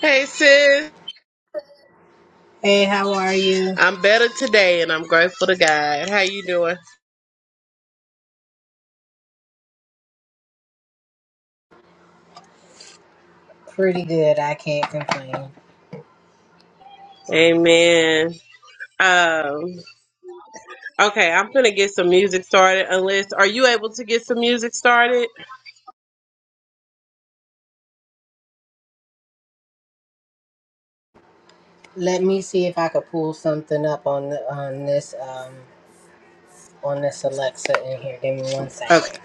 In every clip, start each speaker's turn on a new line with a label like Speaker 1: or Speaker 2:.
Speaker 1: Hey sis,
Speaker 2: Hey, how are you?
Speaker 1: I'm better today, and I'm grateful to God. How you doing?
Speaker 2: Pretty good. I can't complain.
Speaker 1: Amen. Um, okay, I'm gonna get some music started. Unless, are you able to get some music started?
Speaker 2: Let me see if I could pull something up on the, on this um on this Alexa in here. Give me one
Speaker 1: Okay.
Speaker 2: second.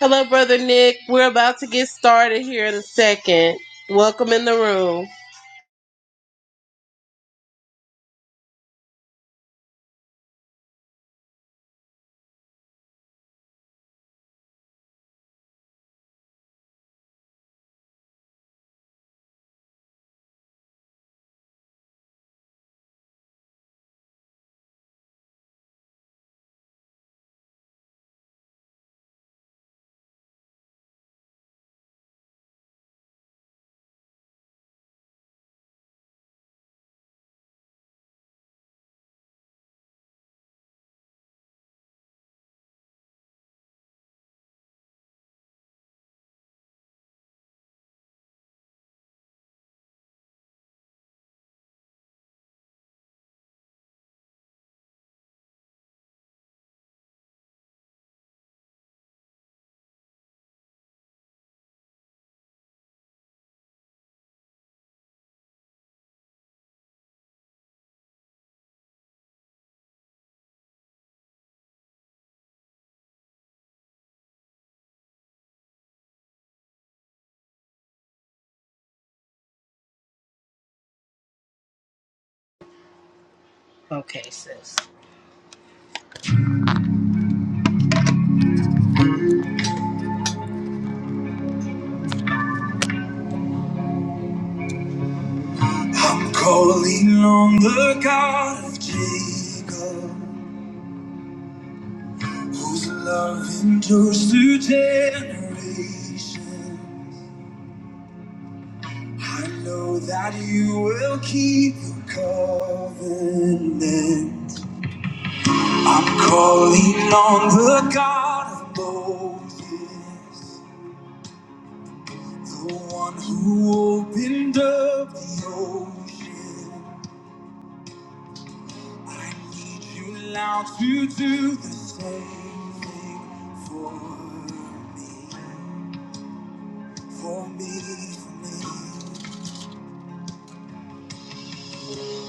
Speaker 1: Hello, brother Nick. We're about to get started here in a second. Welcome in the room.
Speaker 2: Okay, sis. I'm calling on the God of Jacob, whose love endures through generation. I know that you will keep your covenant. I'm calling on the God of Moses, the one who opened up the ocean. I need you now to do the same thing for me, for me, for me.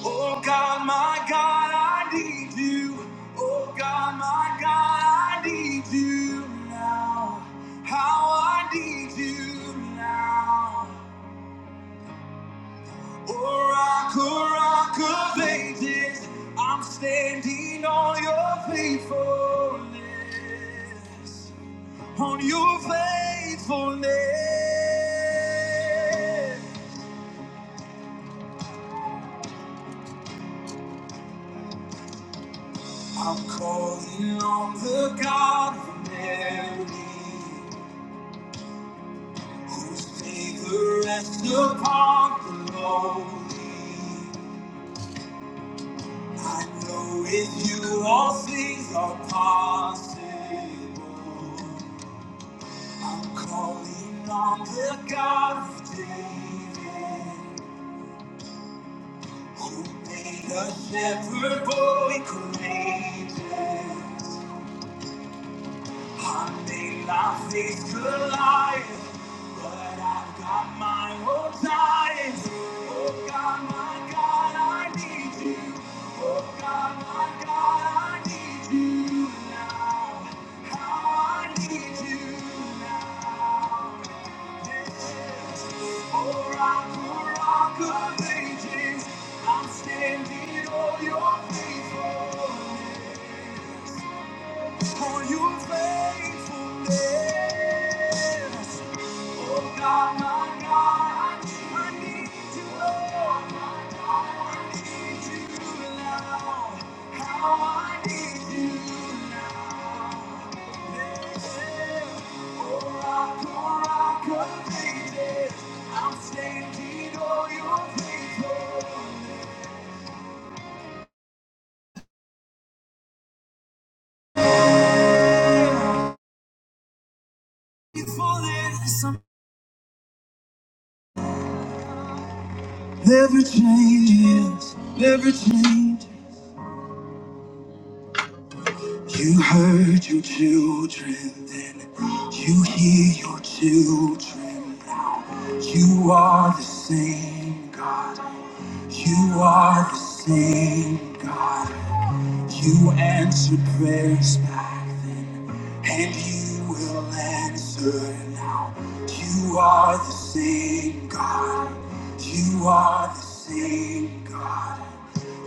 Speaker 2: Oh God, my God, I need you. Oh God, my God, I need you now. How I need you now. Oh, rock, oh, rock of ages, I'm standing on your faithfulness, on your faithfulness. I'm calling on the God of Mary, whose favor rests upon the lonely. I know with you all things are possible. I'm calling on the God of David, who made a shepherd boy courageous. I may not face Goliath, but I've got my own giants. Oh God, my God, I need you. Oh God, my God, I need you now. How I need you now. Oh, rock, oh, rock of ages, I'm standing on your faithfulness. For your faithfulness. Oh God, my God, I need you, Lord, my God, I need you now. How I need you now. Yeah. Oh, rock, oh, rock of ages, I'm standing on your faithfulness. Faithfulness never changes, never changes. You heard your children, then you hear your children. You are the same God. You are the same God. You answered prayers back then and you will answer now. You are the same God. You are the same God.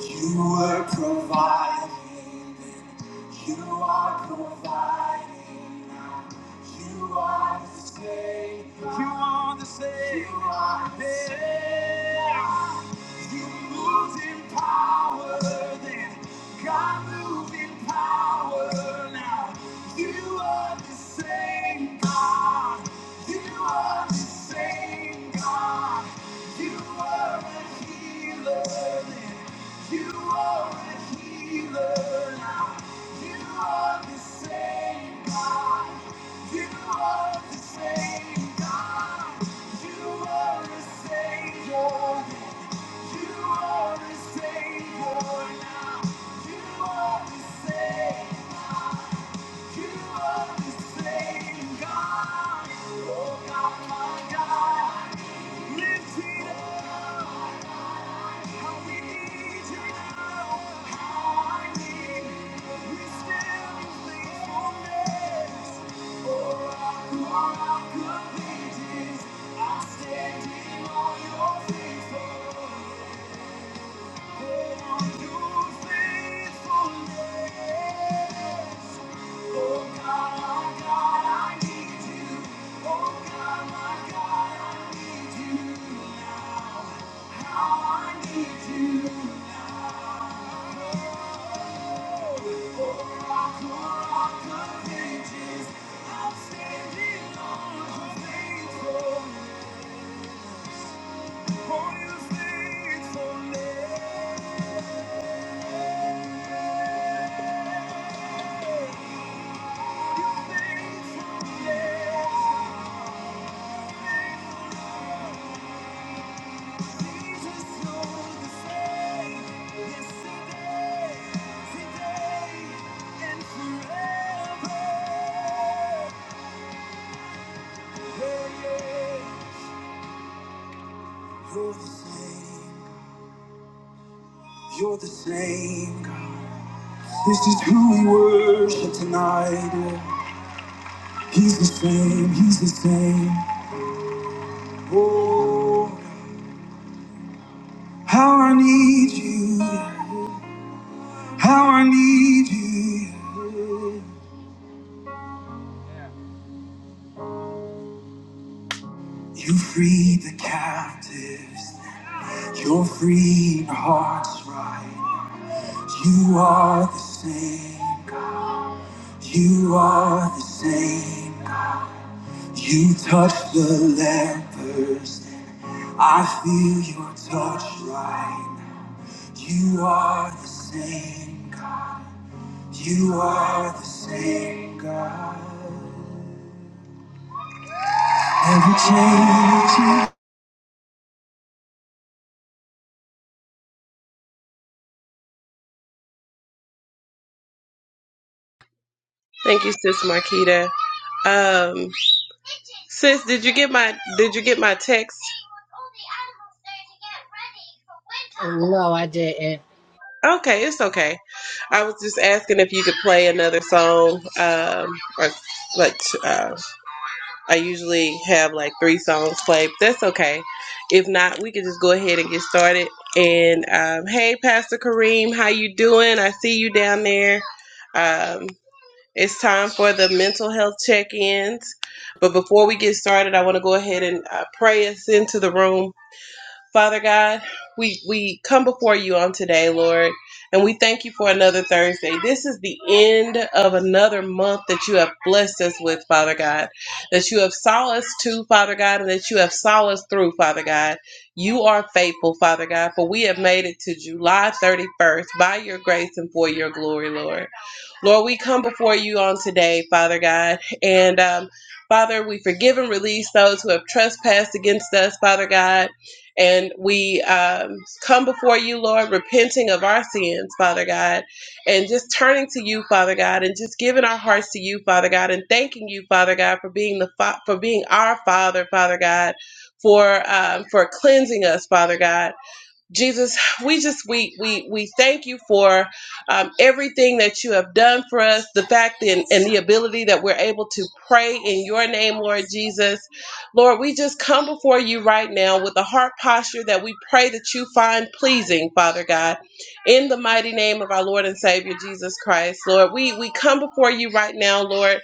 Speaker 2: You were providing then. You are providing now. You are the same. God. You are the same. God. You are the same. Yeah you move in power, then God move in power now. You are the same God. You are the same God. You are a healer, then you are a healer now. You are the same God. You are the same God. You are a savior. then. I Standing on your faithfulness. Faithfulness, Your Your faithfulness, your faithfulness. You're the same. You're the same. God. This is who we worship tonight. yeah. He's the same. He's the same. Oh, how I need you. How I need you. You freed the captives. You're freeing hearts right. You are the same. You are the same. You touch the lepers. I feel your touch right. You are the same. God. You are the same God. Ever changing.
Speaker 1: Thank you, sis Marquita. Um, sis, did you get my did you get my text?
Speaker 2: No, I didn't.
Speaker 1: Okay, it's okay. I was just asking if you could play another song, um, or like, uh, I usually have like three songs played. But that's okay. If not, we can just go ahead and get started. And um, hey, Pastor Kareem, how you doing? I see you down there. Um, it's time for the mental health check-ins. But before we get started, I want to go ahead and uh, pray us into the room. Father God, we, we come before you on today, Lord, and we thank you for another Thursday. This is the end of another month that you have blessed us with, Father God, that you have saw us to, Father God, and that you have saw us through, Father God. You are faithful, Father God, for we have made it to July 31st by your grace and for your glory, Lord. Lord, we come before you on today, Father God. And um, Father, we forgive and release those who have trespassed against us, Father God. And we um, come before you, Lord, repenting of our sins, Father God, and just turning to you, Father God, and just giving our hearts to you, Father God, and thanking you, Father God, for being the fa- for being our Father, Father God, for um, for cleansing us, Father God Jesus, we just we we we thank you for um, everything that you have done for us. The fact and, and the ability that we're able to pray in your name, Lord Jesus. Lord, we just come before you right now with a heart posture that we pray that you find pleasing, Father God, in the mighty name of our Lord and Savior Jesus Christ. Lord, we we come before you right now, Lord,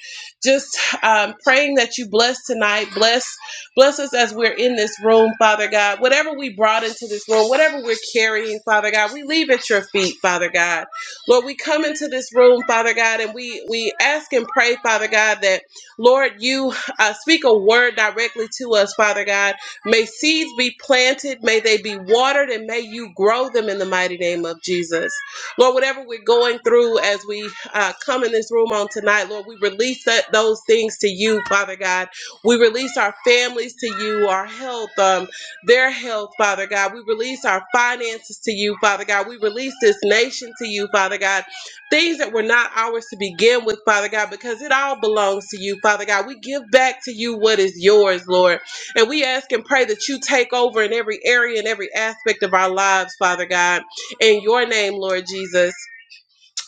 Speaker 1: just um, praying that you bless tonight, bless. Bless us as we're in this room, Father God. Whatever we brought into this room, whatever we're carrying, Father God, we leave at your feet, Father God. Lord, we come into this room, Father God, and we we ask and pray, Father God, that Lord, you uh, speak a word directly to us, Father God. May seeds be planted, may they be watered, and may you grow them in the mighty name of Jesus. Lord, whatever we're going through as we uh, come in this room on tonight, Lord, we release that, those things to you, Father God we release our families to you, our health, um, their health, Father God. We release our finances to you, Father God. We release this nation to you, Father God. Things that were not ours to begin with, Father God, because it all belongs to you, Father God. We give back to you what is yours, Lord. And we ask and pray that you take over in every area and every aspect of our lives, Father God. In your name, Lord Jesus.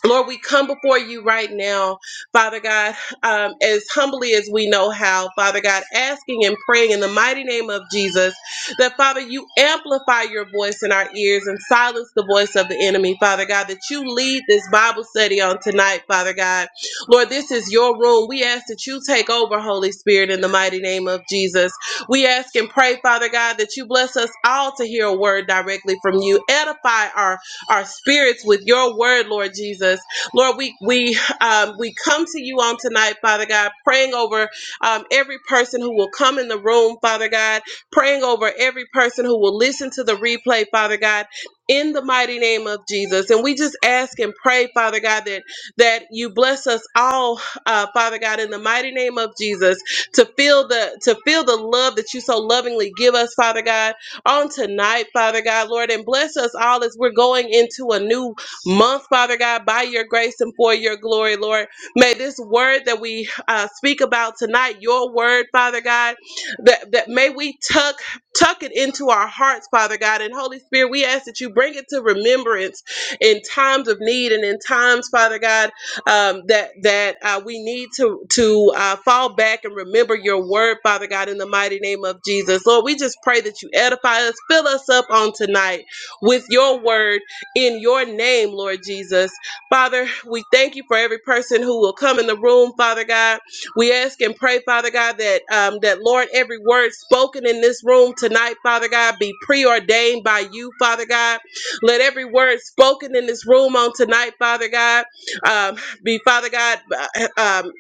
Speaker 1: Lord, we come before you right now, Father God, um, as humbly as we know how, Father God, asking and praying in the mighty name of Jesus that, Father, you amplify your voice in our ears and silence the voice of the enemy, Father God, that you lead this Bible study on tonight, Father God. Lord, this is your room. We ask that you take over, Holy Spirit, in the mighty name of Jesus. We ask and pray, Father God, that you bless us all to hear a word directly from you. Edify our our spirits with your word, Lord Jesus. Lord, we we um, we come to you on tonight, Father God, praying over um, every person who will come in the room, Father God, praying over every person who will listen to the replay, Father God. In the mighty name of Jesus, and we just ask and pray, Father God, that that you bless us all, uh, Father God, in the mighty name of Jesus, to feel the to feel the love that you so lovingly give us, Father God on tonight, Father God, Lord, and bless us all as we're going into a new month, Father God, by your grace and for your glory, Lord. May this word that we uh, speak about tonight, your word, Father God, that, that may we tuck tuck it into our hearts, Father God. And Holy Spirit, we ask that you bring it to remembrance in times of need and in times, Father God, um, that that uh, we need to to uh, fall back and remember your word, Father God, in the mighty name of Jesus. Lord, we just pray that you edify us, fill us up on tonight with your word in your name, Lord Jesus. Father, we thank you for every person who will come in the room, Father God. We ask and pray, Father God, that um, that Lord, every word spoken in this room tonight, Father God, be preordained by you, Father God. Let every word spoken in this room on tonight, Father God. um, be Father God, uh, um,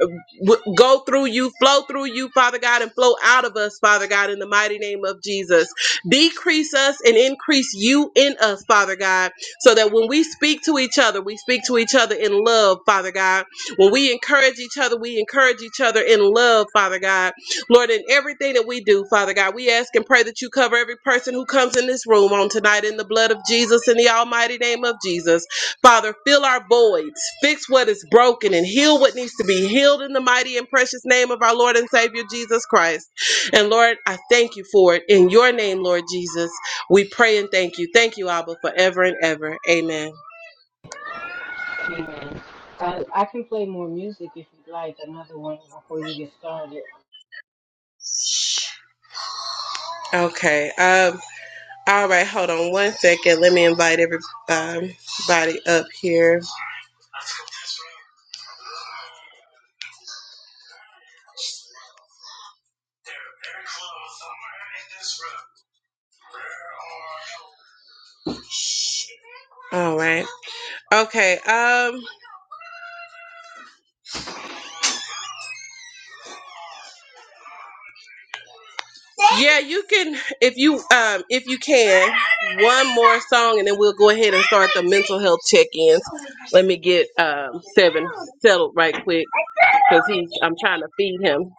Speaker 1: w- go through you, flow through you, Father God, and flow out of us, Father God, in the mighty name of Jesus. Decrease us and increase you in us, Father God, so that when we speak to each other, we speak to each other in love, Father God. When we encourage each other, we encourage each other in love, Father God. Lord, in everything that we do, Father God, we ask and pray that you cover every person who comes in this room on tonight in the blood of Jesus, in the almighty name of Jesus. Father, fill our voids, fix what is broken, and heal what needs to be healed in the mighty and precious name of our Lord and Savior Jesus Christ. And Lord, I thank you for it. In your name, Lord Jesus, we pray and thank you. Thank you, Abba, forever and ever. Amen.
Speaker 2: Amen. Uh, I can play more music if you'd like, another one before you get started.
Speaker 1: Okay. Um, all right, hold on one second. Let me invite everybody up here. All right. Okay. Um, Yeah, you can if you um if you can one more song and then we'll go ahead and start the mental health check-ins. Let me get um seven settled right quick because he's I'm trying to feed him.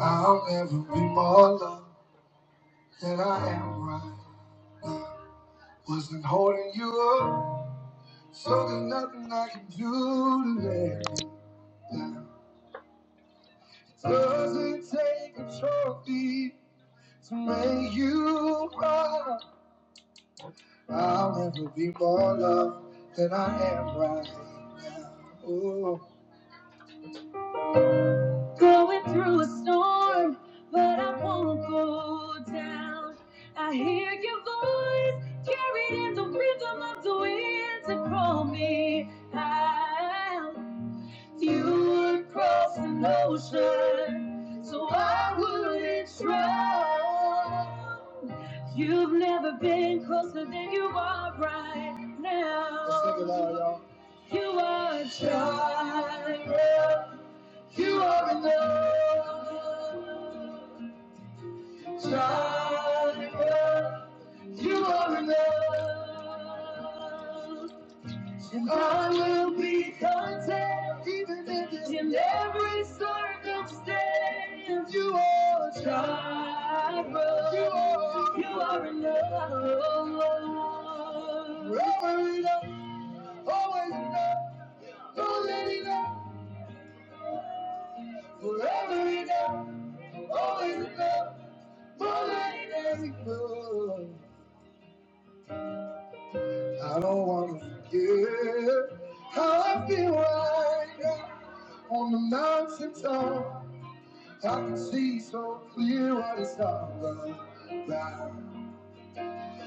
Speaker 2: I'll never be more loved than I am right. Wasn't holding you up, so there's nothing I can do today. Doesn't take a trophy to make you proud. I'll never be more loved than I am right now. Ooh. through a storm, but I won't go down. I hear your voice carried in the rhythm of the wind to call me out. You would cross an ocean, so I wouldn't drown. You've never been closer than you are right now. You are a child. You are enough. child. You are enough. And I will be content even if in every circumstance you are child. You are, you are enough. Forever enough, always enough, always enough. Forever enough, always enough. More than I don't want to forget how I feel right now on the mountain top, I can see so clear what it's all about.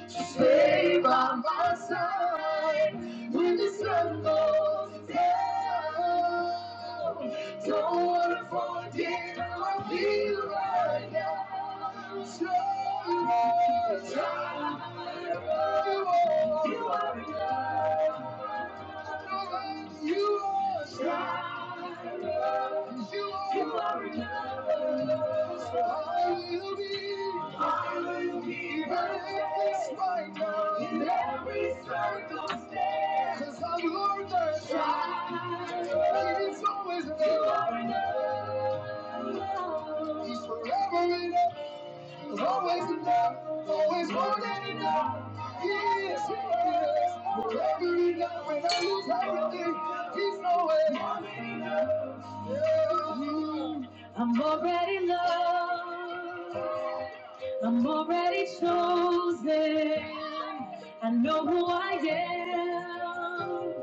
Speaker 2: to stay by my side when the sun goes down. Don't wanna forget I feel right now. So you are a You are enough. You are Jireh. You are enough. So I will be. I will be. Even if it's right In every circumstance. i I've learned that. It's always enough. You are enough. He's forever enough. There's always enough, always more than enough. Yes, is, he is, forever enough. When I lose everything, he's always more than enough. Yeah. I'm already loved. I'm already chosen. I know who I am.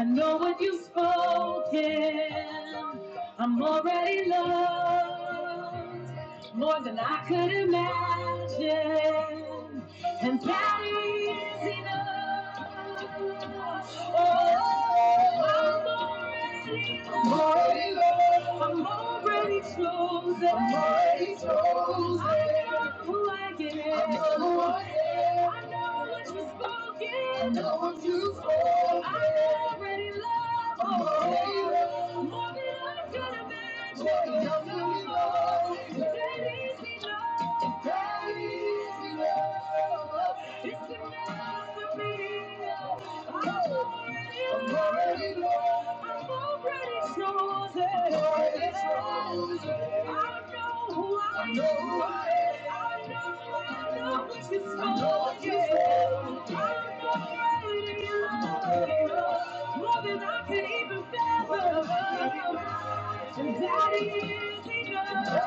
Speaker 2: I know what you've spoken. I'm already loved more than I could imagine, and that is enough. Oh, I'm already chosen. I'm already chosen. I know who I am. I know who I am. I know what you've spoken. I know what you've spoken. I'm already loved. More than I could imagine. It's not easy love. It's not easy love. It's never been. I'm already yours more than I can even fathom. And Daddy is enough.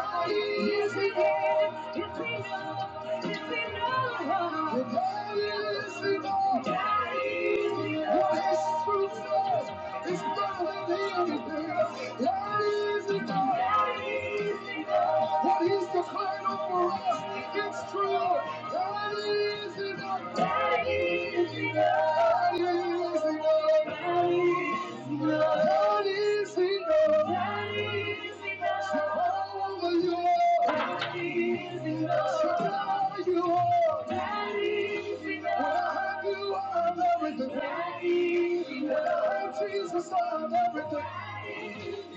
Speaker 2: Yes, He is. It's enough. he enough. Daddy is enough. Daddy is enough. It's not an easy thing. Not easy thing. What he's declared over us, it's true. Not easy thing. Not easy thing. Not easy that is enough. That is enough. To cover you all. That is enough. To cover you all. That is enough. When I have you, I have everything. That is enough. When I have Jesus, I have everything.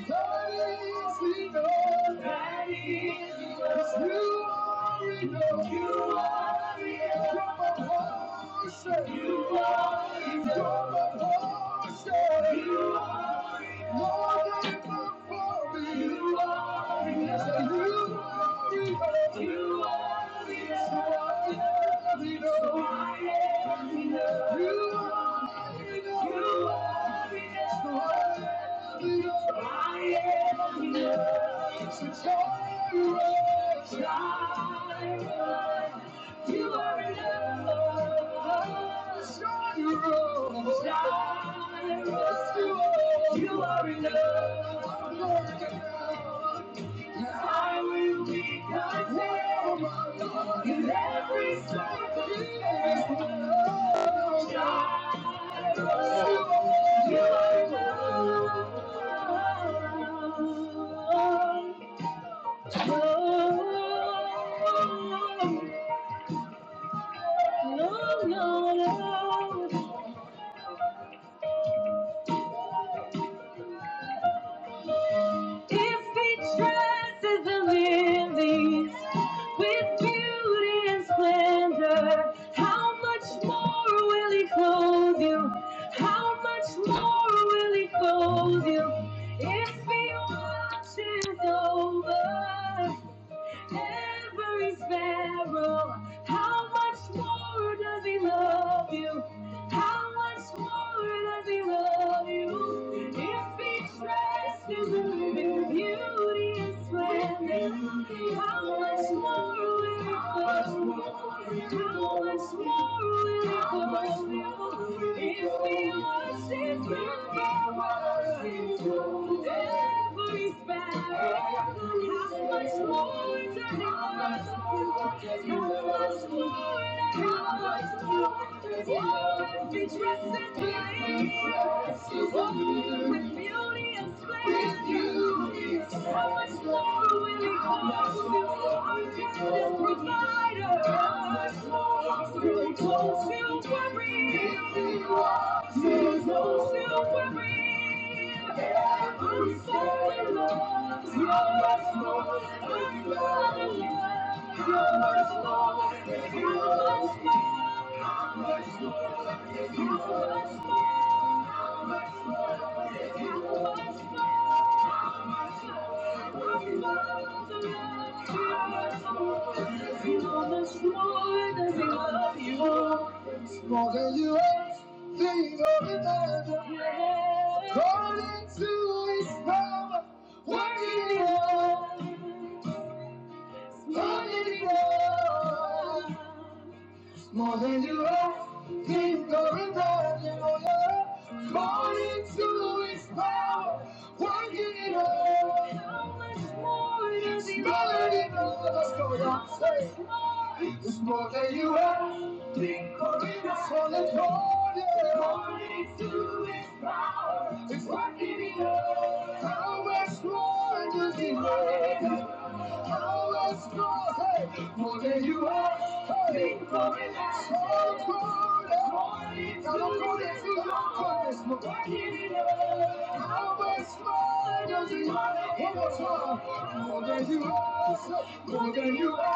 Speaker 2: That is enough. That is enough. 'Cause you are enough. You are enough. You're my portion. You are enough. You're my portion. You are I will be content in every circumstance. You are enough. No, no, no, no. If he dresses the lilies with beauty and splendor, how much more will he clothe you? How much more will he clothe you? If he watches over every sparrow. How much more does he love you? How much more does he love you? If he dressed in the living beauty and splendor, how much more will he love you? How much more will he love you? If we worship you, we you. Every sparrow, how much more to worship How much more? How much more? Oh, she walked with beauty and splendor. much more will you, our endless much more will you, every There's no much, more. much, how much, how More than you ever think of imagine. According to his power, working in us, working in us more than you are. He's gonna turn you over. Born into his power, working it out. How much more does he love? It's more than you Say, It's more than you are. Think of it as for the Born into his power, it's working it out. How much more does he love? Let's go, hey, More than you are, hey, for me, that's all good. I don't know that you don't this, but I need it. How much more does it matter? More than you are, more than you are.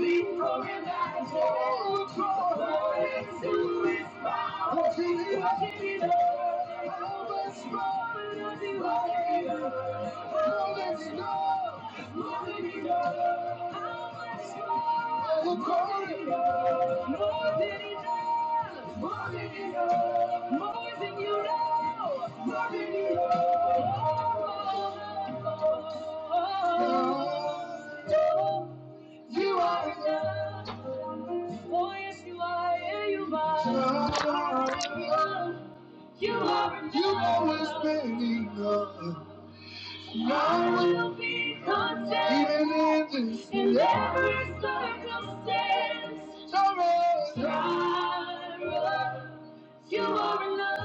Speaker 2: Oh, you are enough. Oh, yes, you are. Yeah, you are. You are enough. You always been enough. I will be content. Even in this in every circumstance. Sorrow. Sorrow. You are enough.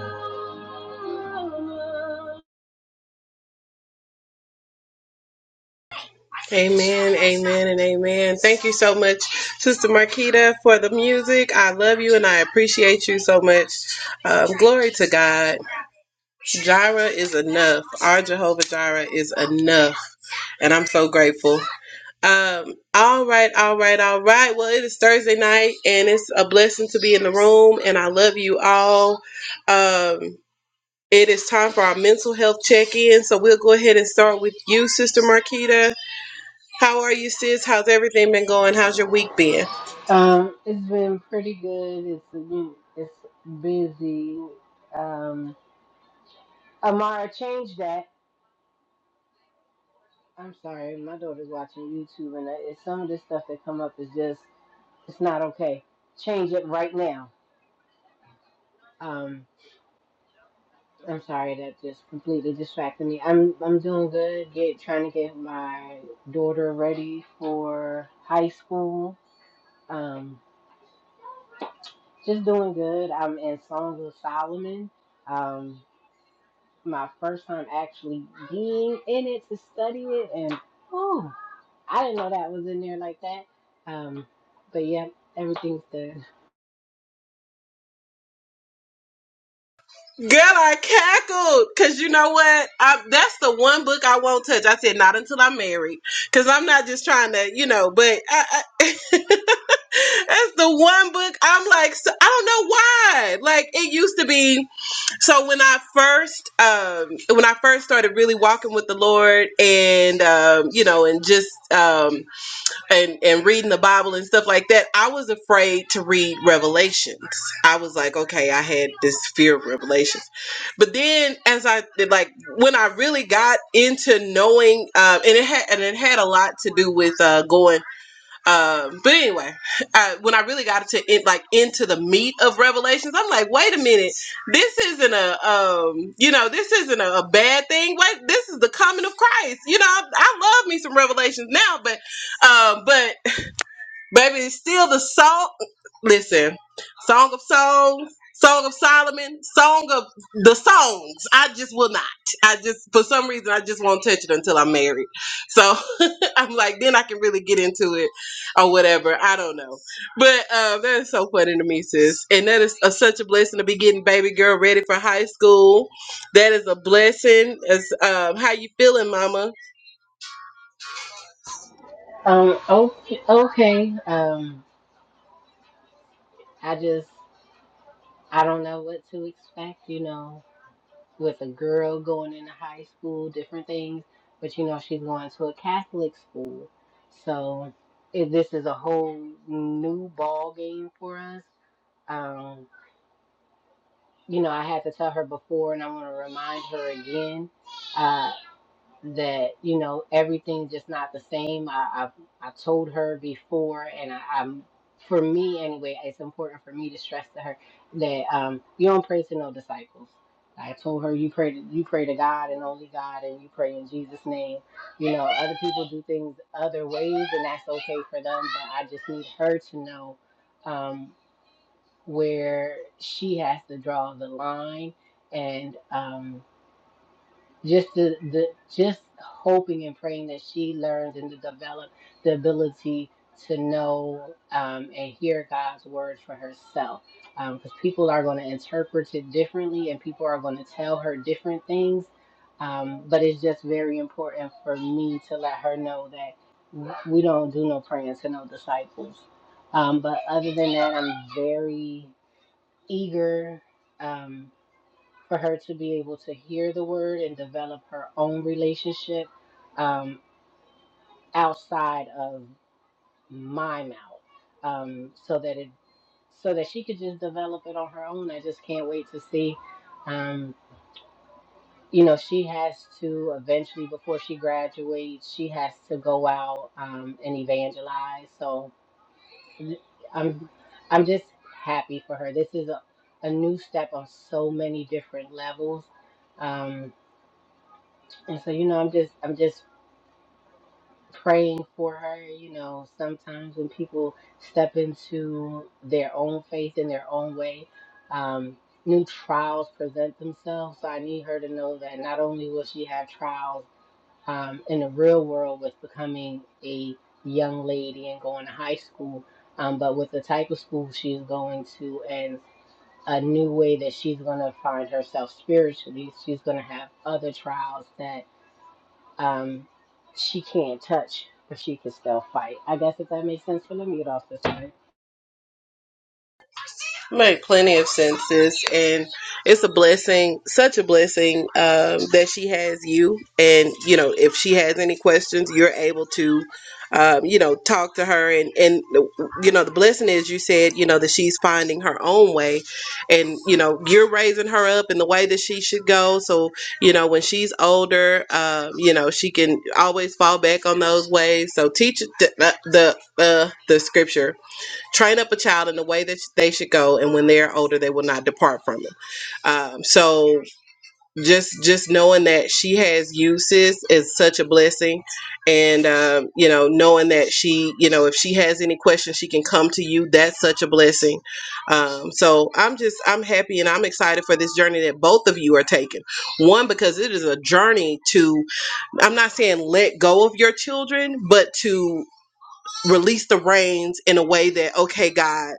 Speaker 1: Amen, amen, and amen. Thank you so much, Sister Marquita, for the music. I love you and I appreciate you so much. Um, glory to God. Jireh is enough. Our Jehovah Jireh is enough, and I'm so grateful. Um, all right, all right, all right. Well, it is Thursday night and it's a blessing to be in the room and I love you all. Um, it is time for our mental health check-in. So we'll go ahead and start with you, Sister Marquita. How are you, sis? How's everything been going? How's your week been?
Speaker 2: Um, it's been pretty good. It's it's busy. Um, Amara, change that. I'm sorry, my daughter's watching YouTube, and that- it's some of this stuff that come up is just it's not okay. Change it right now. Um, I'm sorry that just completely distracted me. I'm I'm doing good. Get trying to get my daughter ready for high school. Um, just doing good. I'm in Song of Solomon. Um, my first time actually being in it to study it, and oh. I didn't know that was in there like that. Um, but yeah, everything's good.
Speaker 1: Girl, I cackled. Cause you know what? I, that's the one book I won't touch. I said not until I'm married. Cause I'm not just trying to, you know, but I, I That's the one book I'm like, so, I don't know why. Like it used to be. So when I first, um, when I first started really walking with the Lord, and um, you know, and just um, and and reading the Bible and stuff like that, I was afraid to read Revelations. I was like, okay, I had this fear of Revelations. But then, as I did, like, when I really got into knowing, um, and it had and it had a lot to do with uh, going um, but anyway, uh, when I really got to it, like into the meat of Revelations, I'm like, wait a minute, this isn't a um, you know, this isn't a, a bad thing. Wait, this is the coming of Christ. You know, I, I love me some Revelations now, but um, but baby, it's still the song. Listen, Song of Songs. Song of Solomon, Song of the Songs. I just will not. I just, for some reason, I just won't touch it until I'm married. So, I'm like, then I can really get into it or whatever. I don't know. But uh, that is so funny to me, sis. And that is a, such a blessing to be getting baby girl ready for high school. That is a blessing. As um, how you feeling, Mama?
Speaker 2: Um, okay, okay. Um, I just I don't know what to expect. You know, with a girl going into high school, different things. But you know, she's going to a Catholic school, so it, this is a whole new ball game for us. Um, you know, I had to tell her before, and I want to remind her again. Uh, that you know everything's just not the same. I I, I told her before, and I, I'm for me anyway. It's important for me to stress to her that um, you don't pray to no disciples. I told her you pray to, you pray to God and only God, and you pray in Jesus' name. You know, other people do things other ways, and that's okay for them. But I just need her to know um, where she has to draw the line and. Um, just the, the just hoping and praying that she learns and to develop the ability to know um, and hear God's word for herself. Because people are going to interpret it differently and people are going to tell her different things. Um, but it's just very important for me to let her know that we don't do no praying to no disciples. Um, but other than that, I'm very eager. Um, for her to be able to hear the word and develop her own relationship um, outside of my mouth um, so that it so that she could just develop it on her own i just can't wait to see um, you know she has to eventually before she graduates she has to go out um, and evangelize so i'm i'm just happy for her this is a, a new step on so many different levels um, And so, you know, I'm just I'm just praying for her. You know, sometimes when people step into their own faith in their own way, um, new trials present themselves. So I need her to know that not only will she have trials um, in the real world with becoming a young lady and going to high school, um, but with the type of school she's going to and a new way that she's going to find herself spiritually, she's going to have other trials that um, she can't touch, but she can still fight. I guess if that makes sense for the mute off this time.
Speaker 1: Made plenty of senses, and it's a blessing, such a blessing um, that she has you. And you know, if she has any questions, you're able to, um, you know, talk to her. And and you know, the blessing is you said, you know, that she's finding her own way, and you know, you're raising her up in the way that she should go. So you know, when she's older, um, you know, she can always fall back on those ways. So teach the the uh, the scripture train up a child in the way that they should go and when they're older they will not depart from it um, so just just knowing that she has uses is such a blessing and um, you know knowing that she you know if she has any questions she can come to you that's such a blessing um, so i'm just i'm happy and i'm excited for this journey that both of you are taking one because it is a journey to i'm not saying let go of your children but to release the reins in a way that okay god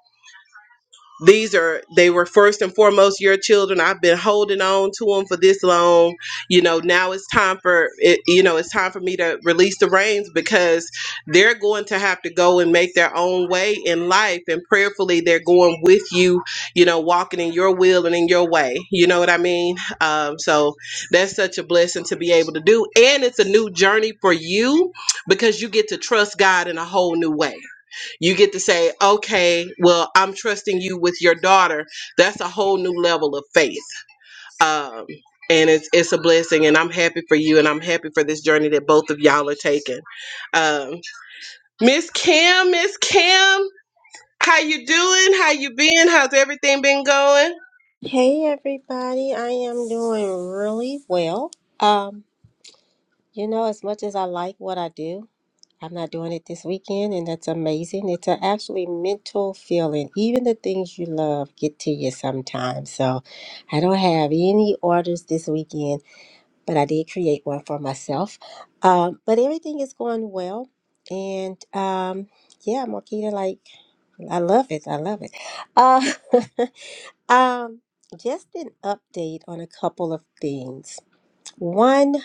Speaker 1: these are they were first and foremost your children i've been holding on to them for this long you know now it's time for it you know it's time for me to release the reins because they're going to have to go and make their own way in life and prayerfully they're going with you you know walking in your will and in your way you know what i mean um, so that's such a blessing to be able to do and it's a new journey for you because you get to trust god in a whole new way you get to say, okay, well, I'm trusting you with your daughter. That's a whole new level of faith. Um, and it's, it's a blessing. And I'm happy for you. And I'm happy for this journey that both of y'all are taking. Um, Miss Kim, Miss Kim, how you doing? How you been? How's everything been going?
Speaker 3: Hey everybody, I am doing really well. Um, you know, as much as I like what I do, I'm not doing it this weekend, and that's amazing. It's a actually mental feeling. Even the things you love get to you sometimes. So I don't have any orders this weekend, but I did create one for myself. Um, but everything is going well. And um, yeah, Marquita, like, I love it. I love it. Uh, Um, just an update on a couple of things. One,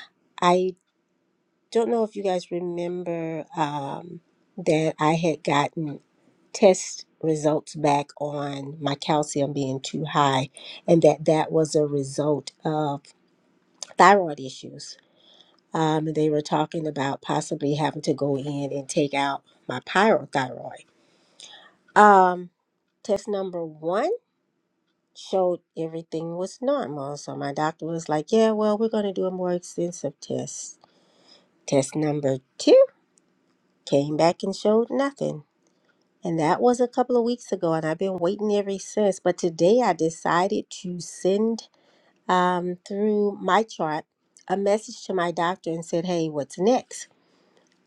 Speaker 3: I don't know if you guys remember um, that I had gotten test results back on my calcium being too high, and that that was a result of thyroid issues. Um, they were talking about possibly having to go in and take out my pyrothyroid. Um, test number one. showed everything was normal. So my doctor was like, Yeah, well, we're going to do a more extensive test. Test number two came back and showed nothing. And that was a couple of weeks ago, and I've been waiting ever since. But today I decided to send um, through my chart a message to my doctor and said, Hey, what's next?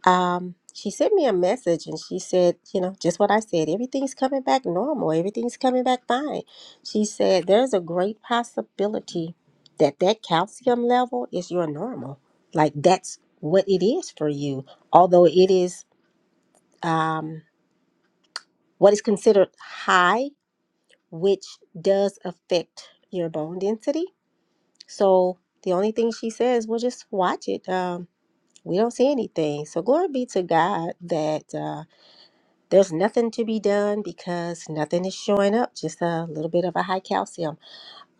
Speaker 3: um, she sent me a message and she said, you know, just what I said, everything's coming back normal, everything's coming back fine. She said, there's a great possibility that that calcium level is your normal. Like that's what it is for you, although it is um, what is considered high, which does affect your bone density. So the only thing she says, well, just watch it. Um, we don't see anything. So glory be to God that. Uh, There's nothing to be done because nothing is showing up, just a little bit of a high calcium.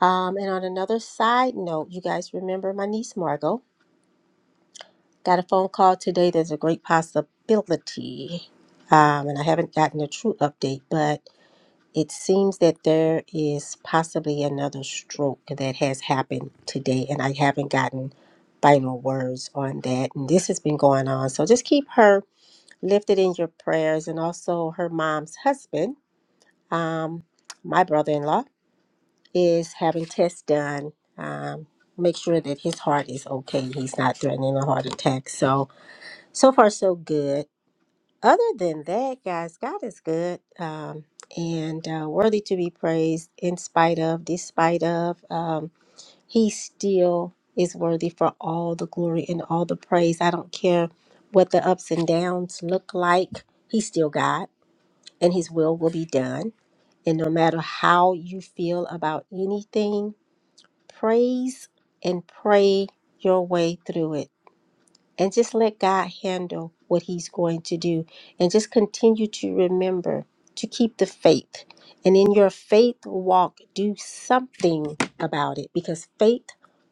Speaker 3: Um, and on another side note, you guys remember my niece Margot got a phone call today. There's a great possibility, um, and I haven't gotten a true update, but it seems that there is possibly another stroke that has happened today, and I haven't gotten final words on that. And this has been going on, so just keep her lifted in your prayers, and also her mom's husband. Um, my brother in law is having tests done. Um, make sure that his heart is okay. He's not threatening a heart attack. So, so far, so good. Other than that, guys, God is good um, and uh, worthy to be praised in spite of, despite of. Um, he still is worthy for all the glory and all the praise. I don't care what the ups and downs look like, He's still God and His will will be done. And no matter how you feel about anything, praise and pray your way through it. And just let God handle what He's going to do. And just continue to remember to keep the faith. And in your faith walk, do something about it because faith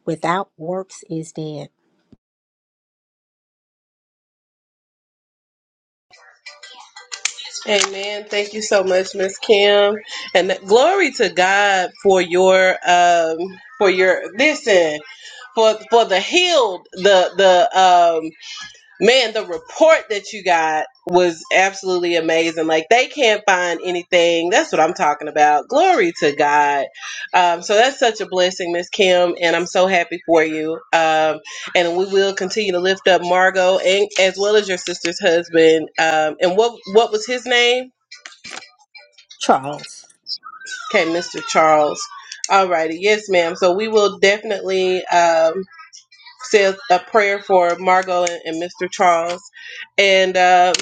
Speaker 3: without works is dead.
Speaker 1: Amen. Thank you so much, Miss Kim. And th- glory to God for your, um, for your, listen, for, for the healed, the, the man, the report that you got was absolutely amazing. Like they can't find anything. That's what I'm talking about. Glory to God. Um, so that's such a blessing, Miss Kim, and I'm so happy for you. Um, and we will continue to lift up Margot and as well as your sister's husband. Um, and what what was his name?
Speaker 3: Charles.
Speaker 1: Okay, Mr. Charles. Alrighty, yes, ma'am. So we will definitely um, say a prayer for Margot and, and Mr. Charles. And uh,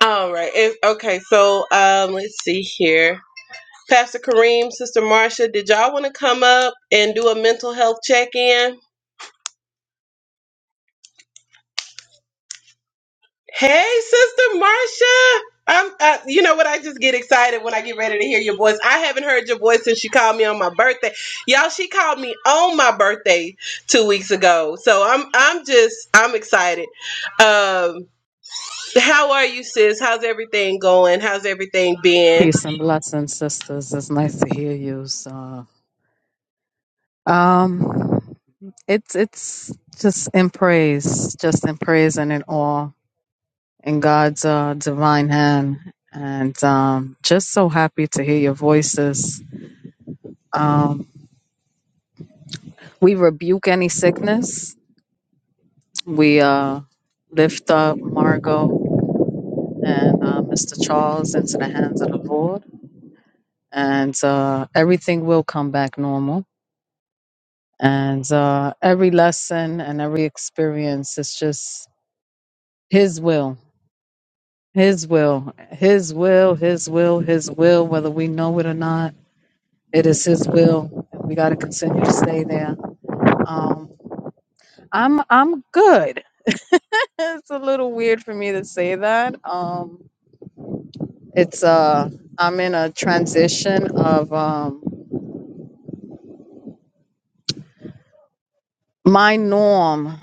Speaker 1: All right. It's, okay, so um, let's see here. Pastor Kareem, Sister Marcia, did y'all want to come up and do a mental health check-in? Hey, Sister Marcia. I'm, uh, you know what? I just get excited when I get ready to hear your voice. I haven't heard your voice since she called me on my birthday. Y'all, she called me on my birthday two weeks ago. So I'm, I'm just, I'm excited. Um, how are you, sis? How's everything going? How's everything been?
Speaker 4: Peace and blessings, sisters. It's nice to hear you. So, um, it's it's just in praise, just in praise and in awe in God's uh, divine hand, and um, just so happy to hear your voices. Um, we rebuke any sickness. We uh, lift up Margot and uh, Mr. Charles into the hands of the Lord, and uh, everything will come back normal And uh, every lesson and every experience is just His will, His will, His will, His will, His will, whether we know it or not. It is His will. We got to continue to stay there. Um, I'm I'm good. it's a little weird for me to say that. Um, it's uh, I'm in a transition of um, my norm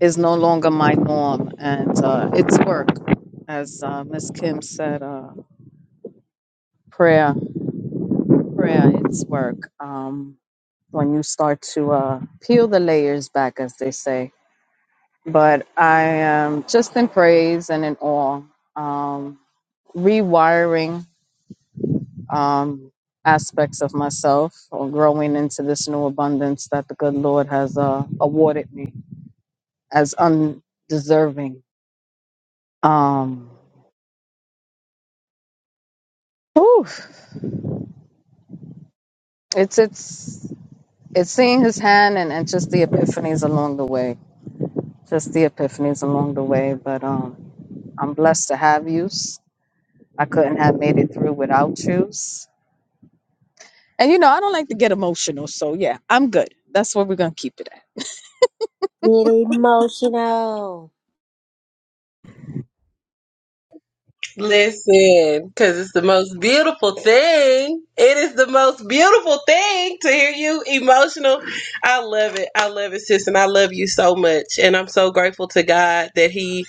Speaker 4: is no longer my norm, and uh, it's work, as uh, Miss Kim said. Uh, prayer prayer it's work um when you start to uh peel the layers back as they say but i am just in praise and in awe um rewiring um aspects of myself or growing into this new abundance that the good lord has uh awarded me as undeserving um whew, it's it's it's seeing his hand and, and just the epiphanies along the way just the epiphanies along the way. But um, I'm blessed to have yous. I couldn't have made it through without yous. And you know, I don't like to get emotional, so yeah, I'm good. That's where we're gonna keep it at.
Speaker 3: Get emotional.
Speaker 1: Listen, because it's the most beautiful thing. It is the most beautiful thing to hear you emotional. I love it. I love it, sis, and I love you so much. And I'm so grateful to God that He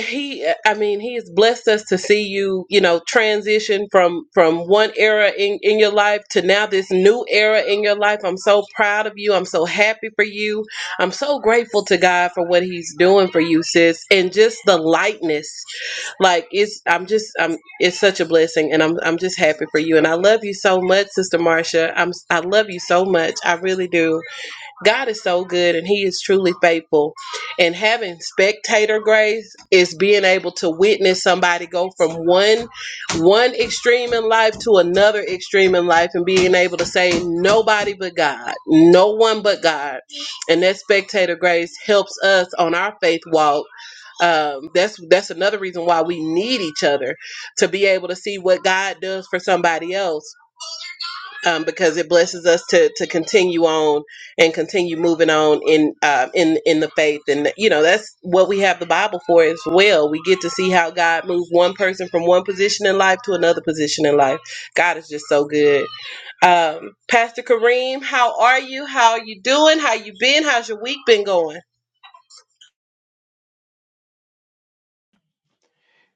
Speaker 1: he i mean he has blessed us to see you you know transition from from one era in in your life to now this new era in your life i'm so proud of you i'm so happy for you i'm so grateful to god for what he's doing for you sis and just the lightness like it's i'm just i'm it's such a blessing and i'm i'm just happy for you and i love you so much sister marcia i'm i love you so much i really do God is so good and He is truly faithful. And having spectator grace is being able to witness somebody go from one one extreme in life to another extreme in life and being able to say nobody but God, no one but God. And that spectator grace helps us on our faith walk. Um, that's that's another reason why we need each other to be able to see what God does for somebody else um, because it blesses us to to continue on and continue moving on in uh, in in the faith, and you know that's what we have the Bible for as well. We get to see how God moves one person from one position in life to another position in life. God is just so good. Um, Pastor Kareem, how are you? How are you doing? How you been? How's your week been going?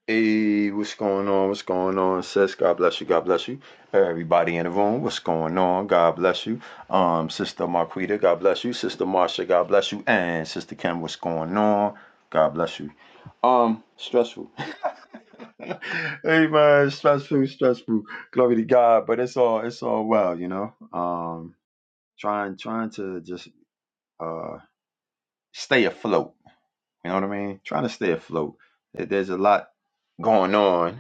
Speaker 5: Hey, what's going on? What's going on, sis? God bless you. God bless you. Everybody in the room, what's going on? God bless you. Um, Sister Marquita, God bless you. Sister Marsha, God bless you. And Sister Kim, what's going on? God bless you. Um, stressful. hey man, stressful, stressful. Glory to God, but it's all it's all well, you know. Um, trying trying to just uh stay afloat. You know what I mean? Trying to stay afloat. There- There's a lot going on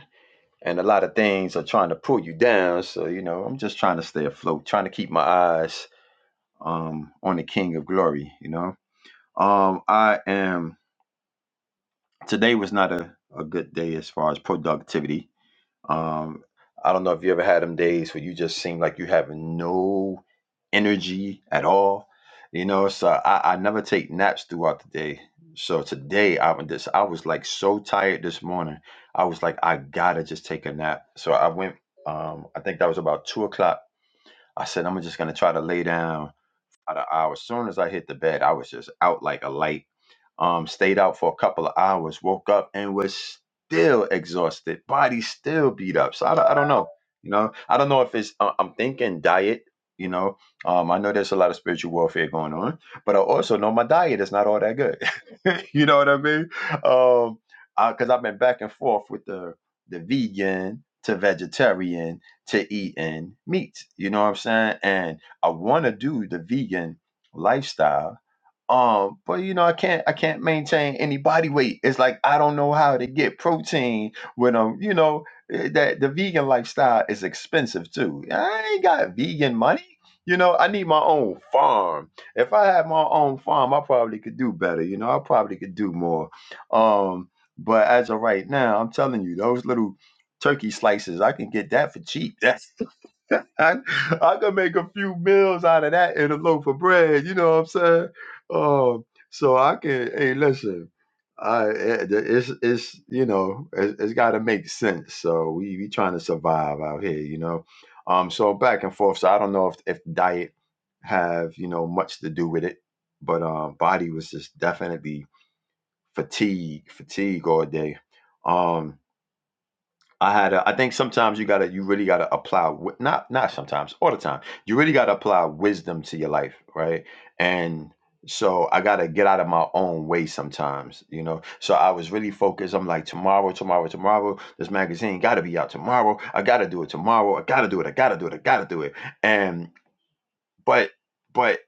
Speaker 5: and a lot of things are trying to pull you down. So you know, I'm just trying to stay afloat, trying to keep my eyes um, on the King of Glory. You know, um, I am. Today was not a, a good day as far as productivity. Um, I don't know if you ever had them days where you just seem like you have no energy at all. You know, so I, I never take naps throughout the day. So today I went this I was like so tired this morning. I was like, I gotta just take a nap. So I went um I think that was about two o'clock. I said I'm just gonna try to lay down about an hour. As soon as I hit the bed, I was just out like a light um, stayed out for a couple of hours, woke up and was still exhausted, body still beat up. So I, don't- I don't know, you know, I don't know if it's, uh, I'm thinking diet, you know, um, I know there's a lot of spiritual warfare going on, but I also know my diet is not all that good. you know what I mean? Um, cause I've been back and forth with the, the vegan to vegetarian to eating meat, you know what I'm saying? And I want to do the vegan lifestyle um, but you know, I can't I can't maintain any body weight. It's like I don't know how to get protein when I'm, you know, eh, that the vegan lifestyle is expensive too. I ain't got vegan money. You know, I need my own farm. If I had my own farm, I probably could do better. You know, I probably could do more. Um, but as of right now, I'm telling you, those little turkey slices, I can get that for cheap. I, I could make a few meals out of that and a loaf of bread. You know what I'm saying? Um, so I can. Hey, listen. I it- it's it's you know it, it's got to make sense. So we we trying to survive out here. You know. Um. So back and forth. So I don't know if if diet have you know much to do with it, but um, body was just definitely fatigue, fatigue all day. Um. I had a, I think sometimes you gotta you really gotta apply wi- not not sometimes all the time you really gotta apply wisdom to your life right and so I gotta get out of my own way sometimes you know so I was really focused I'm like tomorrow tomorrow tomorrow this magazine gotta be out tomorrow I gotta do it tomorrow I gotta do it I gotta do it I gotta do it and but but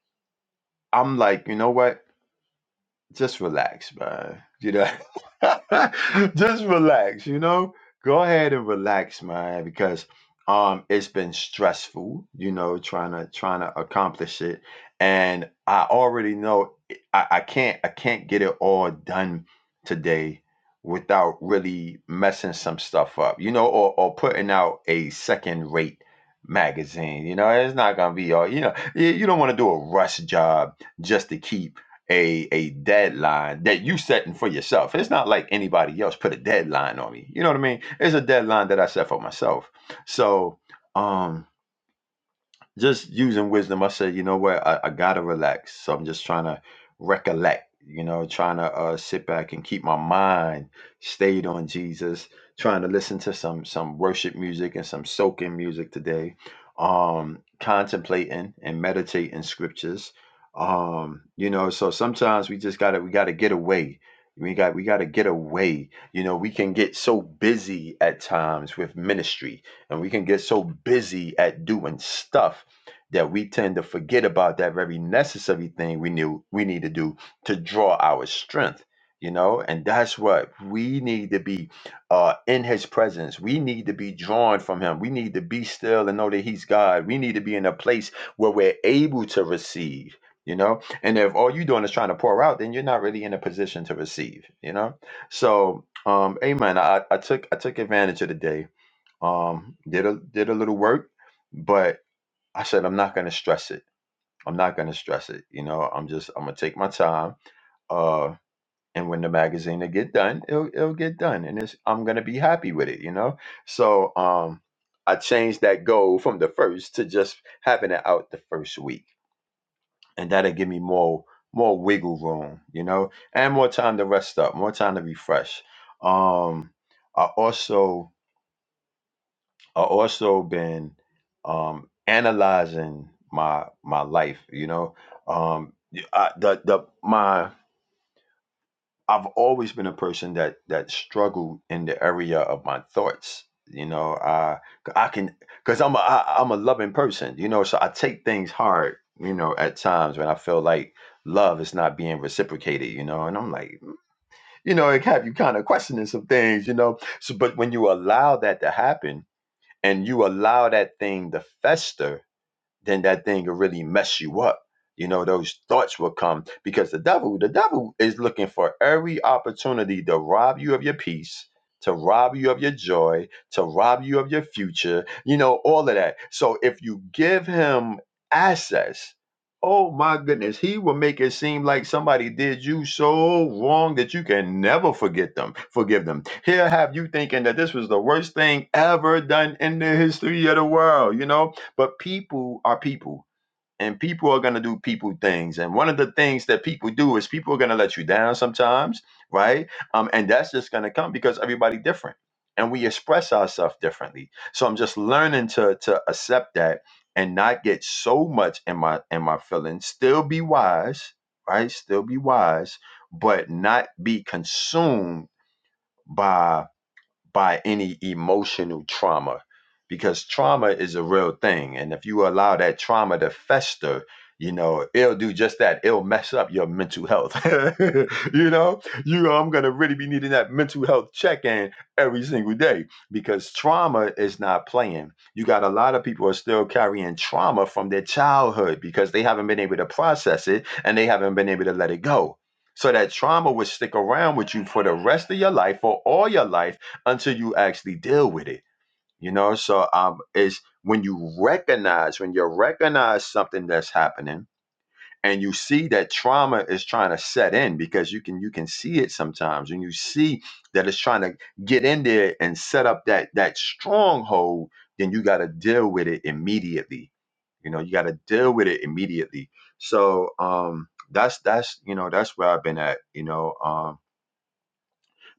Speaker 5: I'm like you know what just relax, man. You know, just relax. You know, go ahead and relax, man, because um, it's been stressful. You know, trying to trying to accomplish it, and I already know I, I can't I can't get it all done today without really messing some stuff up. You know, or or putting out a second rate magazine. You know, it's not gonna be all. You know, you, you don't want to do a rush job just to keep a a deadline that you setting for yourself. It's not like anybody else put a deadline on me. You know what I mean? It's a deadline that I set for myself. So um just using wisdom, I said, you know what, I, I gotta relax. So I'm just trying to recollect, you know, trying to uh, sit back and keep my mind stayed on Jesus, trying to listen to some some worship music and some soaking music today, um, contemplating and meditating scriptures. Um, you know, so sometimes we just gotta we gotta get away. We got we gotta get away. You know, we can get so busy at times with ministry and we can get so busy at doing stuff that we tend to forget about that very necessary thing we knew we need to do to draw our strength you know and that's what we need to be uh in his presence we need to be drawn from him we need to be still and know that he's god we need to be in a place where we're able to receive you know and if all you're doing is trying to pour out then you're not really in a position to receive you know so um amen i i took i took advantage of the day um did a did a little work but. I said, I'm not going to stress it. I'm not going to stress it. You know, I'm just, I'm going to take my time. Uh, and when the magazine will get done, it'll, it'll get done. And it's, I'm going to be happy with it, you know? So, um, I changed that goal from the first to just having it out the first week. And that'll give me more, more wiggle room, you know, and more time to rest up, more time to refresh. Um, I also, I also been um, analyzing my my life. You know, um, y- I, the the my I've always been a person that that struggled in the area of my thoughts. You know, I I can because I'm a I, I'm a loving person. You know, so I take things hard. You know, at times when I feel like love is not being reciprocated. You know, and I'm like, you know, it have you kind of questioning some things. You know, so but when you allow that to happen and you allow that thing to fester then that thing will really mess you up. You know, those thoughts will come because the devil, the devil is looking for every opportunity to rob you of your peace, to rob you of your joy, to rob you of your future, you know, all of that. So if you give him access, oh my goodness, he will make it seem like somebody did you so wrong that you can never forget them, forgive them. He'll have you thinking that this was the worst thing ever done in the history of the world, you know? But people are people, and people are going to do people things. And one of the things that people do is people are going to let you down sometimes, right? Um, and that's just going to come because everybody different, and we express ourselves differently. So I'm just learning to to accept that and not get so much in my in my feelings. Still be wise, right? Still be wise, but not be consumed by by any emotional trauma because trauma is a real thing. And if you allow that trauma to fester, you know, it'll do just that. It'll mess up your mental health. you know, you I'm gonna really be needing that mental health check-in every single day because trauma is not playing. You got a lot of people are still carrying trauma from their childhood because they haven't been able to process it and they haven't been able to let it go. So that trauma would stick around with you for the rest of your life for all your life until you actually deal with it. You know, so um, it's when you recognize when you recognize something that's happening, and you see that trauma is trying to set in because you can you can see it sometimes, and you see that it's trying to get in there and set up that that stronghold. Then you got to deal with it immediately. You know, you got to deal with it immediately. So um, that's that's you know that's where I've been at. You know, um,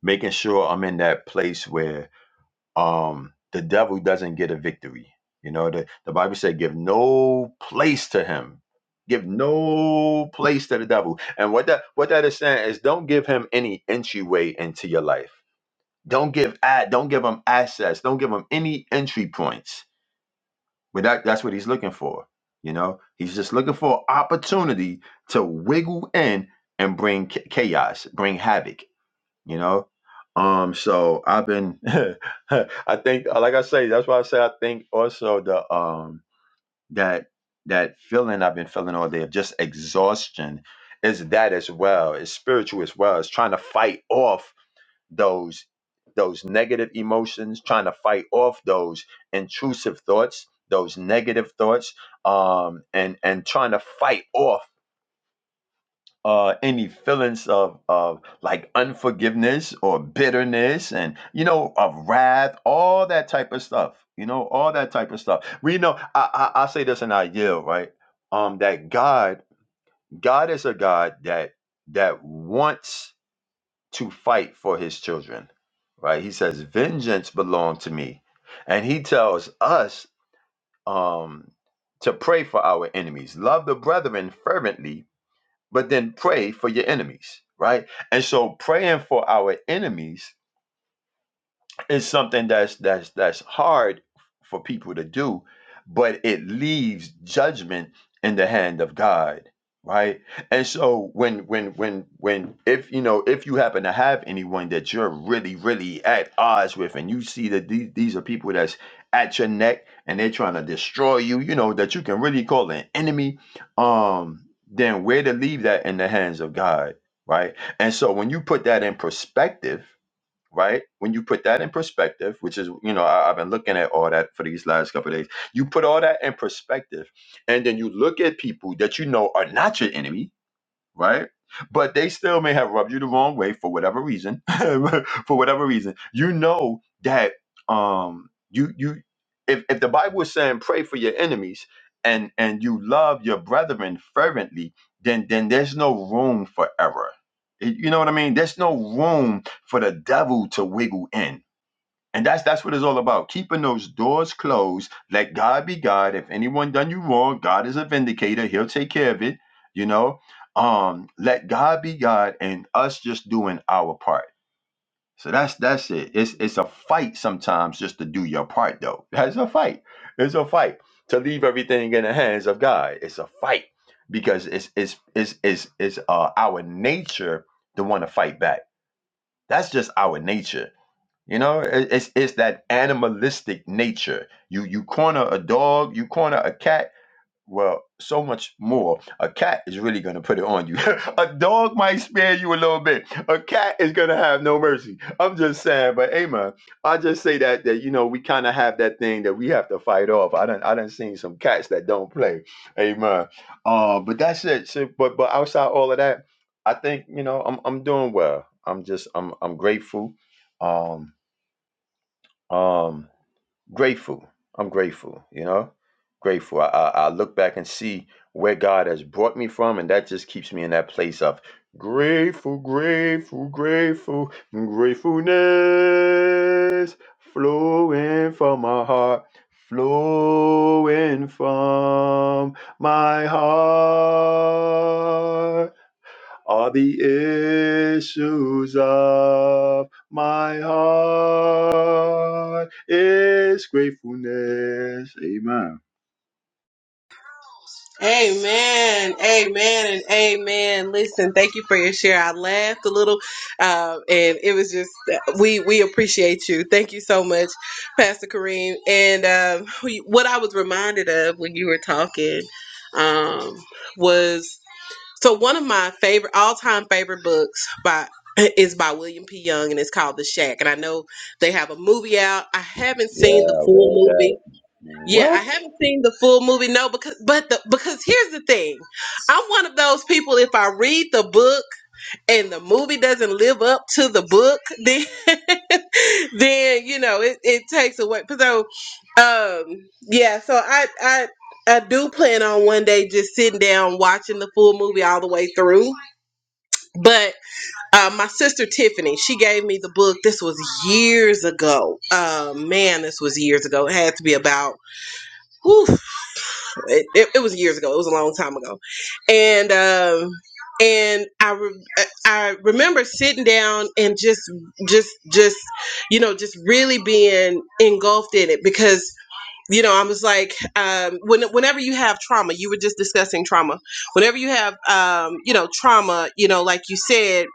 Speaker 5: making sure I'm in that place where um, the devil doesn't get a victory. You know, the, the Bible said, give no place to him. Give no place to the devil. And what that what that is saying is don't give him any entryway into your life. Don't give ad, don't give him access. Don't give him any entry points. But that, that's what he's looking for. You know, he's just looking for opportunity to wiggle in and bring cha- chaos, bring havoc you know um so i've been i think uh, like i say that's why i say i think also the um that that feeling i've been feeling all day of just exhaustion is that as well it's spiritual as well it's trying to fight off those those negative emotions trying to fight off those intrusive thoughts those negative thoughts um and and trying to fight off uh, any feelings of, of like unforgiveness or bitterness and you know of wrath all that type of stuff you know all that type of stuff we know i i, I say this in our yield right um that god god is a god that that wants to fight for his children right he says vengeance belong to me and he tells us um to pray for our enemies love the brethren fervently but then pray for your enemies, right? And so praying for our enemies it's something that's that's that's hard for people to do, but it leaves judgment in the hand of God, right? And so when when when when if you know if you happen to have anyone that you're really really at odds with, and you see that these these are people that's at your neck and they're trying to destroy you, you know that you can really call an enemy, um, then where to leave that in the hands of God, right? And so when you put that in perspective right? When you put that in perspective, which is, you know, I, I've been looking at all that for these last couple of days, you put all that in perspective, and then you look at people that you know are not your enemy, right? But they still may have rubbed you the wrong way for whatever reason. for whatever reason, you know that um you you if if the Bible is saying pray for your enemies and and you love your brethren fervently, then then there's no room for error. You know what I mean? There's no room for the devil to wiggle in and that's that's what it's all about. Keeping those doors closed. Let God be God. If anyone done you wrong, God is a vindicator. He'll take care of it. You know. Um, let God be God and us just doing our part. So that's that's it. It's it's a fight sometimes just to do your part though. That's a fight. It's a fight to leave everything in the hands of God. It's a fight because it's it's it's it's, it's uh, our nature to want to fight back. That's just our nature you know, it- it's it's that animalistic nature. You you corner a dog, you corner a cat. Well, so much more. A cat is really gonna put it on you. a dog might spare you a little bit. A cat is gonna have no mercy. I'm just saying, but hey man, I just say that that you know we kind of have that thing that we have to fight off. I done I done seen some cats that don't play. Amen. Uh, but that's it. So, but but outside all of that, I think you know I'm I'm doing well. I'm just I'm I'm grateful. Um, um grateful i'm grateful you know grateful I, I i look back and see where god has brought me from and that just keeps me in that place of grateful grateful grateful gratefulness flowing from my heart flowing from my heart are the issues of my heart is gratefulness. Amen.
Speaker 1: Amen. Amen. And amen. Listen, thank you for your share. I laughed a little, um, and it was just we we appreciate you. Thank you so much, Pastor Kareem. And um, what I was reminded of when you were talking um, was so one of my favorite all time favorite books by is by William P. Young, and it's called The Shack. And I know they have a movie out. I haven't
Speaker 5: Yeah,
Speaker 1: seen the full
Speaker 5: read
Speaker 1: movie
Speaker 5: that.
Speaker 1: yeah, I
Speaker 5: What?
Speaker 1: haven't seen the full movie. No, because but the because here's the thing, I'm one of those people. If I read the book and the movie doesn't live up to the book, then then you know it, it takes away. So um, yeah, so I I I do plan on one day just sitting down watching the full movie all the way through. But uh, my sister Tiffany, she gave me the book. This was years ago. Uh, man, this was years ago. It had to be about. whew, it, it, it was years ago. It was a long time ago, and um, and I re- I remember sitting down and just just just you know just really being engulfed in it because you know, I was like, um, when, whenever you have trauma, you were just discussing trauma. Whenever you have, um, you know, trauma, you know, like you said,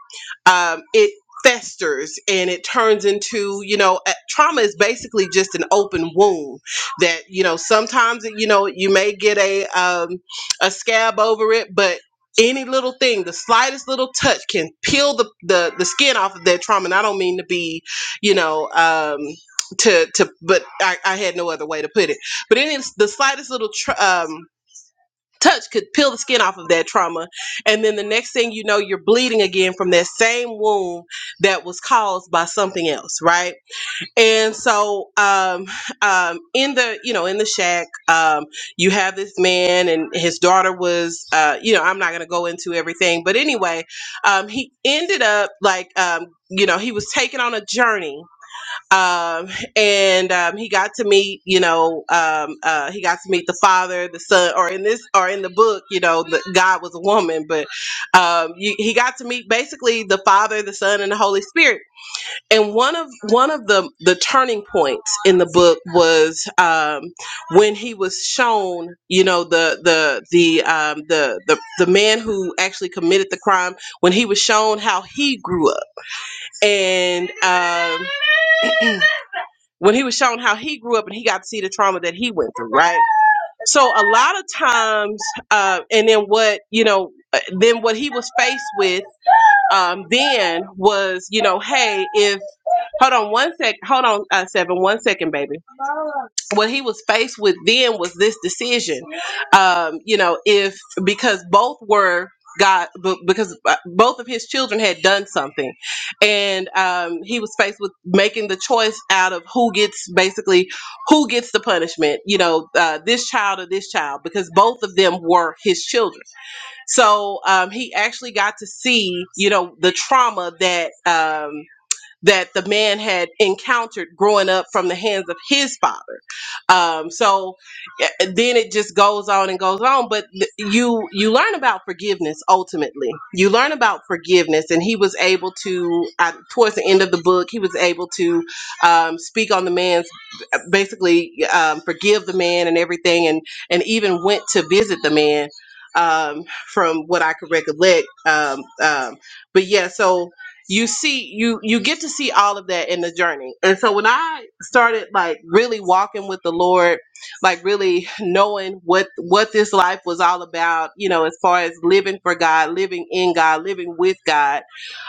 Speaker 1: um, it festers and it turns into, you know, a- trauma is basically just an open wound that, you know, sometimes, you know, you may get a, um, a scab over it, but any little thing, the slightest little touch can peel the, the, the skin off of that trauma. And I don't mean to be, you know, um, to to but I, I had no other way to put it but any the slightest little tr- um touch could peel the skin off of that trauma and then the next thing you know you're bleeding again from that same wound that was caused by something else right and so um um in the you know in the shack um you have this man and his daughter was uh you know i'm not gonna go into everything but anyway um he ended up like um you know he was taken on a journey um, and um, he got to meet, you know, um, uh, he got to meet the father, the son, or in this, or in the book, you know, the, God was a woman, but um, you, he got to meet basically the Father, the Son, and the Holy Spirit. And one of one of the the turning points in the book was um, when he was shown, you know, the the the um, the the the man who actually committed the crime. When he was shown how he grew up, and um, when he was shown how he grew up and he got to see the trauma that he went through, right? So a lot of times, uh, and then what you know, uh, then what he was faced with um, then was you know, hey, if hold on one sec, hold on uh, seven, one second, baby what he was faced with then was this decision um you know if because both were god b- because uh, both of his children had done something and um he was faced with making the choice out of who gets basically who gets the punishment you know uh, this child or this child because both of them were his children so um he actually got to see you know the trauma that um that the man had encountered growing up from the hands of his father. Um, so eh, then it just goes on and goes on. But th- you you learn about forgiveness ultimately. You learn about forgiveness, and he was able to uh, towards the end of the book, he was able to um, speak on the man's basically um, forgive the man and everything, and and even went to visit the man um from what i could recollect um um but yeah so you see you you get to see all of that in the journey and so when i started like really walking with the lord like really knowing what what this life was all about you know as far as living for god living in god living with god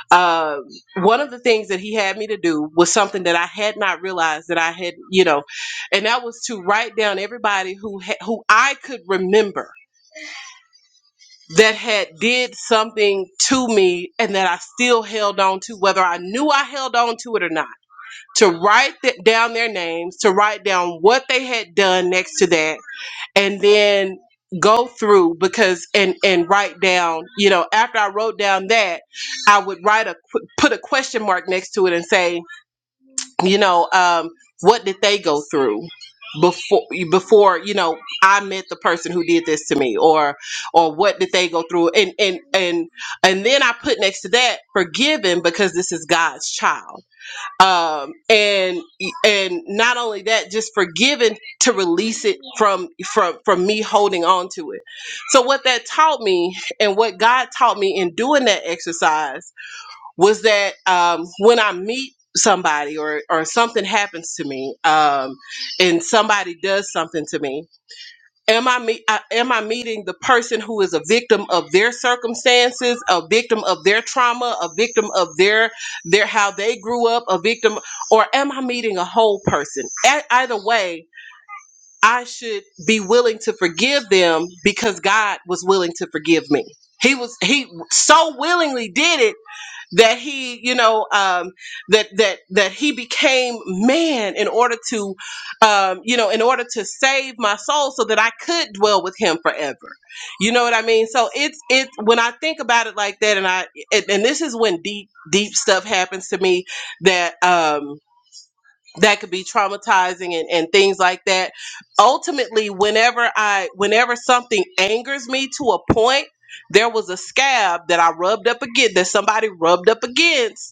Speaker 1: um, one of the things that he had me to do was something that i had not realized that i had you know and that was to write down everybody who ha- who i could remember that had did something to me and that I still held on to, whether I knew I held on to it or not. To write th- down their names, to write down what they had done next to that, and then go through because and and write down you know after i wrote down that i would write a qu- put a question mark next to it and say you know um what did they go through before before you know i met the person who did this to me or or what did they go through and and and and then i put next to that forgiven because this is god's child um and and not only that just forgiven to release it from from from me holding on to it so what that taught me and what god taught me in doing that exercise was that um, when I meet somebody or or something happens to me, um, and somebody does something to me, am I, me- I am I meeting the person who is a victim of their circumstances, a victim of their trauma, a victim of their their how they grew up, a victim, or am I meeting a whole person? E- either way. I should be willing to forgive them because God was willing to forgive me. He was he so willingly did it that he you know um, that that that he became man in order to um, you know in order to save my soul so that i could dwell with him forever you know what i mean so it's it's when i think about it like that and i and, and this is when deep deep stuff happens to me that um that could be traumatizing and, and things like that ultimately whenever i whenever something angers me to a point there was a scab that i rubbed up again that somebody rubbed up against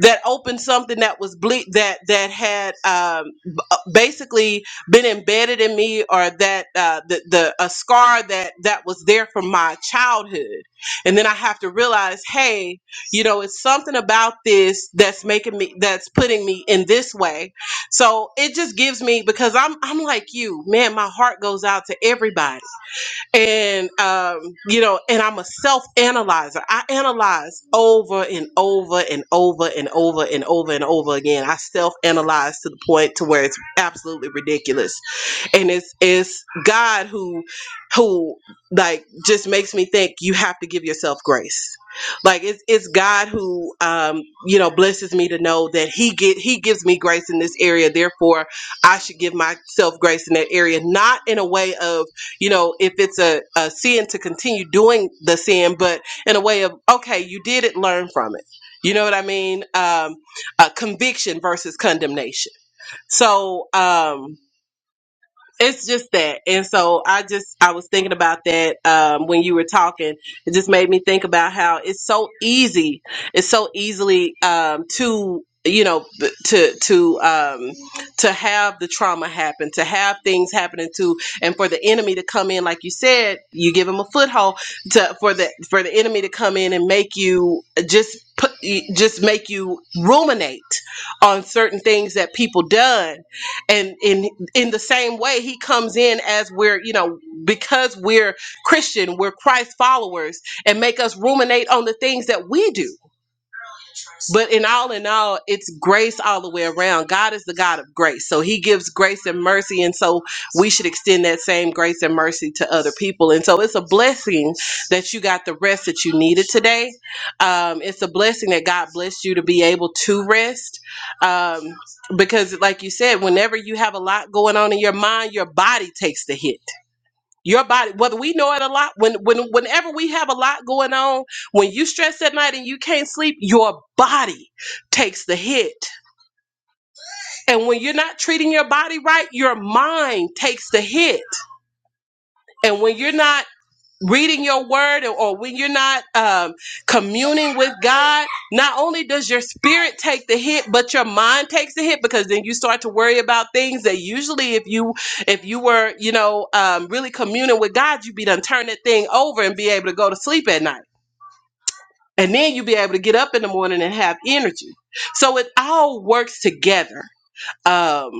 Speaker 1: that opened something that was ble- that that had um, b- uh, basically been embedded in me, or that uh, the the a scar that that was there from my childhood, and then I have to realize, hey, you know, it's something about this that's making me that's putting me in this way. So it just gives me because I'm I'm like you, man. My heart goes out to everybody and um, you know, and I'm a self analyzer. I analyze over and over and over and over and over and over again. I self analyze to the point to where it's absolutely ridiculous and it's it's God who who like just makes me think you have to give yourself grace. Like it's it's God who um you know blesses me to know that he get he gives me grace in this area. Therefore, I should give myself grace in that area, not in a way of you know if it's a, a sin to continue doing the sin, but in a way of okay, you did it, learn from it. You know what I mean? Um, uh, conviction versus condemnation. So. Um, it's just that and so i just i was thinking about that um, when you were talking it just made me think about how it's so easy it's so easily um, to you know b- to to um to have the trauma happen to have things happening to and for the enemy to come in like you said you give him a foothold to for the for the enemy to come in and make you just put just make you ruminate on certain things that people done and and in the same way he comes in as we're you know because we're christian we're christ followers and make us ruminate on the things that we do but in all in all, it's grace all the way around. God is the God of grace. So he gives grace and mercy. And so we should extend that same grace and mercy to other people. And so it's a blessing that you got the rest that you needed today. Um, it's a blessing that God blessed you to be able to rest. Um, because, like you said, whenever you have a lot going on in your mind, your body takes the hit your body whether we know it a lot when when whenever we have a lot going on when you stress at night and you can't sleep your body takes the hit and when you're not treating your body right your mind takes the hit and when you're not reading your word or, or when you're not um, communing with God, not only does your spirit take the hit, but your mind takes the hit because then you start to worry about things that usually if you if you were you know um, really communing with God, you'd be done turn that thing over and be able to go to sleep at night, and then you'd be able to get up in the morning and have energy. So it all works together. Um,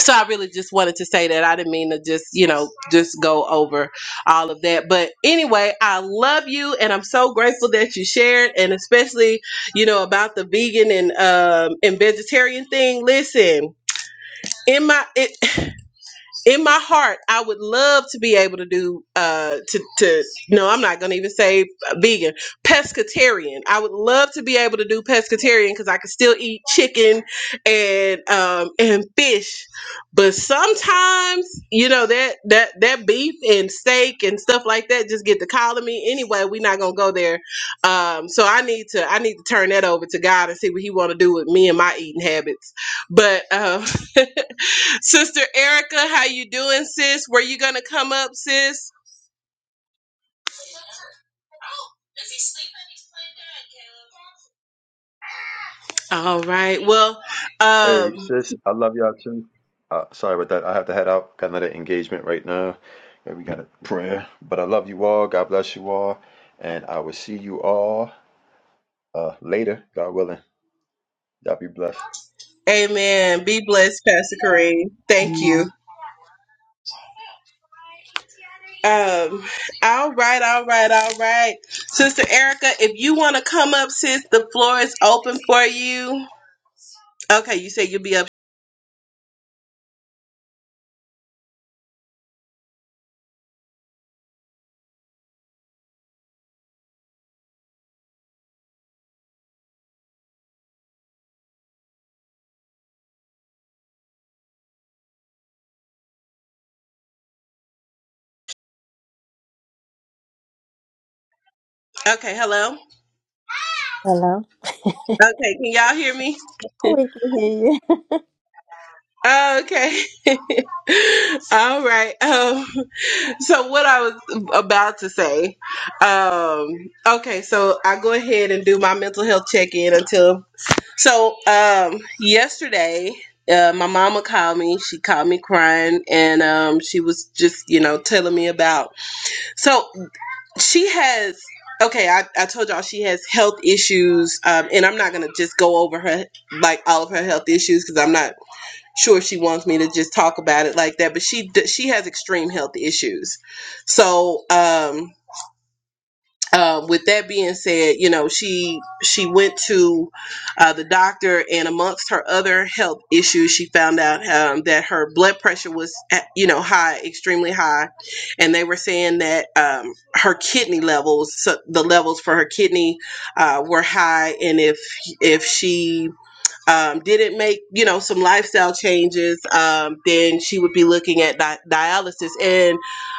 Speaker 1: so I really just wanted to say that I didn't mean to just you know just go over all of that, but anyway, I love you and I'm so grateful that you shared and especially you know about the vegan and um and vegetarian thing. Listen, in my it in my heart, I would love to be able to do uh to to no, I'm not gonna even say vegan, pescatarian. I would love to be able to do pescatarian because I could still eat chicken and um and fish. But sometimes, you know, that that that beef and steak and stuff like that just get the call of me. Anyway, we're not gonna go there. Um so I need to I need to turn that over to God and see what he wanna do with me and my eating habits. But um, Sister Erica, how you doing, sis? Were you gonna come up, sis? All right. Well,
Speaker 5: Hey,
Speaker 1: um,
Speaker 5: sis, I love y'all too. Uh, sorry about that. I have to head out. Got another engagement right now. Yeah, we got a prayer. But I love you all. God bless you all. And I will see you all uh, later, God willing. Y'all be blessed.
Speaker 1: amen. Be blessed, Pastor Kareem. Thank you. Um, all right, all right, all right. Sister Erica, if you want to come up, sis, the floor is open for you. Okay, you said you'll be up. Okay, hello.
Speaker 3: Hello.
Speaker 1: Okay, can y'all hear me?
Speaker 3: We can hear you.
Speaker 1: Okay. all right. Um so what I was about to say, um, okay, so I go ahead and do my mental health check in until so um, yesterday. Uh, my mama called me. She called me crying, and um, she was just, you know, telling me about. So she has. Okay, I, I told y'all she has health issues, um, and I'm not gonna just go over her like all of her health issues because I'm not sure she wants me to just talk about it like that but she d- she has extreme health issues so um um, with that being said, you know she she went to uh, the doctor, and amongst her other health issues, she found out um, that her blood pressure was at, you know high, extremely high, and they were saying that um, her kidney levels, so the levels for her kidney, uh, were high, and if if she um, didn't make you know some lifestyle changes, um, then she would be looking at di- dialysis. And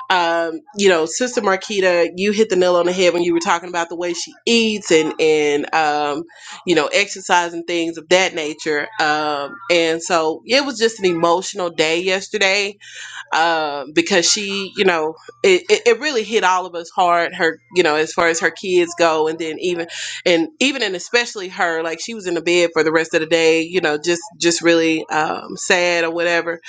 Speaker 1: um, you know, Sister Marquita, you hit the nail on the head when you were talking about the way she eats and and um, you know exercise and things of that nature. Um, and so it was just an emotional day yesterday um, because she, you know, it, it, it really hit all of us hard. Her, you know, as far as her kids go, and then even, and even and especially her, like she was in the bed for the rest of the day, you know, just just really um, sad or whatever.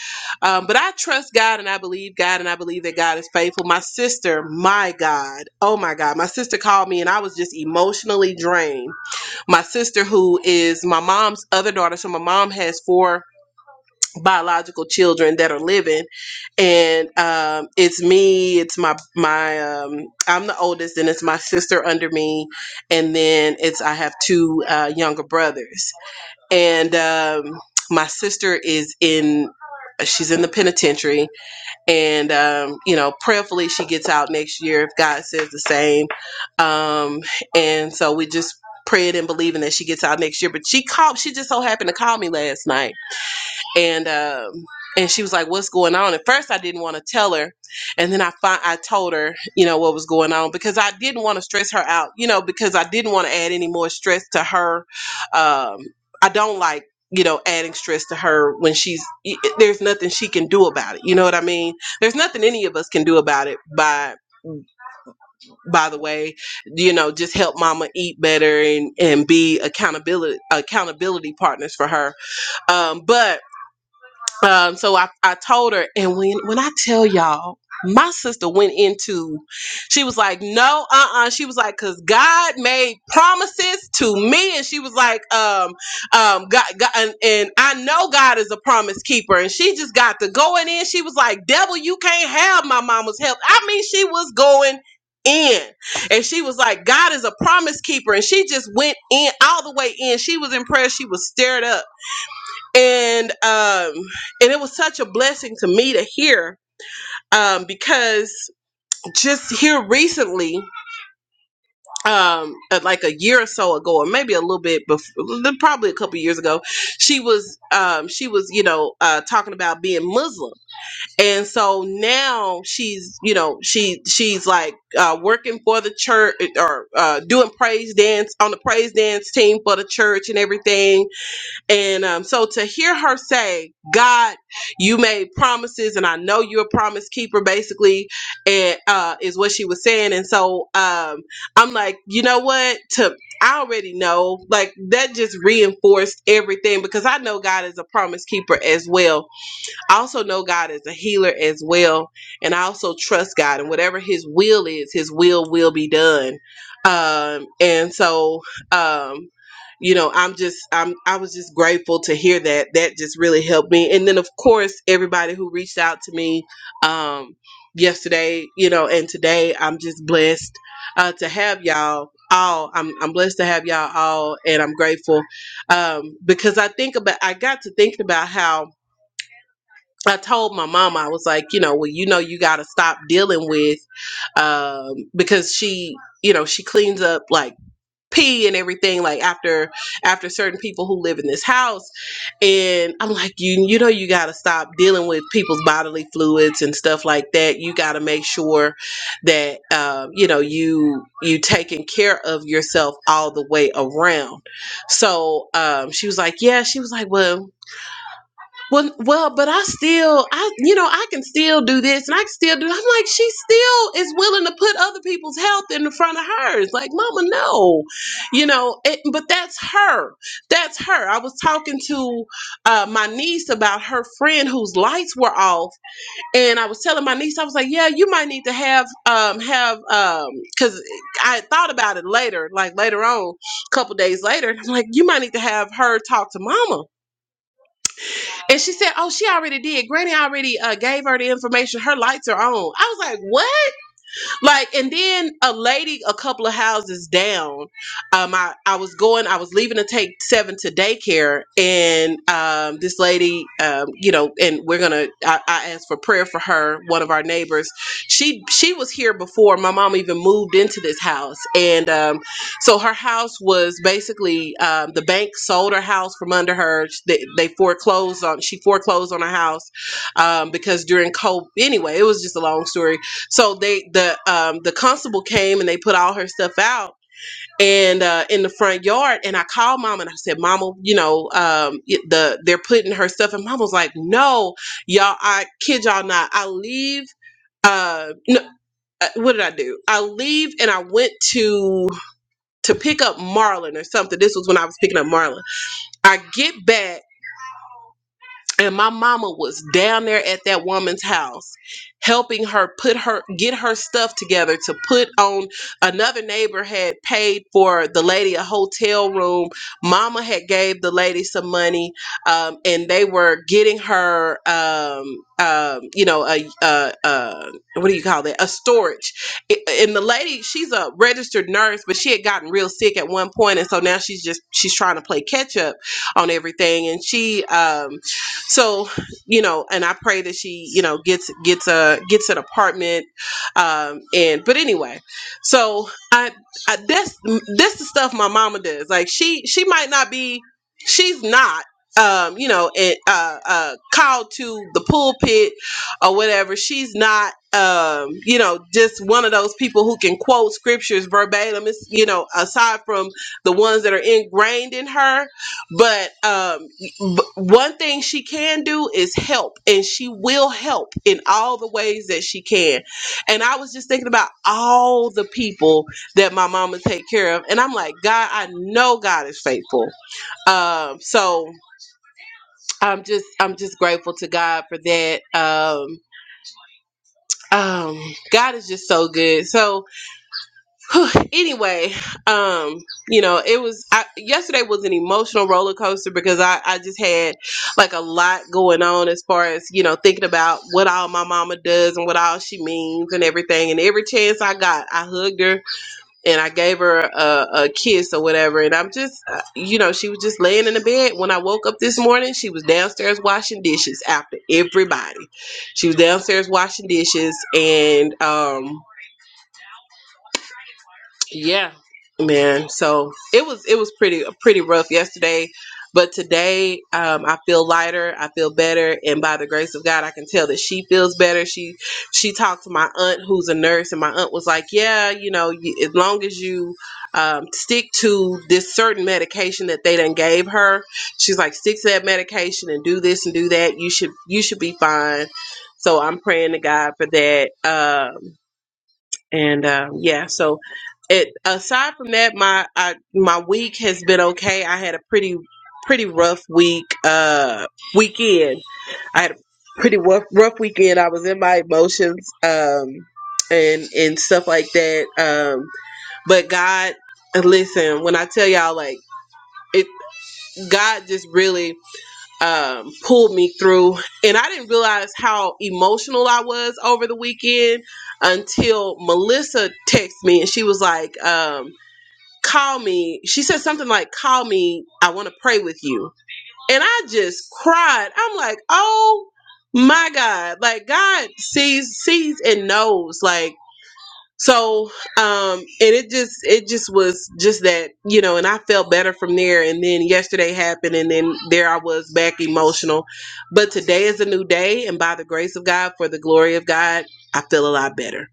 Speaker 1: Um, but I trust God and I believe God and I believe that God is faithful. My sister, my God, oh my God, my sister called me and I was just emotionally drained. My sister, who is my mom's other daughter, so my mom has four biological children that are living and um, it's me it's my my um, i'm the oldest and it's my sister under me and then it's i have two uh, younger brothers and um, my sister is in she's in the penitentiary and um, you know prayerfully she gets out next year if god says the same um, and so we just praying and believing that she gets out next year but she called she just so happened to call me last night and um and she was like what's going on at first i didn't want to tell her and then i find i told her you know what was going on because i didn't want to stress her out you know because i didn't want to add any more stress to her um i don't like you know adding stress to her when she's i- i- there's nothing she can do about it you know what i mean there's nothing any of us can do about it by by the way you know just help mama eat better and and be accountability accountability partners for her um but um, so I, I told her, and when when I tell y'all, my sister went into, she was like, no, uh, uh She was like, cause God made promises to me, and she was like, um, um, God, God and, and I know God is a promise keeper, and she just got to going in. She was like, devil, you can't have my mama's help. I mean, she was going. In and she was like, God is a promise keeper, and she just went in all the way in. She was impressed, she was stirred up and um and it was such a blessing to me to hear um because just here recently um uh, like a year or so ago or maybe a little bit before probably a couple years ago she was um she was you know uh talking about being muslim and so now she's you know she she's like uh working for the church or uh doing praise dance on the praise dance team for the church and everything and um, so to hear her say, God, you made promises, and I know you're a promise keeper, basically, and uh, is what she was saying. And so um, I'm like, you know what? To I already know, like that just reinforced everything because I know God is a promise keeper as well. I also know God is a healer as well, and I also trust God, and whatever His will is, His will will be done. Um, and so, um, you know, I'm just, I'm, I was just grateful to hear that. That just really helped me. And then, of course, everybody who reached out to me um, yesterday, you know, and today, I'm just blessed uh, to have y'all all. I'm, I'm blessed to have y'all all, and I'm grateful um, because I think about, I got to thinking about how I told my mama, I was like, you know, well, you know, you got to stop dealing with, um, because she, you know, she cleans up like pee and everything, like after, after certain people who live in this house. And I'm like, you, you know, you got to stop dealing with people's bodily fluids and stuff like that. You got to make sure that, um, you know, you, you taking care of yourself all the way around. So, um, she was like, yeah, she was like, well, well, well, but I still, I, you know, I can still do this, and I can still do. I'm like, she still is willing to put other people's health in the front of hers. Like, Mama, no, you know. It, but that's her. That's her. I was talking to uh, my niece about her friend whose lights were off, and I was telling my niece, I was like, yeah, you might need to have um have um because I thought about it later, like later on, a couple days later, and I'm like, you might need to have her talk to Mama and she said, "Oh, she already did. Granny already uh, gave her the information. Her lights are on." I was like, "What?" Like, and then a lady a couple of houses down, um, I, I was going, I was leaving to take seven to daycare, and um, this lady, um, you know, and we're gonna, I, I asked for prayer for her, one of our neighbors. She she was here before my mom even moved into this house, and um, so her house was basically um, the bank sold her house from under her. They, they foreclosed on, she foreclosed on her house um, because during COVID, anyway, it was just a long story so they the um the constable came and they put all her stuff out and uh in the front yard and I called mom and I said mama you know um it- the they're putting her stuff and mom was like no y'all I kid y'all not I leave uh no, uh, what did I do I leave and I went to to pick up Marlon or something this was when I was picking up Marlon I get back and my mama was down there at that woman's house helping her put her get her stuff together to put on another neighbor had paid for the lady a hotel room mama had gave the lady some money um, and they were getting her um, um, you know a, a, a what do you call that a storage I- and the lady she's a registered nurse but she had gotten real sick at one point and so now she's just she's trying to play catch up on everything and she um, so you know and i pray that she you know gets gets a gets an apartment um and but anyway so i, I that's that's the stuff my mama does like she she might not be she's not um you know it, uh uh called to the pulpit or whatever she's not um you know just one of those people who can quote scriptures verbatim it's you know aside from the ones that are ingrained in her but um but one thing she can do is help, and she will help in all the ways that she can. And I was just thinking about all the people that my mama take care of, and I'm like, God, I know God is faithful. Um, so I'm just, I'm just grateful to God for that. Um, um, God is just so good. So anyway, um, you know, it was I, yesterday was an emotional roller coaster because I I just had like a lot going on as far as you know thinking about what all my mama does and what all she means and everything. And every chance I got, I hugged her and I gave her a, a kiss or whatever. And I'm just, uh, you know, she was just laying in the bed when I woke up this morning. She was downstairs washing dishes after everybody. She was downstairs washing dishes and um yeah, man. So it was it was pretty pretty rough yesterday, but today um, I feel lighter. I feel better, and by the grace of God, I can tell that she feels better. She she talked to my aunt who's a nurse, and my aunt was like, "Yeah, you know, you, as long as you." Um, stick to this certain medication that they done gave her. She's like, stick to that medication and do this and do that. You should you should be fine. So I'm praying to God for that. Um, and um, yeah, so it aside from that, my I, my week has been okay. I had a pretty pretty rough week uh weekend. I had a pretty rough rough weekend. I was in my emotions um and and stuff like that. Um, but God, listen when I tell y'all like it. God just really um, pulled me through. And I didn't realize how emotional I was over the weekend until Melissa texted me and she was like, um, call me. She said something like, call me. I want to pray with you. And I just cried. I'm like, oh my God. Like God sees, sees and knows. Like, so um and it just it just was just that you know and i felt better from there and then yesterday happened and then there i was back emotional but today is a new day and by the grace of god for the glory of god i feel a lot better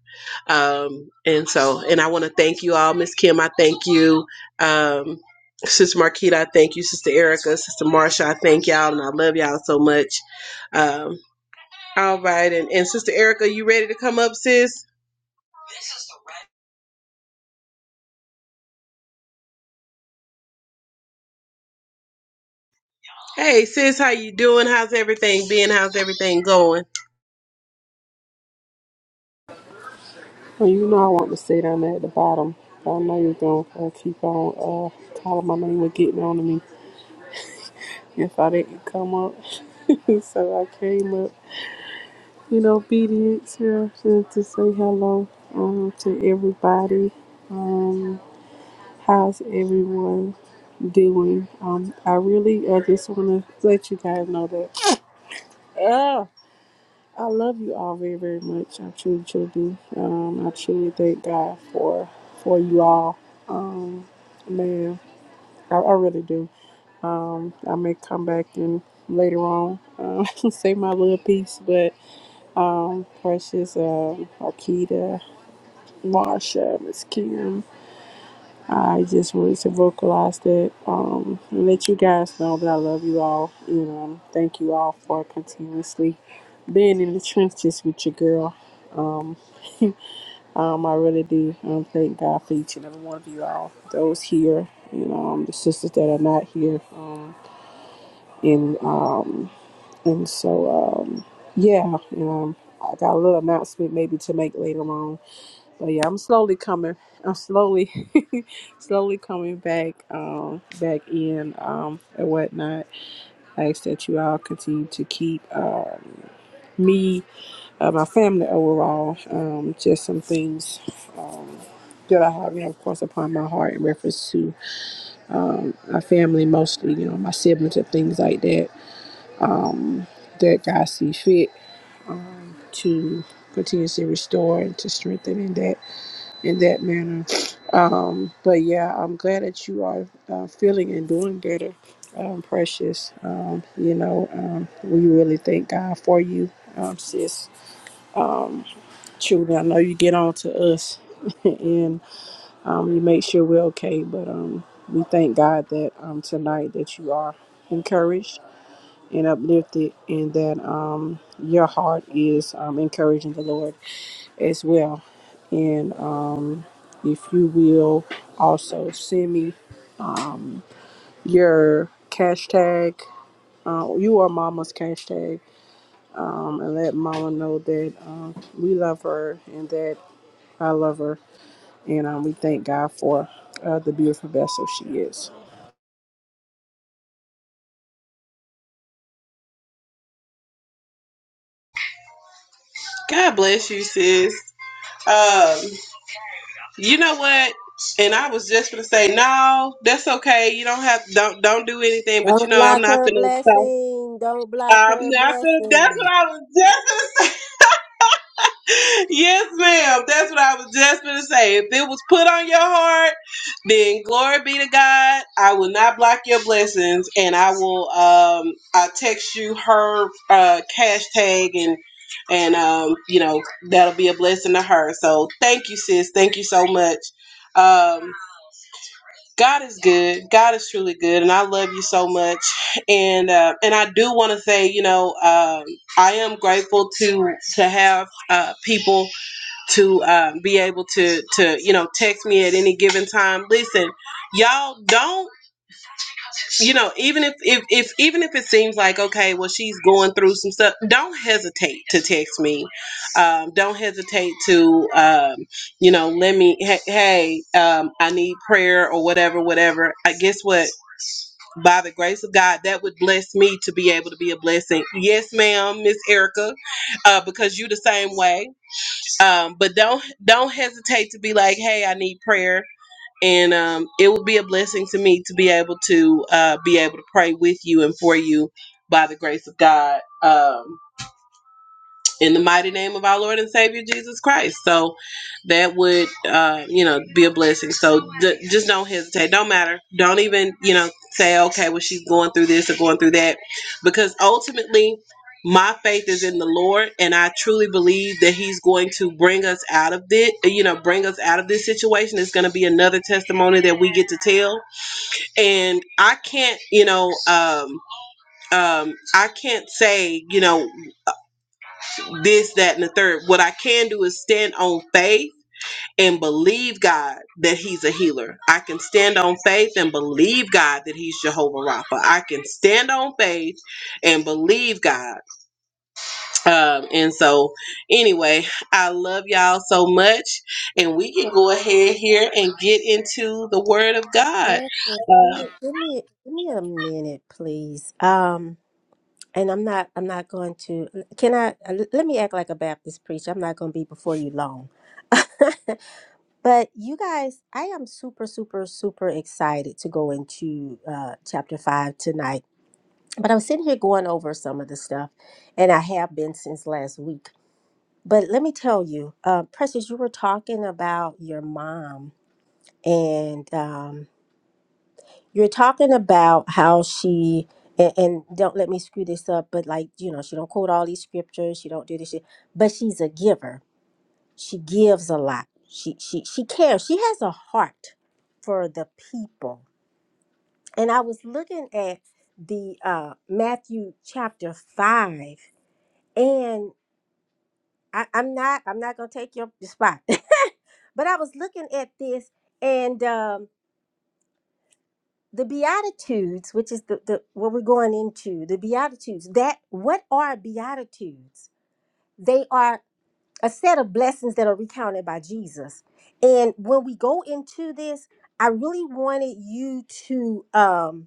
Speaker 1: um and so and i want to thank you all miss kim i thank you um Sister Marquita, I thank you. Sister Erica, Sister Marsha, I thank y'all, and I love y'all so much. Um, all right, and, and Sister Erica, you ready to come up, sis? Hey sis, how you doing? How's everything been? How's everything going?
Speaker 6: Well, you know I want to sit down there at the bottom. I know you're going to uh, keep on uh, calling my name and getting on to me if I didn't come up. so I came up in obedience here to, to say hello um, to everybody. Um, how's everyone doing? Um, I really I just want to let you guys know that ah, I love you all very, very much. I truly, truly do. Um, I truly thank God for, for you all. Man, I, I really do. I may come back and later on um, say my little piece, but um, Precious, uh, Akita, Marsha, Miss Kim, I just wanted to vocalize that um, and let you guys know that I love you all. You know, um, thank you all for continuously being in the trenches with your girl. Um, um, I really do um, thank God for each and every one of you all, those here, you know, um, the sisters that are not here. Um, and um, And so, um, yeah, and um, I got a little announcement maybe to make later on. But yeah, I'm slowly coming. I'm slowly, slowly coming back, um, back in, um, and whatnot. I ask that you all continue to keep um, me, uh, my family overall, um, just some things um, that I have, you know, of course, upon my heart in reference to my family, mostly, you know, my siblings and things like that. That God see fit to continuously restore and to strengthen in that in that manner. Um, but yeah, I'm glad that you are uh, feeling and doing better, um, precious. Um, you know, um, we really thank God for you, um, sis. Children, I know you get on to us and um, you make sure we're okay, but um, we thank God that um, tonight that you are encouraged and uplifted and that um, your heart is um, encouraging the Lord as well. And um, if you will also send me your cash tag, uh, you are mama's cash tag, um, and let mama know that um, we love her and that I love her. And um, we thank God for uh, the beautiful vessel she is.
Speaker 1: God bless you, sis. Um, you know what? And I was just gonna say, no, that's okay. You don't have don't don't do anything, but you
Speaker 3: Don't
Speaker 1: know I'm
Speaker 3: block
Speaker 1: not
Speaker 3: her
Speaker 1: gonna stop.
Speaker 3: blessing. Don't block
Speaker 1: I'm
Speaker 3: her
Speaker 1: not gonna that's
Speaker 3: blessing.
Speaker 1: what I was just Yes, ma'am. That's what I was just going to say. If it was put on your heart, then glory be to God. I will not block your blessings, and I will. Um, I'll text you her uh, cash tag, and and um, you know that'll be a blessing to her. So thank you, sis. Thank you so much. Um, God is good. God is truly good, and I love you so much. And uh, and I do want to say, you know, um, I am grateful to to have uh, people to um, be able to to you know text me at any given time listen y'all don't you know even if, if if even if it seems like okay well she's going through some stuff don't hesitate to text me um, don't hesitate to um, you know let me hey, hey um, i need prayer or whatever whatever i guess what by the grace of god that would bless me to be able to be a blessing yes ma'am miss erica uh, because you the same way um, but don't don't hesitate to be like hey i need prayer and um, it will be a blessing to me to be able to uh, be able to pray with you and for you by the grace of god um, in the mighty name of our Lord and Savior Jesus Christ. So that would, uh, you know, be a blessing. So d- just don't hesitate. Don't matter. Don't even, you know, say, okay, well, she's going through this or going through that. Because ultimately, my faith is in the Lord, and I truly believe that He's going to bring us out of it. You know, bring us out of this situation. It's going to be another testimony that we get to tell. And I can't, you know, um, um, I can't say, you know, this, that, and the third. What I can do is stand on faith and believe God that He's a healer. I can stand on faith and believe God that He's Jehovah Rapha. I can stand on faith and believe God. Um, and so, anyway, I love y'all so much. And we can go ahead here and get into the Word of God.
Speaker 3: Francis, give me, give me, give me a minute, please. Um, and I'm not, I'm not going to. Can I? uh, l- Let me act like a Baptist preacher. I'm not going to be before you long. but you guys, I am super, super, super excited to go into uh, chapter five tonight. But I'm sitting here going over some of the stuff, and I have been since last week. But let me tell you, uh, Precious, you were talking about your mom, and um, you're talking about how she and, and don't let me screw this up but like you know she don't quote all these scriptures she don't do this shit but she's a giver she gives a lot she she she cares she has a heart for the people and i was looking at the uh matthew chapter 5 and I, i'm not i'm not gonna take your spot but i was looking at this and um the beatitudes which is the, the what we're going into the beatitudes that what are beatitudes they are a set of blessings that are recounted by jesus and when we go into this i really wanted you to um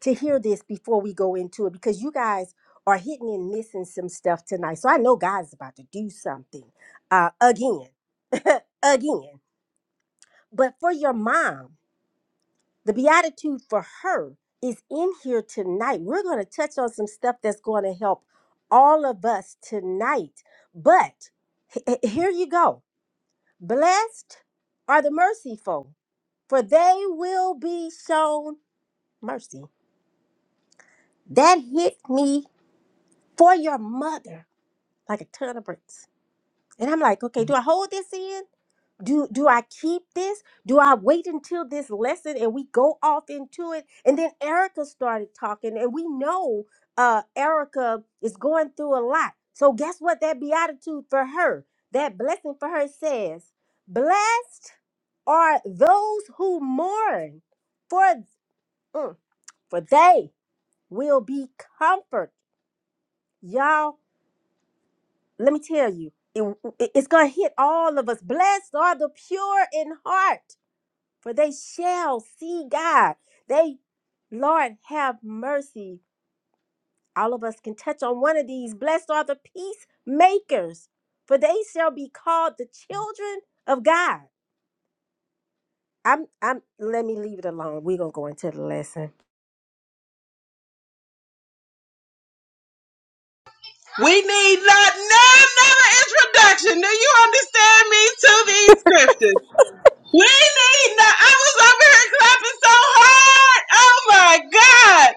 Speaker 3: to hear this before we go into it because you guys are hitting and missing some stuff tonight so i know god's about to do something uh again again but for your mom the beatitude for her is in here tonight. We're going to touch on some stuff that's going to help all of us tonight. But h- h- here you go. Blessed are the merciful, for they will be shown mercy. That hit me for your mother like a ton of bricks. And I'm like, okay, do I hold this in? do do i keep this do i wait until this lesson and we go off into it and then erica started talking and we know uh erica is going through a lot so guess what that beatitude for her that blessing for her says blessed are those who mourn for mm, for they will be comforted." y'all let me tell you it, it- it's gonna hit all of us blessed are the pure in heart for they shall see God. They, Lord, have mercy. All of us can touch on one of these. Blessed are the peacemakers, for they shall be called the children of God. I'm, I'm, let me leave it alone. We're going to go into the lesson.
Speaker 1: We need not no, another introduction. Do you understand me to these scriptures? We need that. I was over here clapping so hard. Oh my God.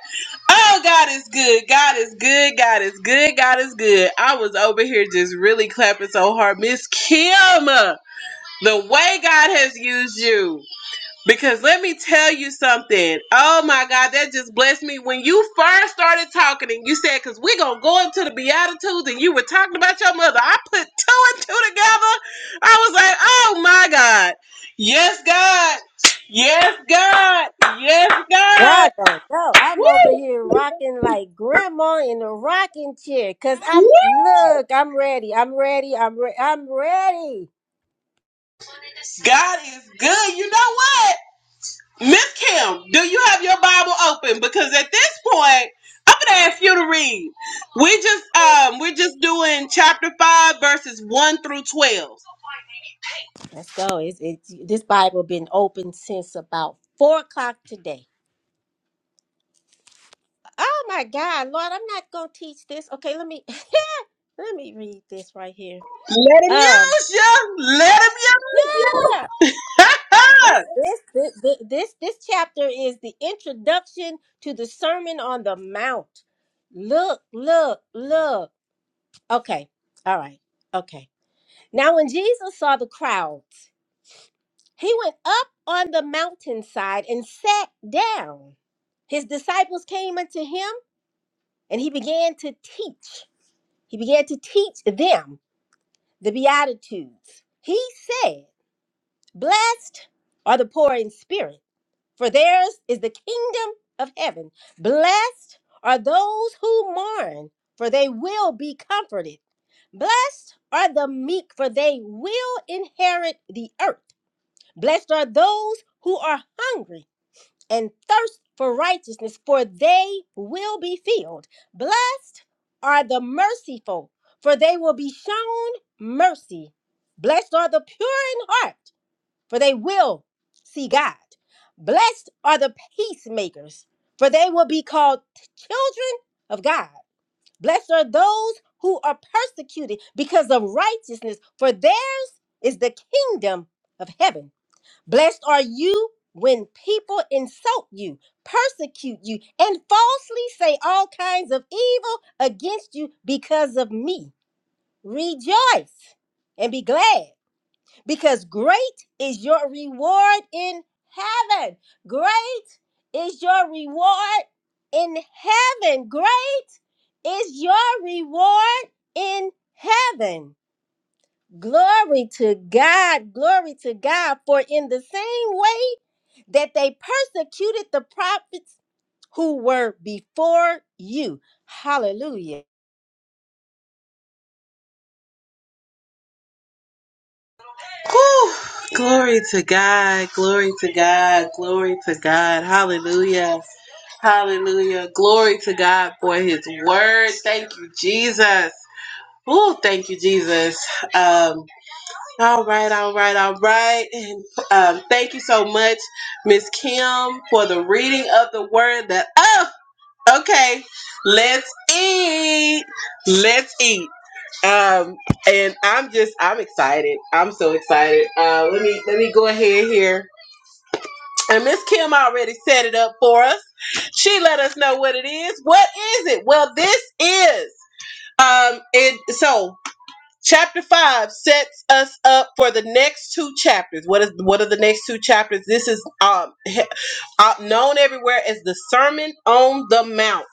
Speaker 1: Oh, God is good. God is good. God is good. God is good. I was over here just really clapping so hard. Miss Kim, the way God has used you. Because let me tell you something. Oh my God, that just blessed me. When you first started talking and you said, because we're going to go up to the Beatitudes and you were talking about your mother, I put two and two together. I was like, oh my God. Yes, God. Yes, God. Yes, God.
Speaker 3: I don't know. I'm over
Speaker 1: Woo!
Speaker 3: here rocking like grandma in a rocking chair. Cause I'm
Speaker 1: Woo!
Speaker 3: look, I'm ready. I'm ready. I'm re- I'm ready.
Speaker 1: God is good. You know what? Miss Kim, do you have your Bible open? Because at this point, I'm gonna ask you to read. We just um we're just doing chapter five verses one through twelve.
Speaker 3: Let's go. It's, it's this Bible been open since about four o'clock today. Oh my God, Lord, I'm not gonna teach this. Okay, let me let me read this right here.
Speaker 1: Let him
Speaker 3: Um,
Speaker 1: use you. Let him use
Speaker 3: yeah, this
Speaker 1: you.
Speaker 3: this this this this, this chapter is the introduction to the Sermon on the Mount. Look, look, look. Okay, all right, okay. Now, when Jesus saw the crowds, he went up on the mountainside and sat down. His disciples came unto him, and he began to teach. He began to teach them the Beatitudes. He said, Blessed are the poor in spirit, for theirs is the kingdom of heaven. Blessed are those who mourn, for they will be comforted. Blessed are the meek, for they will inherit the earth. Blessed are those who are hungry and thirst for righteousness, for they will be filled. Blessed are the merciful, for they will be shown mercy. Blessed are the pure in heart, for they will see God. Blessed are the peacemakers, for they will be called children of God. Blessed are those who are persecuted because of righteousness, for theirs is the kingdom of heaven. Blessed are you when people insult you, persecute you, and falsely say all kinds of evil against you because of me. Rejoice and be glad, because great is your reward in heaven. Great is your reward in heaven. Great is your reward in heaven. Glory to God. Glory to God. For in the same way, that they persecuted the prophets who were before you. Hallelujah.
Speaker 1: Whew. Glory to God. Glory to God. Glory to God. Hallelujah. Hallelujah. Glory to God for his word. Thank you, Jesus. Oh, thank you, Jesus. Um, All right, all right, all right. And um, thank you so much, Miss Kim, for the reading of the word that oh okay. Let's eat. Let's eat. Um, and I'm just I'm excited. I'm so excited. Uh let me let me go ahead here. And Miss Kim already set it up for us. She let us know what it is. What is it? Well, this is um it so Chapter 5 sets us up for the next two chapters. What is what are the next two chapters? This is um, he- uh, known everywhere as the Sermon on the Mount.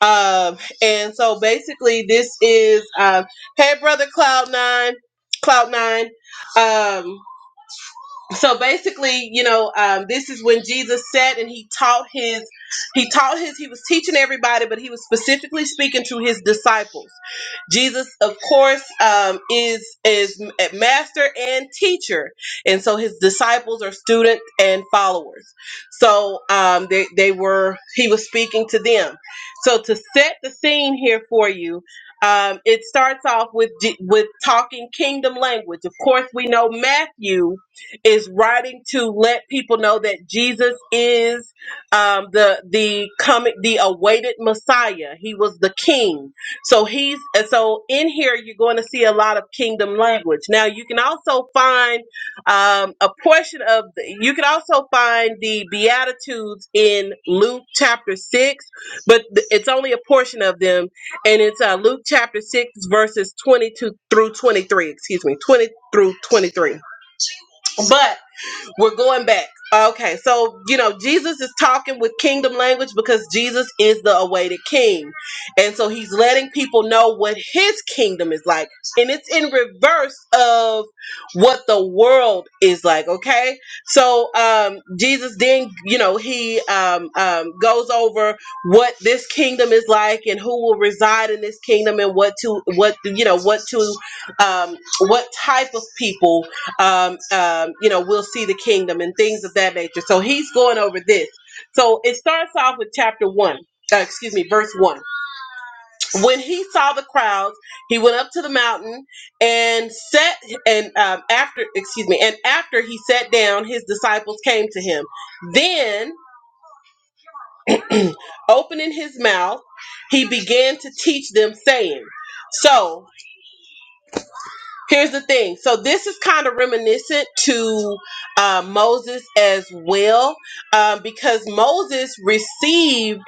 Speaker 1: Um, and so basically, this is um, hey, brother Cloud Nine, Cloud Nine. Um, so basically you know um, this is when jesus sat and he taught his he taught his he was teaching everybody but he was specifically speaking to his disciples jesus of course um, is is a master and teacher and so his disciples are students and followers so um, they, they were he was speaking to them so to set the scene here for you um, it starts off with J- with talking kingdom language of course we know matthew is writing to let people know that Jesus is um, the the coming the awaited Messiah. He was the King, so he's and so in here you're going to see a lot of kingdom language. Now you can also find um, a portion of the, you can also find the Beatitudes in Luke chapter six, but th- it's only a portion of them, and it's uh, Luke chapter six verses twenty two through twenty three. Excuse me, twenty through twenty three, but we're going back. Okay, so you know Jesus is talking with kingdom language because Jesus is the awaited king, and so he's letting people know what his kingdom is like, and it's in reverse of what the world is like. Okay, so um, Jesus then you know he um, um, goes over what this kingdom is like and who will reside in this kingdom and what to what you know what to um, what type of people um, um, you know, we'll see the kingdom and things of that nature. So he's going over this. So it starts off with chapter one, uh, excuse me, verse one. When he saw the crowds, he went up to the mountain and sat. and um, after, excuse me, and after he sat down, his disciples came to him. Then, opening his mouth, he began to teach them, saying, "So." Here's the thing. So this is kind of reminiscent to uh, Moses as well, um, because Moses received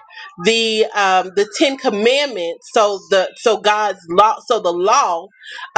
Speaker 1: the um, the Ten Commandments. So the so God's law. So the law,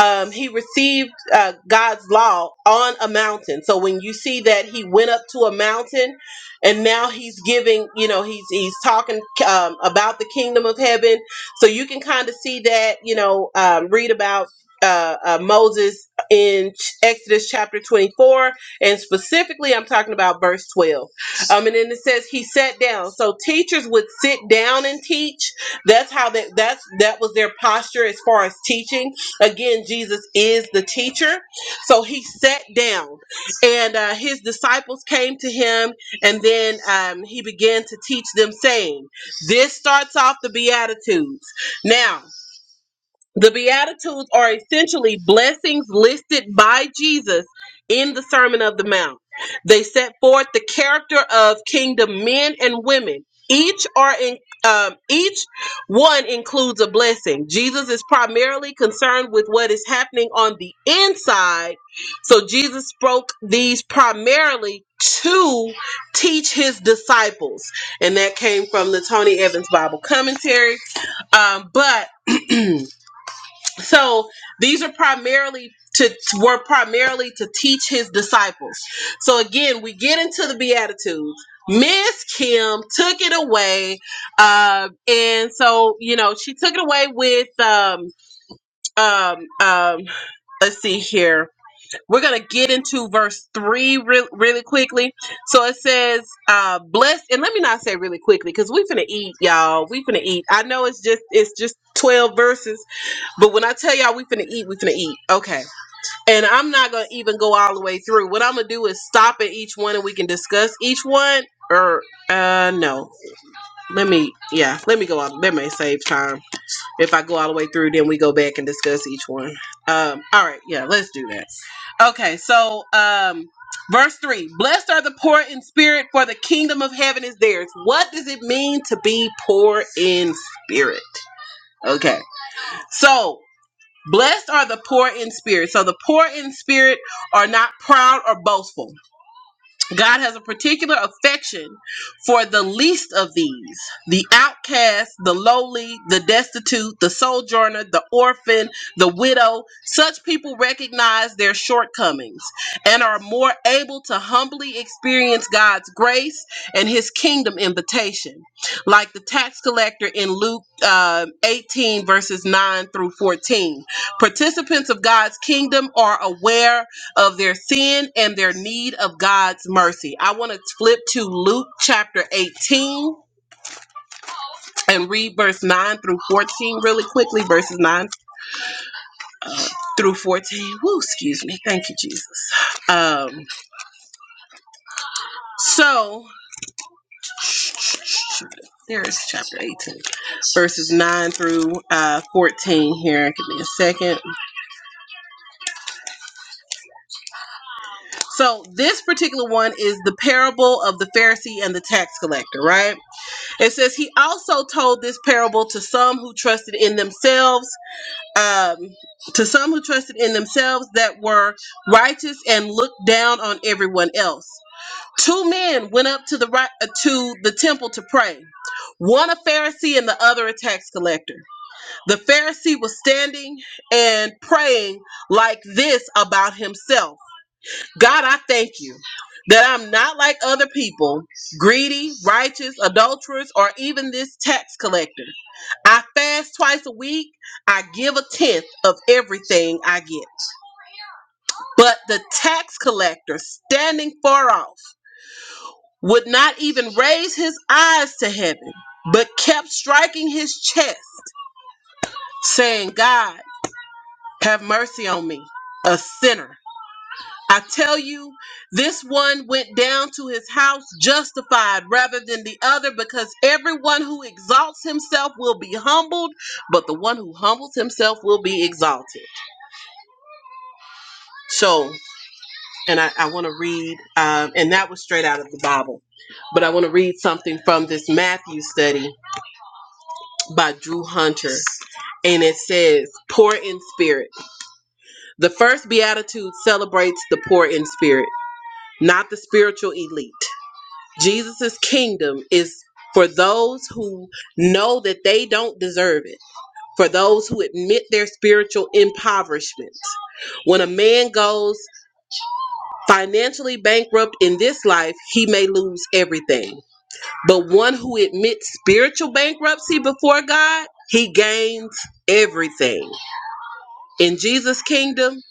Speaker 1: um, he received uh, God's law on a mountain. So when you see that he went up to a mountain, and now he's giving, you know, he's he's talking um, about the kingdom of heaven. So you can kind of see that, you know, um, read about uh, uh, Moses in Ch- Exodus chapter 24, and specifically I'm talking about verse 12. Um, and then it says he sat down. So teachers would sit down and teach. That's how that that's that was their posture as far as teaching. Again, Jesus is the teacher, so he sat down, and uh, his disciples came to him, and then um, he began to teach them, saying, "This starts off the beatitudes now." The Beatitudes are essentially blessings listed by Jesus in the Sermon of the Mount. They set forth the character of kingdom men and women. Each are in um, each one includes a blessing. Jesus is primarily concerned with what is happening on the inside, so Jesus spoke these primarily to teach his disciples, and that came from the Tony Evans Bible Commentary. Um, but so these are primarily to were primarily to teach his disciples so again we get into the beatitudes miss kim took it away um and so you know she took it away with um um um let's see here we're gonna get into verse three re- really quickly so it says uh blessed and let me not say really quickly because we finna eat y'all we finna eat i know it's just it's just 12 verses but when I tell y'all we finna eat, we finna eat. Okay. And I'm not gonna even go all the way through. What I'm gonna do is stop at each one and we can discuss each one. Or uh no. Let me yeah, let me go all that may save time. If I go all the way through, then we go back and discuss each one. Um all right, yeah, let's do that. Okay, so um verse three blessed are the poor in spirit, for the kingdom of heaven is theirs. What does it mean to be poor in spirit? Okay. So Blessed are the poor in spirit. So the poor in spirit are not proud or boastful. God has a particular affection for the least of these the outcast, the lowly, the destitute, the sojourner, the orphan, the widow. Such people recognize their shortcomings and are more able to humbly experience God's grace and his kingdom invitation, like the tax collector in Luke uh, 18, verses 9 through 14. Participants of God's kingdom are aware of their sin and their need of God's mercy. I want to flip to Luke chapter 18 and read verse 9 through 14 really quickly. Verses 9 uh, through 14. Woo, excuse me. Thank you, Jesus. Um, so, there is chapter 18, verses 9 through uh, 14 here. Give me a second. So, this particular one is the parable of the Pharisee and the tax collector, right? It says he also told this parable to some who trusted in themselves, um, to some who trusted in themselves that were righteous and looked down on everyone else. Two men went up to the right uh, to the temple to pray, one a Pharisee and the other a tax collector. The Pharisee was standing and praying like this about himself. God, I thank you that I'm not like other people, greedy, righteous, adulterers, or even this tax collector. I fast twice a week. I give a tenth of everything I get. But the tax collector, standing far off, would not even raise his eyes to heaven, but kept striking his chest, saying, God, have mercy on me, a sinner. I tell you, this one went down to his house justified rather than the other, because everyone who exalts himself will be humbled, but the one who humbles himself will be exalted. So, and I, I want to read, um, and that was straight out of the Bible, but I want to read something from this Matthew study by Drew Hunter. And it says, Poor in spirit. The first beatitude celebrates the poor in spirit, not the spiritual elite. Jesus' kingdom is for those who know that they don't deserve it, for those who admit their spiritual impoverishment. When a man goes financially bankrupt in this life, he may lose everything. But one who admits spiritual bankruptcy before God, he gains everything. In Jesus' kingdom,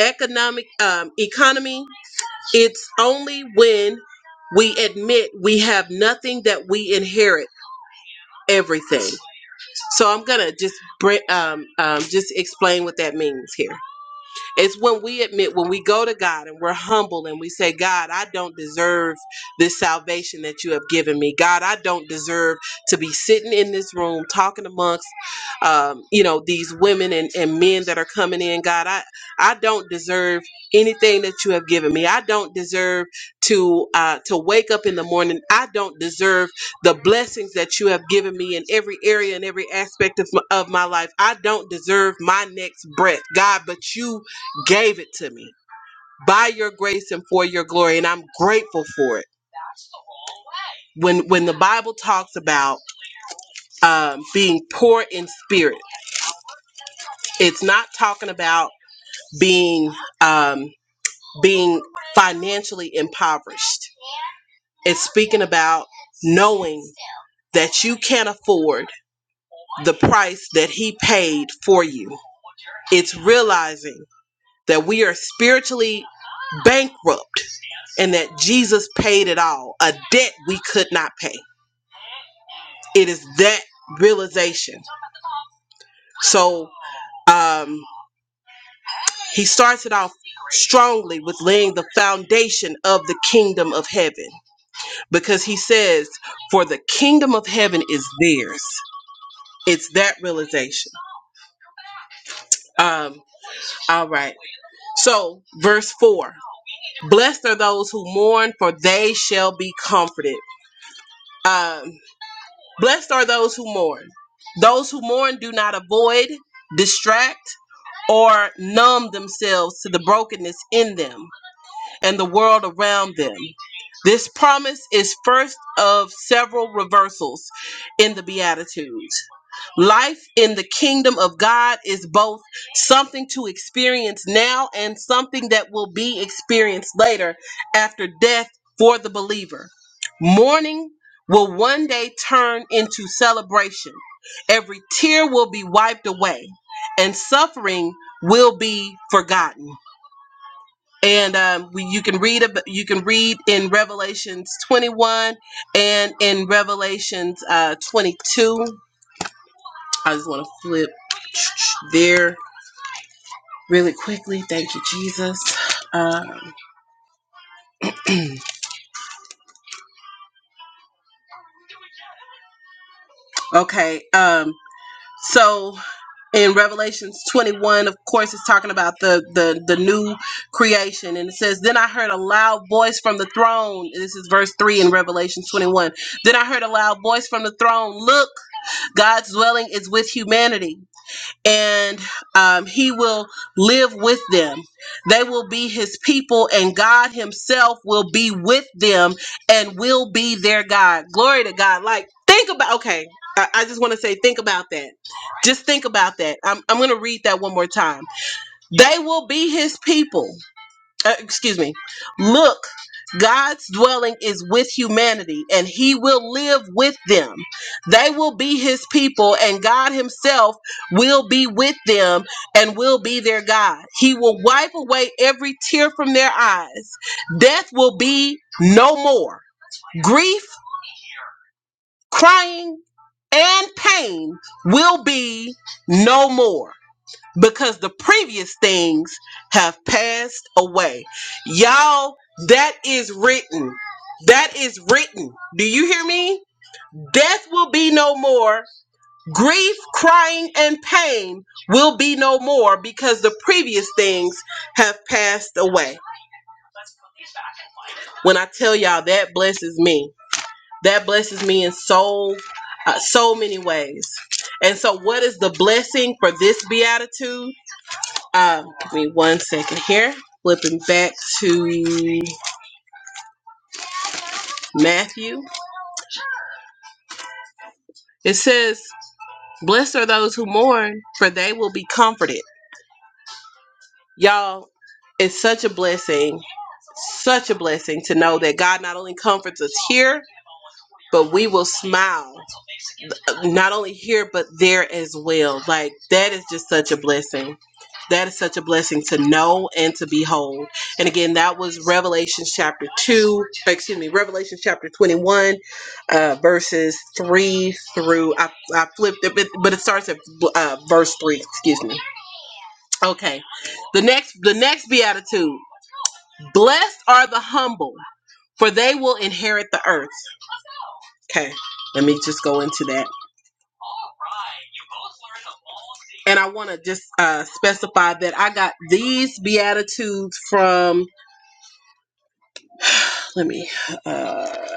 Speaker 1: economic um, economy, it's only when we admit we have nothing that we inherit everything. So I'm gonna just br- um, um, just explain what that means here. It's when we admit, when we go to God and we're humble and we say, God, I don't deserve this salvation that you have given me. God, I don't deserve to be sitting in this room talking amongst, um, you know, these women and, and men that are coming in. God, I, I don't deserve anything that you have given me. I don't deserve to uh, to wake up in the morning. I don't deserve the blessings that you have given me in every area and every aspect of my, of my life. I don't deserve my next breath, God, but you gave it to me by your grace and for your glory and i'm grateful for it when when the bible talks about um, being poor in spirit it's not talking about being um, being financially impoverished it's speaking about knowing that you can't afford the price that he paid for you it's realizing that we are spiritually bankrupt and that jesus paid it all a debt we could not pay It is that realization. So um, he starts it off strongly with laying the foundation of the kingdom of heaven because he says, For the kingdom of heaven is theirs. It's that realization. Um, all right. So, verse 4 Blessed are those who mourn, for they shall be comforted. Um, blessed are those who mourn. Those who mourn do not avoid, distract, or numb themselves to the brokenness in them and the world around them. This promise is first of several reversals in the Beatitudes. Life in the kingdom of God is both something to experience now and something that will be experienced later after death for the believer. Mourning will one day turn into celebration. Every tear will be wiped away and suffering will be forgotten and um, we, you can read ab- you can read in Revelations 21 and in Revelations uh, 22. I just want to flip there really quickly. Thank you, Jesus. Um, okay, um, so in Revelations 21, of course, it's talking about the the the new creation, and it says, "Then I heard a loud voice from the throne." This is verse three in Revelations 21. Then I heard a loud voice from the throne. Look. God's dwelling is with humanity, and um, He will live with them. They will be His people, and God Himself will be with them and will be their God. Glory to God. Like, think about, okay, I, I just want to say, think about that. Just think about that. I'm, I'm going to read that one more time. They will be His people uh, excuse me. Look, God's dwelling is with humanity, and He will live with them. They will be His people, and God Himself will be with them and will be their God. He will wipe away every tear from their eyes. Death will be no more. Grief, crying, and pain will be no more because the previous things have passed away. Y'all, that is written. That is written. Do you hear me? Death will be no more. Grief, crying, and pain will be no more because the previous things have passed away. When I tell y'all that blesses me, that blesses me in so uh, so many ways. And so, what is the blessing for this beatitude? Um, give me one second here. Flipping back to Matthew. It says, Blessed are those who mourn, for they will be comforted. Y'all, it's such a blessing, such a blessing to know that God not only comforts us here, but we will smile. not only here but there as well. Like that is just such a blessing. That is such a blessing to know and to behold. And again, that was Revelation chapter 2, excuse me, Revelation chapter 21, uh, verses 3 through, I, I flipped it, but, but it starts at uh, verse 3, excuse me. Okay. The next, the next beatitude Blessed are the humble, for they will inherit the earth. Okay. Let me just go into that. And I want to just uh, specify that I got these Beatitudes from, let me, uh,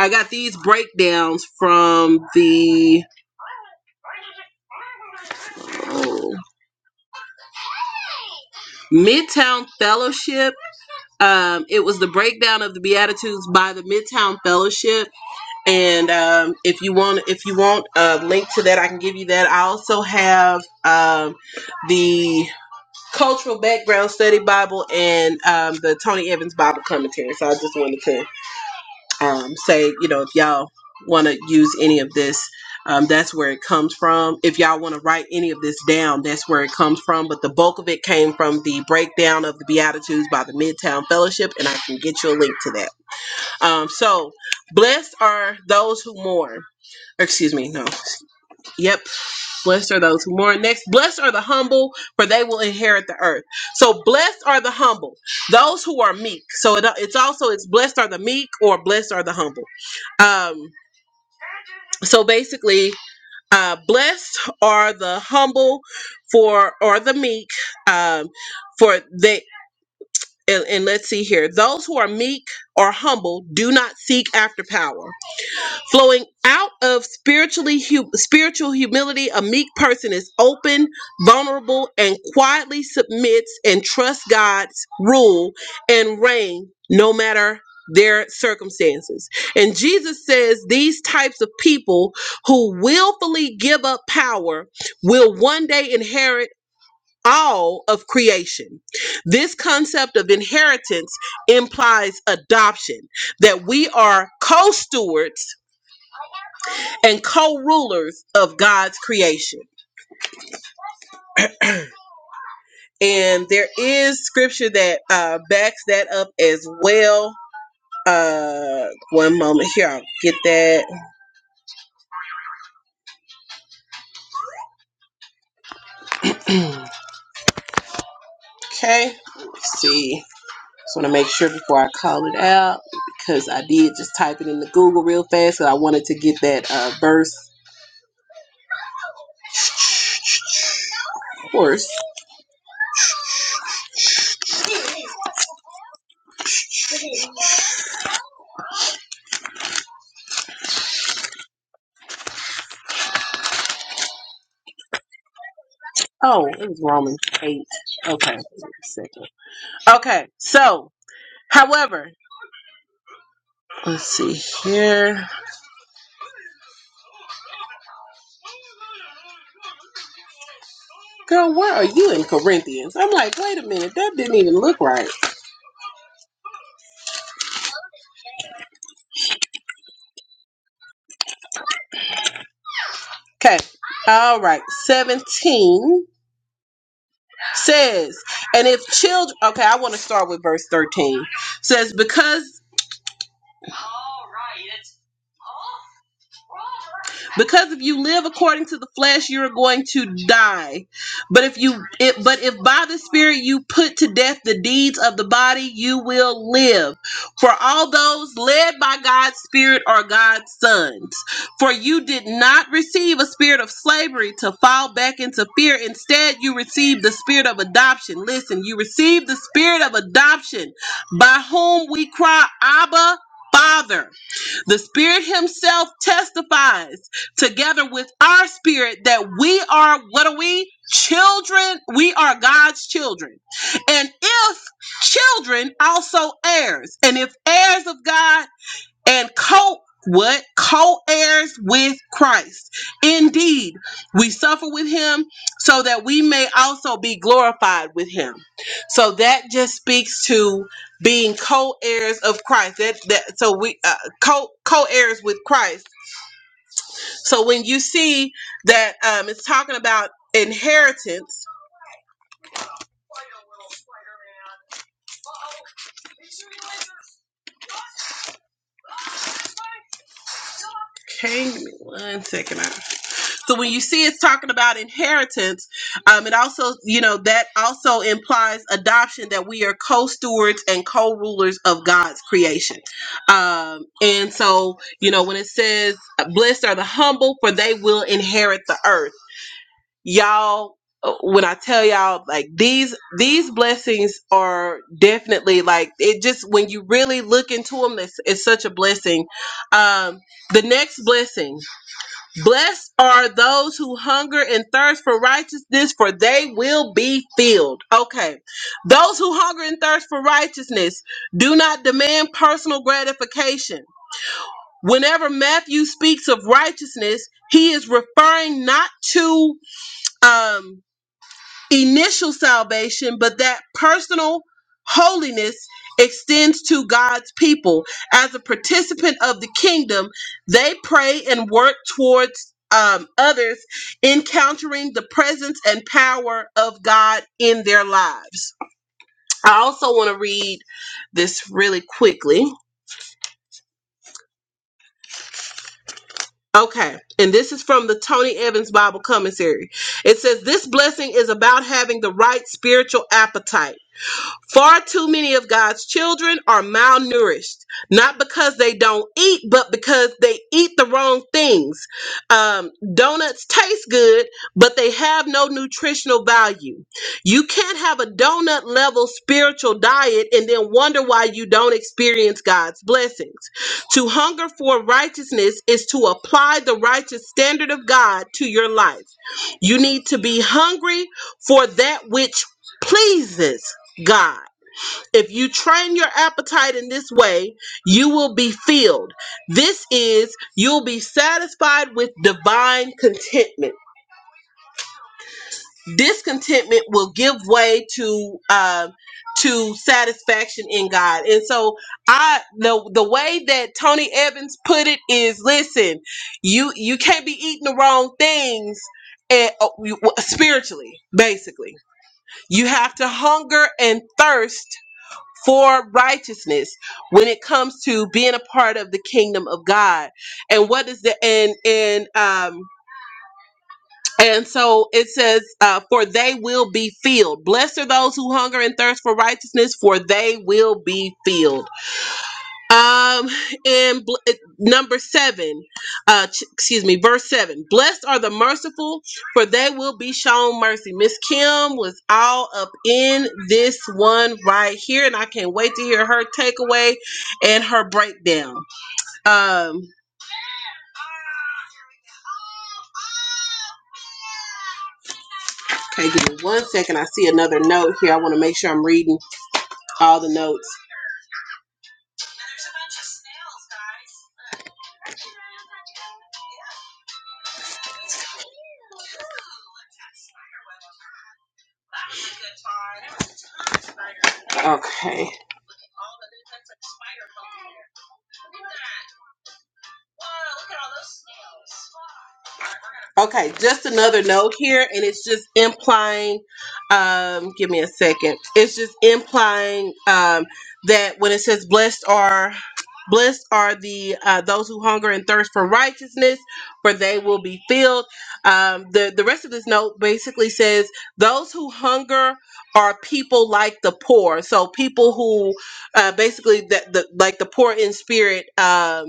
Speaker 1: I got these breakdowns from the oh, Midtown Fellowship. Um, it was the breakdown of the Beatitudes by the Midtown Fellowship. And um, if you want, if you want a link to that, I can give you that. I also have um, the Cultural Background Study Bible and um, the Tony Evans Bible Commentary. So I just wanted to um, say, you know, if y'all want to use any of this, um, that's where it comes from. If y'all want to write any of this down, that's where it comes from. But the bulk of it came from the breakdown of the Beatitudes by the Midtown Fellowship, and I can get you a link to that. Um, so, blessed are those who mourn. Excuse me, no. Yep, Blessed are those who mourn. Next, blessed are the humble, for they will inherit the earth. So, blessed are the humble, those who are meek. So, it, it's also it's blessed are the meek or blessed are the humble. Um, so basically, uh, blessed are the humble for or the meek um, for they and, and let's see here those who are meek or humble do not seek after power Flowing out of spiritually hu- spiritual humility, a meek person is open, vulnerable, and quietly submits and trusts God's rule and reign no matter their circumstances. And Jesus says these types of people who willfully give up power will one day inherit all of creation. This concept of inheritance implies adoption, that we are co stewards and co-rulers of God's creation. And there is scripture that uh, backs that up as well. Uh, one moment here, I'll get that. okay, let's see. Just want to make sure before I call it out because I did just type it into Google real fast because I wanted to get that uh, verse. Of course. Oh, it was Romans eight. Okay, second. Okay, so however, let's see here. Girl, why are you in Corinthians? I'm like, wait a minute, that didn't even look right. Okay. All right. 17 says, and if children, okay, I want to start with verse 13. Says, because because if you live according to the flesh you're going to die but if you it, but if by the spirit you put to death the deeds of the body you will live for all those led by god's spirit are god's sons for you did not receive a spirit of slavery to fall back into fear instead you received the spirit of adoption listen you received the spirit of adoption by whom we cry abba father the Spirit Himself testifies together with our spirit that we are, what are we? Children. We are God's children. And if children, also heirs. And if heirs of God, and co what co-heirs with Christ. Indeed, we suffer with him so that we may also be glorified with him. So that just speaks to being co-heirs of Christ. That that so we uh, co co-heirs with Christ. So when you see that um it's talking about inheritance. Okay, give me one second. I So when you see it's talking about inheritance, um, it also, you know, that also implies adoption that we are co-stewards and co-rulers of God's creation. Um, and so, you know, when it says, "Blessed are the humble, for they will inherit the earth." Y'all, uh, when I tell y'all, like these these blessings are definitely like it. Just when you really look into them, it's, it's such a blessing. Um, the next blessing. Blessed are those who hunger and thirst for righteousness, for they will be filled. Okay. Those who hunger and thirst for righteousness do not demand personal gratification. Whenever Matthew speaks of righteousness, he is referring not to um, initial salvation, but that personal holiness extends to God's people. As a participant of the kingdom, they pray and work towards um, others, encountering the presence and power of God in their lives. I also want to read this really quickly. Okay, and this is from the Tony Evans Bible Commentary. It says, This blessing is about having the right spiritual appetite Far too many of God's children are malnourished, not because they don't eat, but because they eat the wrong things. Um, donuts taste good, but they have no nutritional value. You can't have a donut level spiritual diet and then wonder why you don't experience God's blessings. To hunger for righteousness is to apply the righteous standard of God to your life. You need to be hungry for that which pleases. God. If you train your appetite in this way, you will be filled. This is, you'll be satisfied with divine contentment. Discontentment will give way to uh, to satisfaction in God. And so, I the the way that Tony Evans put it is, listen, you you can't be eating the wrong things. And, uh, you- spiritually, basically, you have to hunger and thirst for righteousness when it comes to being a part of the kingdom of God. And what is the and and um and so it says, uh, for they will be filled. Blessed are those who hunger and thirst for righteousness, for they will be filled. Um, and bl- uh, number seven, uh, ch- excuse me, verse seven. Blessed are the merciful, for they will be shown mercy. Miss Kim was all up in this one right here, and I can't wait to hear her takeaway and her breakdown. Um, okay, give me one second. I see another note here. I want to make sure I'm reading all the notes. Okay. Okay, just another note here, and it's just implying. Um, give me a second. It's just implying um, that when it says "blessed are blessed are the uh, those who hunger and thirst for righteousness, for they will be filled." Um, the the rest of this note basically says those who hunger are people like the poor, so people who uh, basically that the like the poor in spirit, um,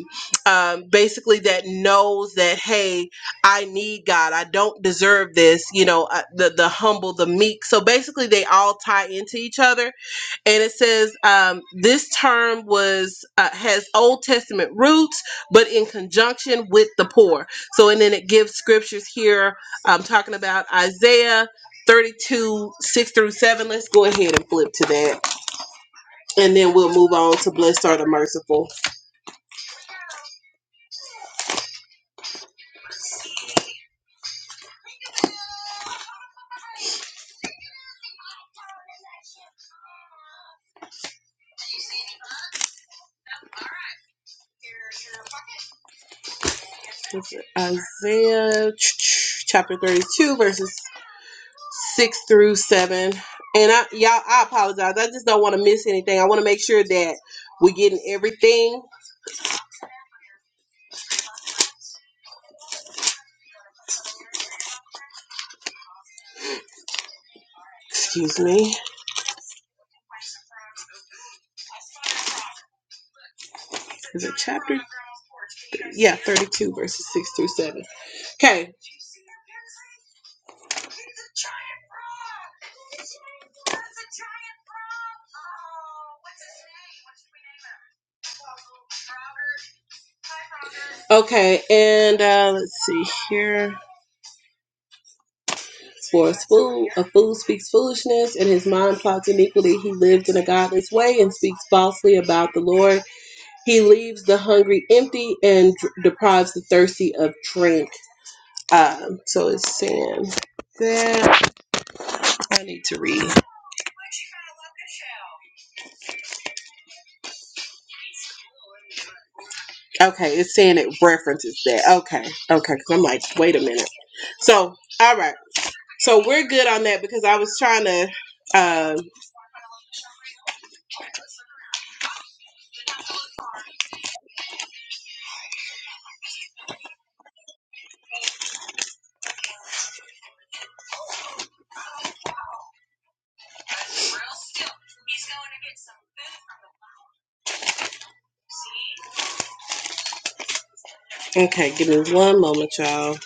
Speaker 1: um, basically that knows that hey I need God. I don't deserve this. You know, uh, the the humble, the meek. So basically, they all tie into each other. And it says um, this term was uh, has Old Testament roots, but in conjunction with the poor. So and then it gives scriptures here. I'm talking about Isaiah 32 6 through 7. Let's go ahead and flip to that, and then we'll move on to blessed are the merciful. Isaiah chapter 32 verses six through seven. And I, y'all, I apologize. I just don't want to miss anything. I want to make sure that we're getting everything. Excuse me. Is it chapter? Yeah, 32 verses 6 through 7. Okay, okay, and uh, let's see here. For a fool, a fool speaks foolishness, and his mind plots iniquity. He lives in a godless way and speaks falsely about the Lord. He leaves the hungry empty and deprives the thirsty of drink. Um, so it's saying that I need to read. Okay, it's saying it references that. Okay, okay, because I'm like, wait a minute. So, all right. So we're good on that because I was trying to. Um, okay, give me one moment, y'all.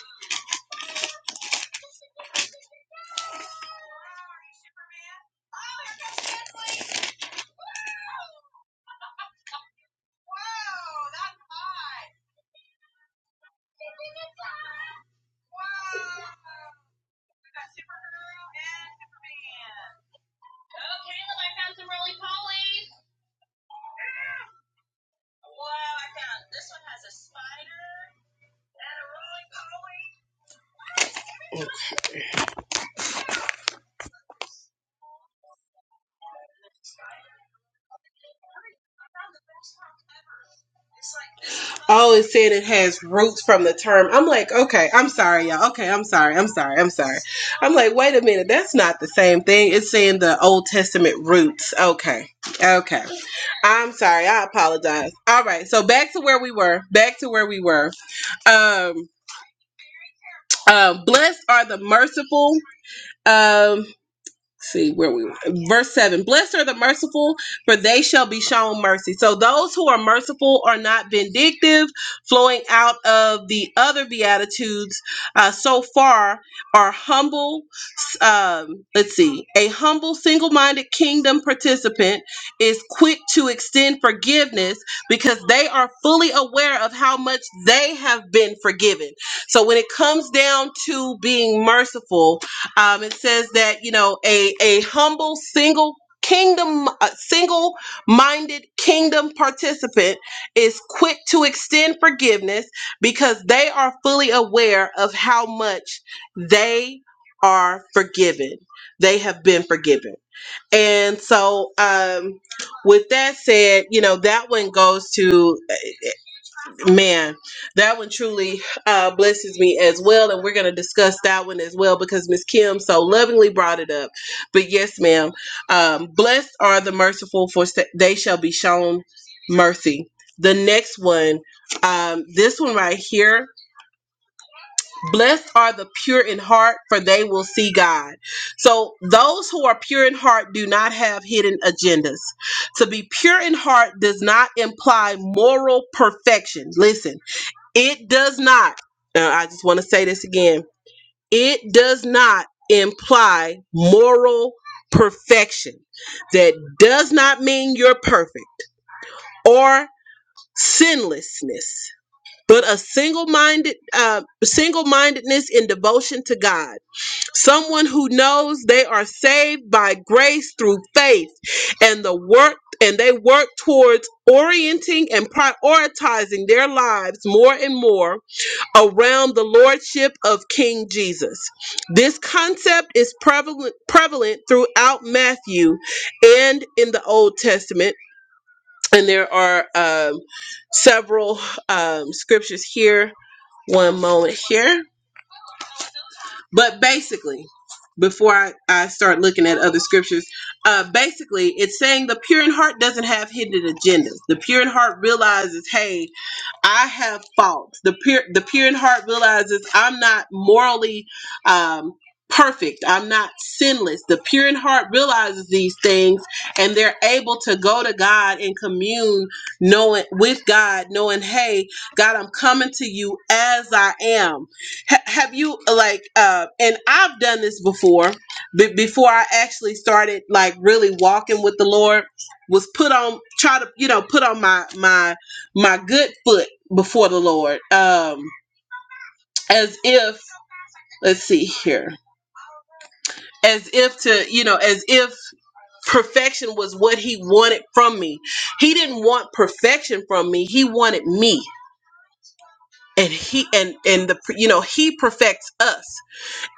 Speaker 1: Oh, it said it has roots from the term. I'm like, okay, I'm sorry, y'all. Okay, I'm sorry, I'm sorry, I'm sorry. I'm like, wait a minute, that's not the same thing. It's saying the Old Testament roots. Okay, okay. I'm sorry. I apologize. All right. So back to where we were. Back to where we were. Um, um blessed are the merciful. Um, let's see where we were. verse seven. Blessed are the merciful, for they shall be shown mercy. So those who are merciful are not vindictive, flowing out of the other beatitudes. Uh, so far, are humble um, let's see, a humble, single minded kingdom participant is quick to extend forgiveness because they are fully aware of how much they have been forgiven. So when it comes down to being merciful, um, it says that, you know, a, a humble, single kingdom uh, single-minded kingdom participant is quick to extend forgiveness because they are fully aware of how much they are forgiven. They have been forgiven. And so, um, with that said, you know, that one goes to, man, that one truly uh, blesses me as well. And we're going to discuss that one as well because Miss Kim so lovingly brought it up. But yes, ma'am, um, blessed are the merciful, for sa- they shall be shown mercy. The next one, um, this one right here Blessed are the pure in heart, for they will see God. So, those who are pure in heart do not have hidden agendas. To be pure in heart does not imply moral perfection. Listen, it does not, uh, I just want to say this again it does not imply moral perfection. That does not mean you're perfect or sinlessness, but a single minded, uh, single mindedness in devotion to God someone who knows they are saved by grace through faith and the work and they work towards orienting and prioritizing their lives more and more around the lordship of King Jesus. This concept is prevalent prevalent throughout Matthew and in the Old Testament and there are um, several um, scriptures here. One moment here. But basically, before I, I start looking at other scriptures, uh, basically, it's saying the pure in heart doesn't have hidden agendas. The pure in heart realizes, hey, I have faults. The pure, the pure in heart realizes I'm not morally um, perfect. I'm not sinless. The pure in heart realizes these things, and they're able to go to God and commune, knowing with God, knowing, hey, God, I'm coming to you as I am. Ha- have you like? Uh, and I've done this before. Be before I actually started like really walking with the Lord, was put on try to you know put on my my my good foot before the Lord, um, as if, let's see here, as if to, you know, as if perfection was what he wanted from me. He didn't want perfection from me. He wanted me. And he and and the you know he perfects us,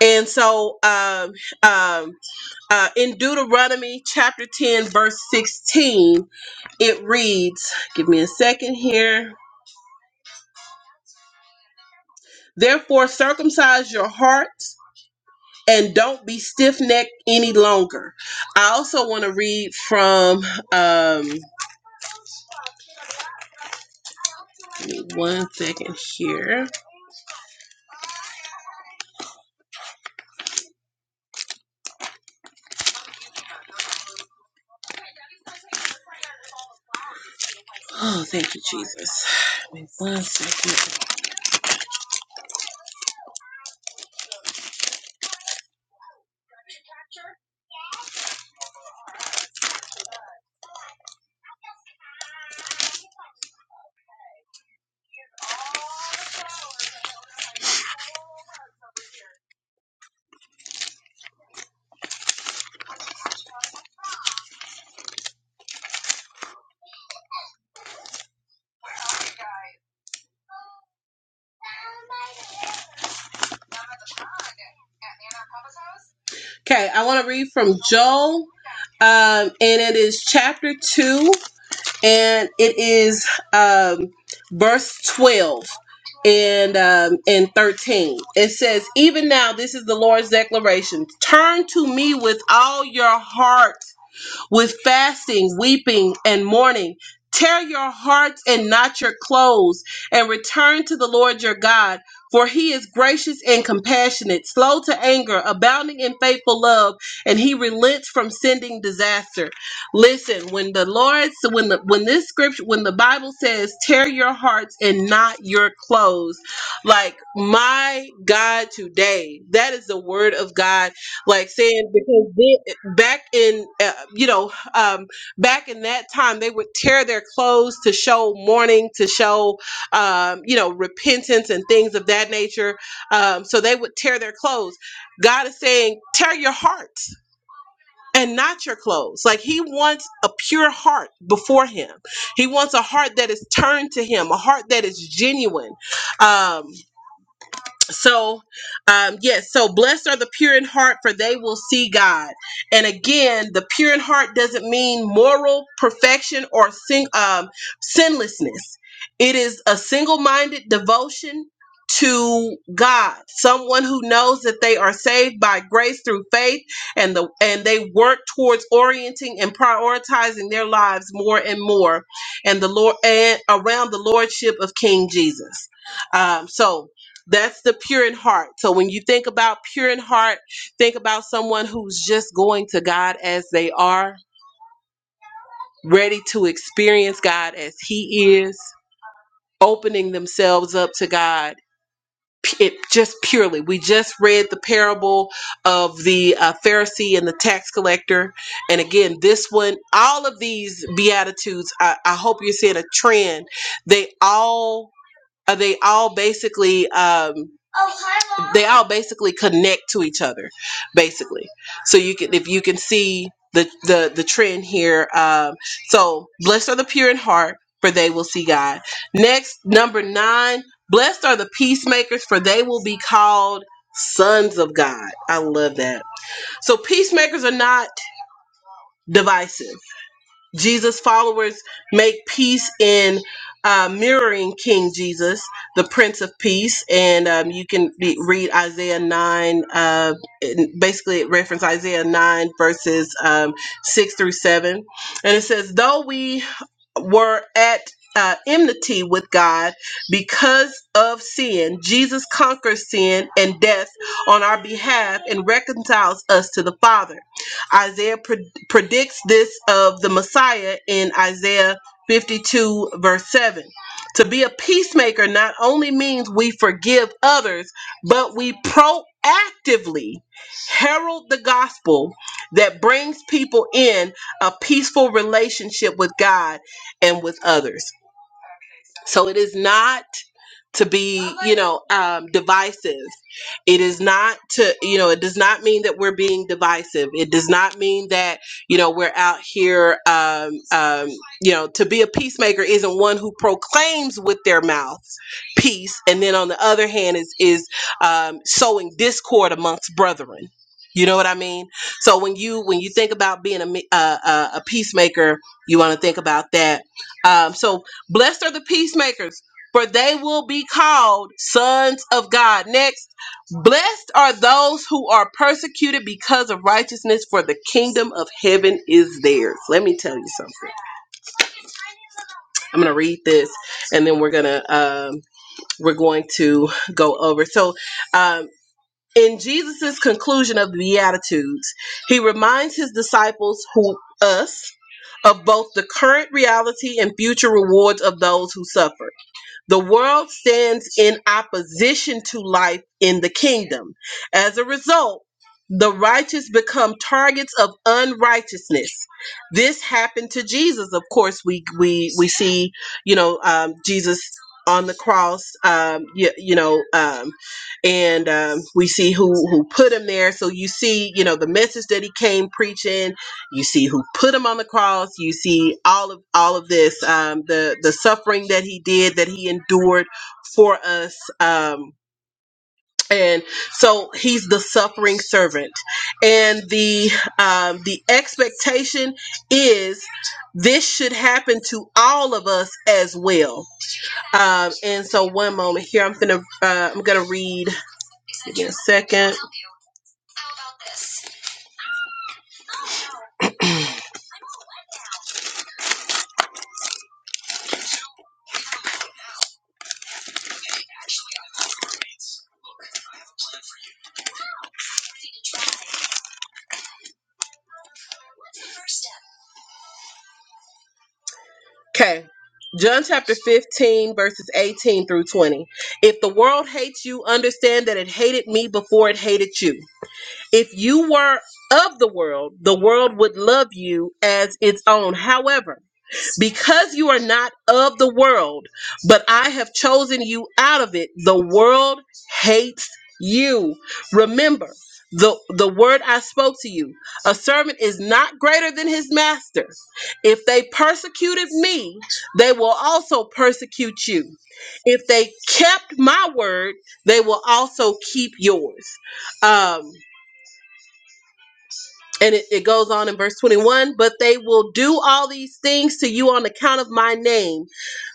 Speaker 1: and so um, um, uh, in Deuteronomy chapter ten verse sixteen it reads. Give me a second here. Therefore circumcise your hearts and don't be stiff necked any longer. I also want to read from um give me one second here. Oh, thank you, Jesus. Give me One second. Okay, I want to read from Joel, um, and it is chapter two, and it is um verse twelve and um and 13 it says even now this is the lord's declaration turn to me with all your heart with fasting, weeping, and mourning. Tear your hearts and not your clothes, and return to the Lord your God, for he is gracious and compassionate, slow to anger, abounding in faithful love, and he relents from sending disaster. Listen, when the Lord, so when the when this scripture, when the Bible says, tear your hearts and not your clothes, like my God today, that is the word of God, like saying because this back in uh, you know um, back in that time they would tear their clothes to show mourning to show um, you know repentance and things of that nature um, so they would tear their clothes god is saying tear your hearts and not your clothes like he wants a pure heart before him he wants a heart that is turned to him a heart that is genuine um, so um yes so blessed are the pure in heart for they will see god and again the pure in heart doesn't mean moral perfection or sin um sinlessness it is a single-minded devotion to god someone who knows that they are saved by grace through faith and the and they work towards orienting and prioritizing their lives more and more and the lord and around the lordship of king jesus um so that's the pure in heart. So when you think about pure in heart, think about someone who's just going to God as they are, ready to experience God as He is, opening themselves up to God. P- It just purely. We just read the parable of the uh, Pharisee and the tax collector, and again, this one. All of these beatitudes. I, I hope you're seeing a trend. They all Uh, they all basically um, they all basically connect to each other, basically. So you can if you can see the the the trend here. Um, so blessed are the pure in heart, for they will see God. Next, number nine. Blessed are the peacemakers, for they will be called sons of God. I love that. So peacemakers are not divisive Jesus' followers make peace in uh, mirroring King Jesus, the Prince of Peace, and um, you can be, read Isaiah nine. Uh, and basically, it references Isaiah nine verses um, six through seven, and it says, "Though we were at." Uh, enmity with God because of sin. Jesus conquers sin and death on our behalf and reconciles us to the Father. Isaiah predicts this of the Messiah in Isaiah 52, verse 7. To be a peacemaker not only means we forgive others, but we proactively herald the gospel that brings people in a peaceful relationship with God and with others. So it is not to be you know um, divisive it is not to you know it does not mean that we're being divisive it does not mean that you know we're out here um, um, you know to be a peacemaker isn't one who proclaims with their mouth peace and then on the other hand is is um, sowing discord amongst brethren you know what i mean so when you when you think about being a me- uh, uh, a peacemaker you want to think about that um, so blessed are the peacemakers for they will be called sons of God. Next, blessed are those who are persecuted because of righteousness, for the kingdom of heaven is theirs. Let me tell you something. I'm going to read this, and then we're gonna um, we're going to go over. So. Um, in Jesus's conclusion of the Beatitudes, he reminds his disciples who us of both the current reality and future rewards of those who suffer. The world stands in opposition to life in the kingdom. As a result, the righteous become targets of unrighteousness. This happened to Jesus. Of course, we we we see, you know, um, Jesus on the cross, um, you, you know, um, and um, we see who who put him there. So you see, you know, the message that he came preaching you see who put him on the cross you see all of all of this um, the the suffering that he did that he endured for us um, and so he's the suffering servant and the um, the expectation is this should happen to all of us as well um, and so one moment here i'm gonna uh, i'm gonna read give me a second Okay. John chapter 15, verses 18 through 20. If the world hates you, understand that it hated me before it hated you. If you were of the world, the world would love you as its own. However, because you are not of the world, but I have chosen you out of it, the world hates you. Remember the, the word I spoke to you a servant is not greater than his master. If they persecuted me, they will also persecute you. If they kept my word, they will also keep yours. Um, and it, it goes on in verse 21 But they will do all these things to you on account of my name,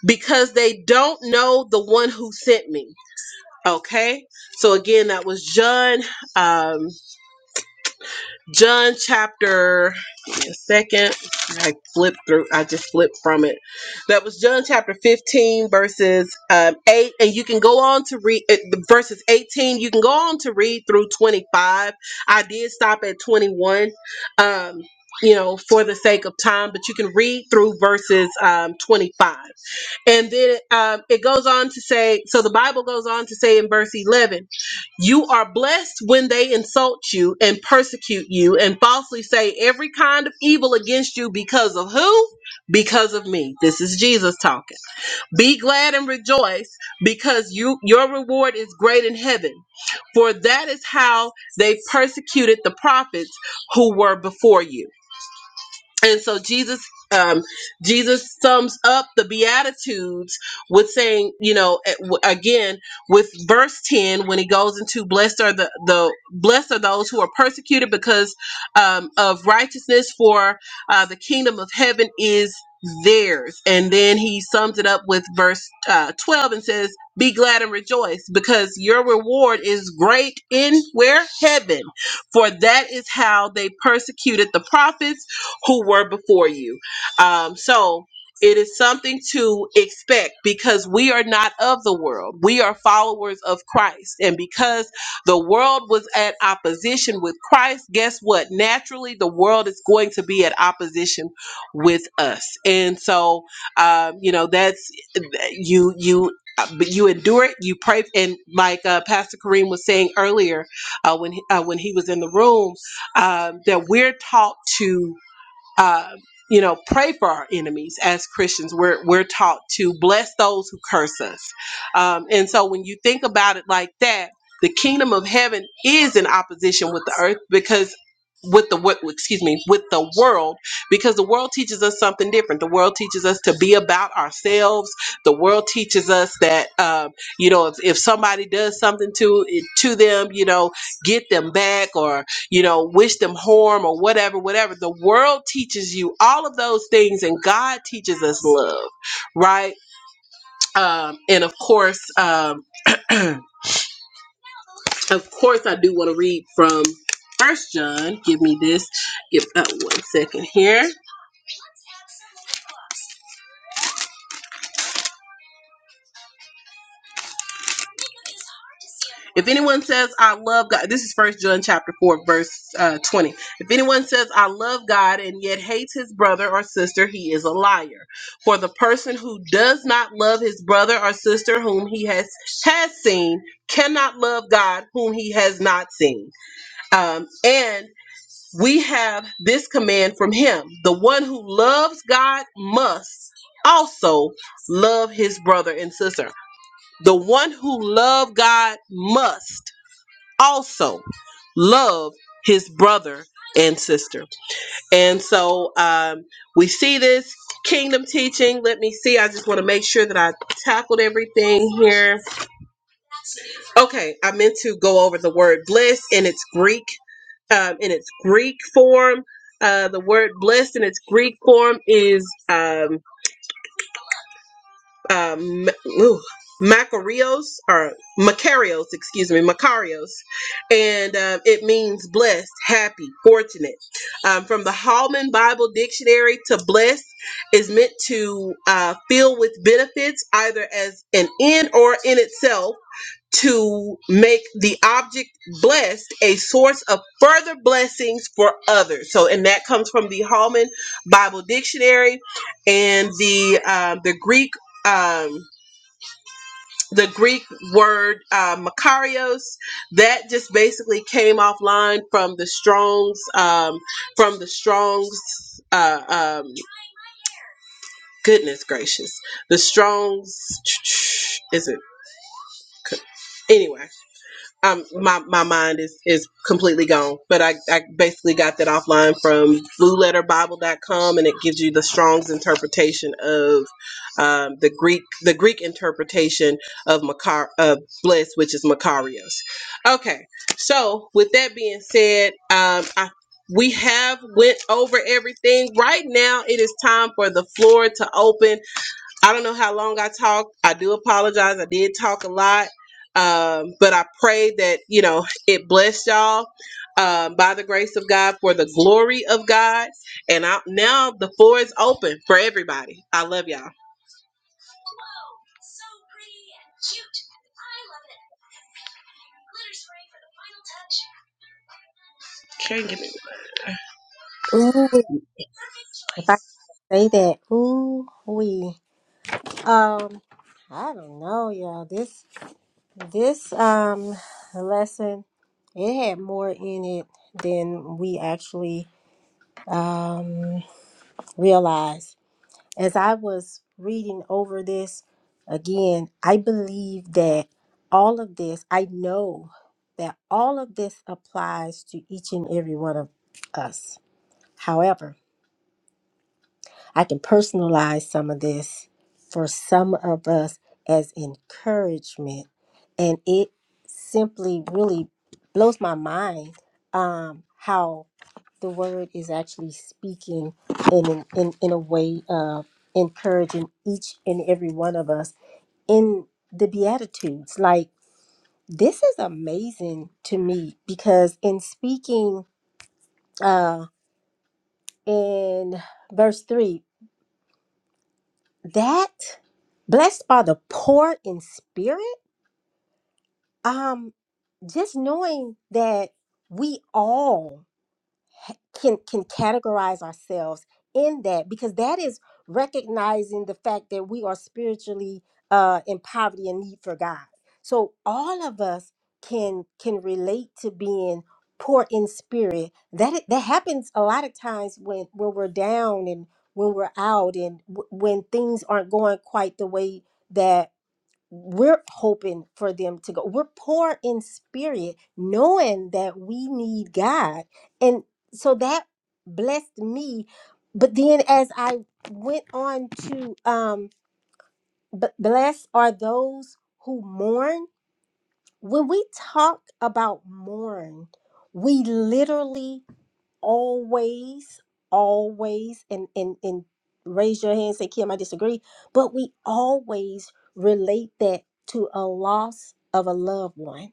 Speaker 1: because they don't know the one who sent me. Okay? So again, that was John. Um, John chapter give me a second. I flipped through. I just flipped from it. That was John chapter 15 verses um, 8 and you can go on to read uh, the verses 18. You can go on to read through 25. I did stop at 21. Um you know, for the sake of time, but you can read through verses um, 25. And then um, it goes on to say, so the Bible goes on to say in verse 11, you are blessed when they insult you and persecute you and falsely say every kind of evil against you because of who? Because of me. This is Jesus talking. Be glad and rejoice because you your reward is great in heaven. For that is how they persecuted the prophets who were before you and so jesus um jesus sums up the beatitudes with saying you know a- w- again with verse 10 when he goes into blessed are the the blessed are those who are persecuted because um of righteousness for uh the kingdom of heaven is theirs and then he sums it up with verse uh, 12 and says be glad and rejoice because your reward is great in where heaven for that is how they persecuted the prophets who were before you. Um, so it is something to expect because we are not of the world. We are followers of Christ. And because the world was at opposition with Christ, guess what? Naturally, the world is going to be at opposition with us. And so, um, you know, that's you, you, but you endure it. You pray, and like uh, Pastor Kareem was saying earlier, uh, when he, uh, when he was in the room, um, that we're taught to uh, you know, pray for our enemies as Christians. We're we're taught to bless those who curse us, um, and so when you think about it like that, the kingdom of heaven is in opposition with the earth because with the wo- excuse me with the world because the world teaches us something different the world teaches us to be about ourselves the world teaches us that um, you know if, if somebody does something to to them you know get them back you know, wish them harm or whatever, whatever. The world teaches you all of those things, and God teaches us love, right? Um, and of course, um, of course, I do want to read from First John. Give me this. Give that one second here. If anyone says I love God, this is First John chapter four, verse uh, twenty. If anyone says I love God and yet hates his brother or sister, he is a liar. For the person who does not love his brother or sister whom he has has seen cannot love God whom he has not seen. Um, and we have this command from him: the one who loves God must also love his brother and sister. The one who love God must also love his brother and sister. And so um, we see this kingdom teaching. Let me see. I just want to make sure that I tackled everything here. Okay, I meant to go over the word bliss in its Greek um, in its Greek form. Uh, the word bliss in its Greek form is um, um, ooh, Macarios or Macarios, excuse me, Macarios, and um, it means blessed, happy, fortunate. Um, from the Hallman Bible Dictionary, to bless is meant to uh, fill with benefits, either as an end or in itself to make the object blessed a source of further blessings for others. So, and that comes from the Holman Bible Dictionary and the um, the Greek um, the Greek word uh, makarios. That just basically came offline from the Strong's um, from the Strong's. Uh, um, goodness gracious, the Strong's is it anyway? um my, my mind is is completely gone but I, I basically got that offline from blue letter bible dot com, and it gives you the strong's interpretation of um, the greek the greek interpretation of Makar, of bliss which is makarios okay so with that being said um i we have went over everything right now it is time for the floor to open I don't know how long I talked. I do apologize. I did talk a lot. Um, but I pray that, you know, it blessed y'all um, by the grace of God for the glory of God. And I, now the floor is open for everybody. I love y'all. Can't get it.
Speaker 3: Ooh, if I could say that, ooh, we. Um, I don't know, y'all. This this um lesson, it had more in it than we actually um realized. as I was reading over this again, I believe that all of this, I know that all of this applies to each and every one of us. However, I can personalize some of this for some of us as encouragement. And it simply really blows my mind um, how the word is actually speaking in, in, in, in a way of encouraging each and every one of us in the Beatitudes. Like, this is amazing to me because in speaking uh, in verse 3, that blessed are the poor in spirit, um, just knowing that we all ha- can can categorize ourselves in that because that is recognizing the fact that we are spiritually uh in poverty and need for God. So all of us can can relate to being poor in spirit. That i- that happens a lot of times when when we're down and when we're out and w- when things aren't going quite the way that we're hoping for them to go. We're poor in spirit, knowing that we need God. And so that blessed me. But then as I went on to um b- blessed are those who mourn. When we talk about mourn, we literally always, always, and and and raise your hand, say, Kim, I disagree. But we always relate that to a loss of a loved one.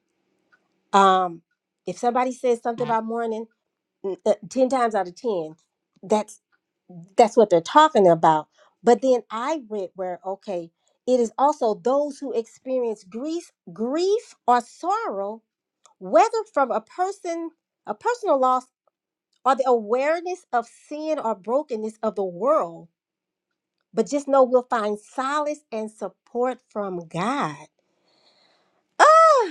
Speaker 3: Um, if somebody says something about mourning, n- uh, ten times out of ten, that's that's what they're talking about. But then I read where okay, it is also those who experience grief, grief or sorrow, whether from a person, a personal loss or the awareness of sin or brokenness of the world, but just know we'll find solace and support from God. Ah!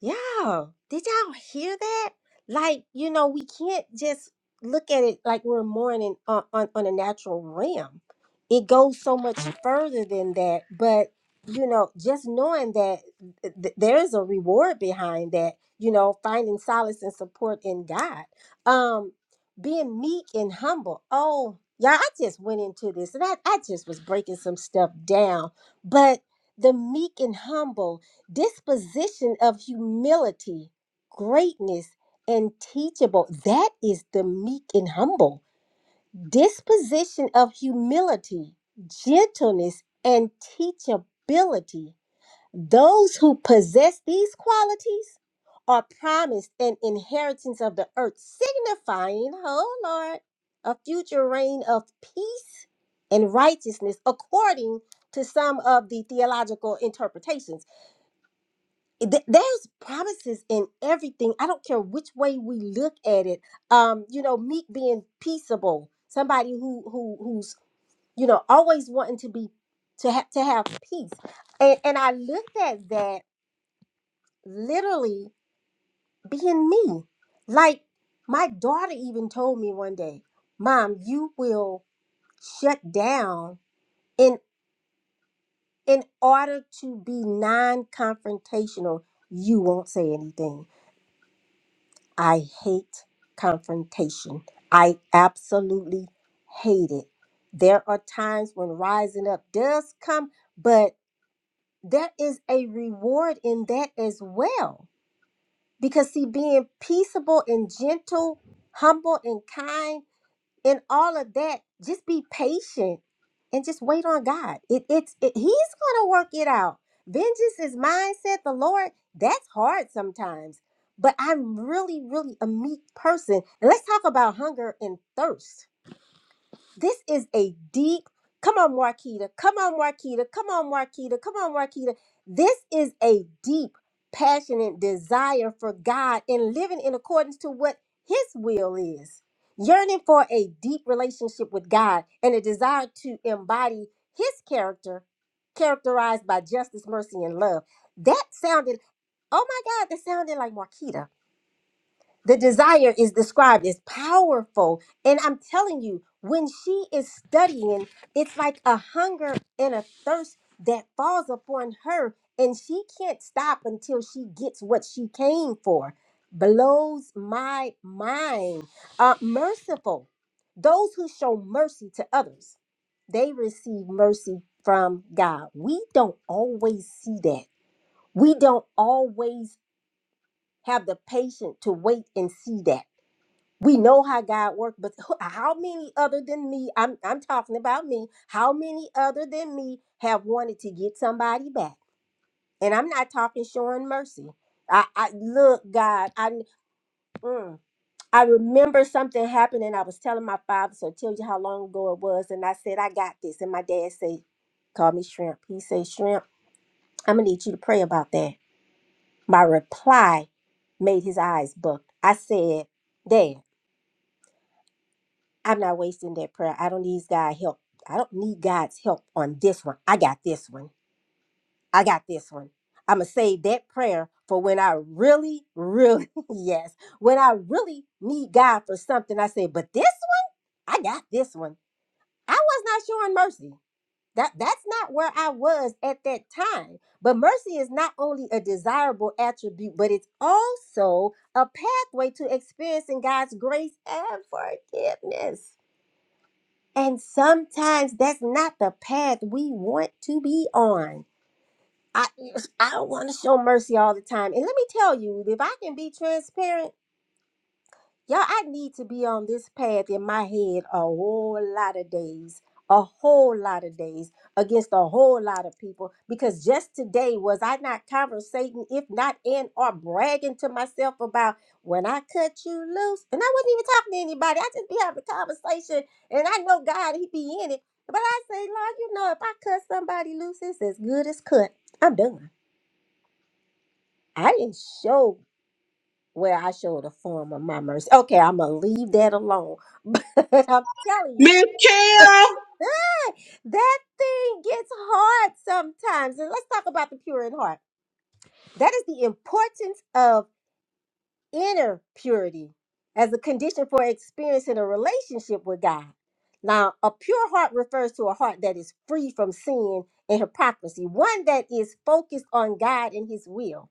Speaker 3: Yeah. Did y'all hear that? Like, you know, we can't just look at it like we're mourning on, on, on a natural realm. It goes so much further than that. But, you know, just knowing that th- th- there is a reward behind that, you know, finding solace and support in God. Um, being meek and humble. Oh, y'all, I just went into this and I, I just was breaking some stuff down. But the meek and humble, disposition of humility, greatness, and teachable. That is the meek and humble. Disposition of humility, gentleness, and teachability. Those who possess these qualities are promised an inheritance of the earth, signifying, oh Lord, a future reign of peace and righteousness, according to some of the theological interpretations th- there's promises in everything. I don't care which way we look at it. Um, you know, meek being peaceable, somebody who who who's you know always wanting to be to have to have peace. And and I looked at that literally being me. Like my daughter even told me one day, "Mom, you will shut down in in order to be non-confrontational. You won't say anything." I hate confrontation. I absolutely hate it. There are times when rising up does come, but there is a reward in that as well. Because, see, being peaceable and gentle, humble and kind in all of that, just be patient and just wait on God. It, it's it, He's gonna work it out. Vengeance is mine, said the Lord. That's hard sometimes, but I'm really, really a meek person. And let's talk about hunger and thirst this is a deep, come on, Marquita, come on, Marquita, come on, Marquita, come on, Marquita. This is a deep, passionate desire for God and living in accordance to what His will is. Yearning for a deep relationship with God and a desire to embody His character, characterized by justice, mercy, and love. That sounded, oh my God, that sounded like Marquita. The desire is described as powerful. And I'm telling you, when she is studying, it's like a hunger and a thirst that falls upon her. And she can't stop until she gets what she came for. Blows my mind. Uh, merciful. Those who show mercy to others, they receive mercy from God. We don't always see that. We don't always have the patience to wait and see that we know how God worked, but who- how many other than me, I'm, I'm talking about me, how many other than me have wanted to get somebody back? And I'm not talking showing mercy. I, I look, God, I, mm, I remember something happened and I was telling my father, so I tell you how long ago it was. And I said, I got this. And my dad said, call me Shrimp. He said, Shrimp, I'm going to need you to pray about that. My reply made his eyes buck. I said, Dad. I'm not wasting that prayer. I don't need God's help. I don't need God's help on this one. I got this one. I got this one. I'm going to save that prayer for when I really, really, yes, when I really need God for something. I say, but this one, I got this one. I was not showing mercy. That, that's not where I was at that time. But mercy is not only a desirable attribute, but it's also a pathway to experiencing God's grace and forgiveness. And sometimes that's not the path we want to be on. I I don't want to show mercy all the time. And let me tell you, if I can be transparent, Y'all, I need to be on this path in my head a whole lot of days, a whole lot of days against a whole lot of people. Because just today, was I not conversating, if not in or bragging to myself about when I cut you loose? And I wasn't even talking to anybody. I just be having a conversation, and I know God, He be in it. But I say, Lord, you know, if I cut somebody loose, it's as good as cut. I'm done. I didn't show well, I showed a form of my mercy. Okay, I'm gonna leave that alone. But I'm telling you,
Speaker 1: Miss Cam!
Speaker 3: ah, that thing gets hard sometimes. And let's talk about the pure in heart. That is the importance of inner purity as a condition for experiencing a relationship with God. Now, a pure heart refers to a heart that is free from sin and hypocrisy, one that is focused on God and His will.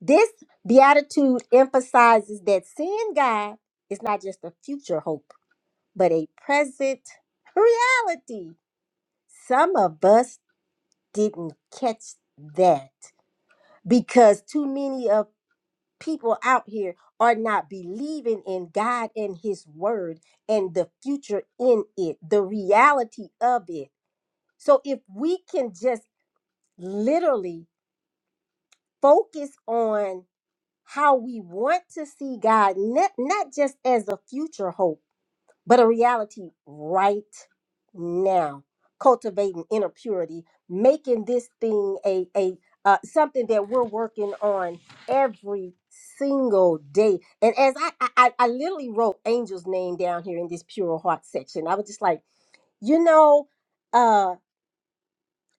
Speaker 3: This beatitude emphasizes that seeing God is not just a future hope, but a present reality. Some of us didn't catch that because too many of people out here are not believing in God and his word and the future in it, the reality of it. So if we can just literally focus on how we want to see God, not, not just as a future hope, but a reality right now. Cultivating inner purity, making this thing a a uh, something that we're working on every single day. And as I, I I I literally wrote Angel's name down here in this pure heart section, I was just like, you know. uh,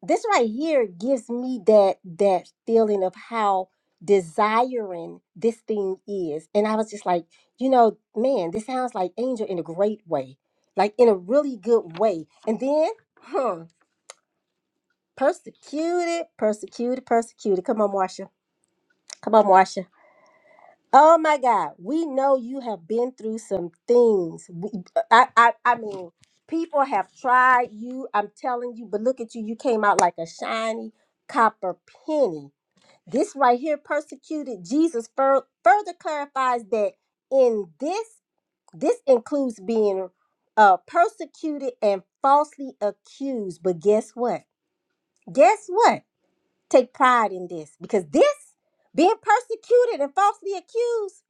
Speaker 3: this right here gives me that that feeling of how desiring this thing is and i was just like you know man this sounds like angel in a great way like in a really good way and then huh persecuted persecuted persecuted come on marsha come on marsha oh my god we know you have been through some things We- i i, I mean people have tried you i'm telling you but look at you you came out like a shiny copper penny This right here, persecuted, Jesus fur- further clarifies that in this, this includes being uh, persecuted and falsely accused. But guess what? Guess what? Take pride in this because this, being persecuted and falsely accused,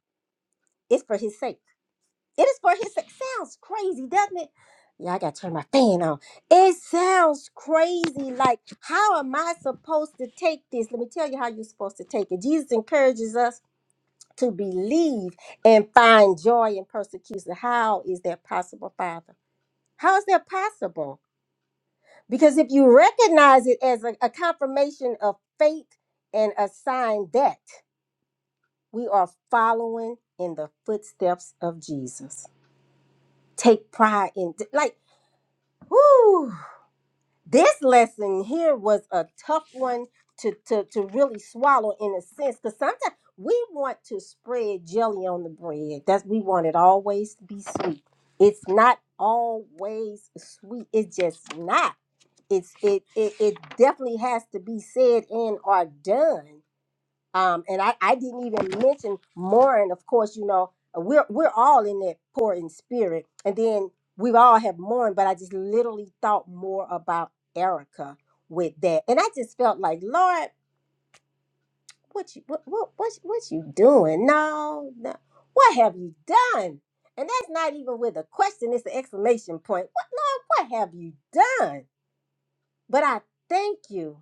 Speaker 3: is for his sake. It is for his sake. Sounds crazy, doesn't it? Yeah, I gotta turn my fan on. It sounds crazy. Like, how am I supposed to take this? Let me tell you how you're supposed to take it. Jesus encourages us to believe and find joy in persecution. How is that possible, Father? How is that possible? Because if you recognize it as a, a confirmation of faith and a sign that we are following in the footsteps of Jesus, take pride in, like, whoo. this lesson here was a tough one to to, to really swallow in a sense because sometimes we want to spread jelly on the bread that's we want it always to be sweet it's not always sweet it's just not it's it it, it definitely has to be said and or done um, and I, I didn't even mention Morin. Of course, you know we're we're all in that poor in spirit, and then we all have mourned. But I just literally thought more about Erica with that, and I just felt like Lord, what you what what what, what you doing? No, no, what have you done? And that's not even with a question; it's an exclamation point. What Lord, what have you done? But I thank you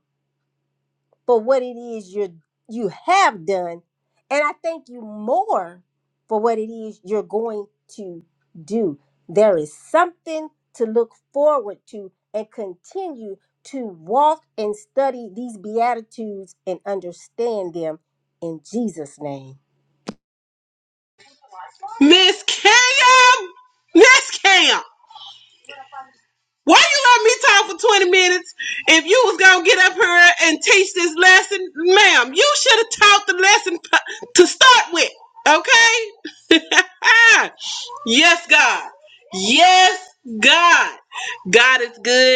Speaker 3: for what it is you you have done and i thank you more for what it is you're going to do there is something to look forward to and continue to walk and study these beatitudes and understand them in jesus name
Speaker 1: Miss Cam! Miss Cam! Why you let me talk for 20 minutes if you was going to get up here and teach this lesson? Ma'am, you should have taught the lesson p- to start with, okay? yes, God. Yes, God. God is good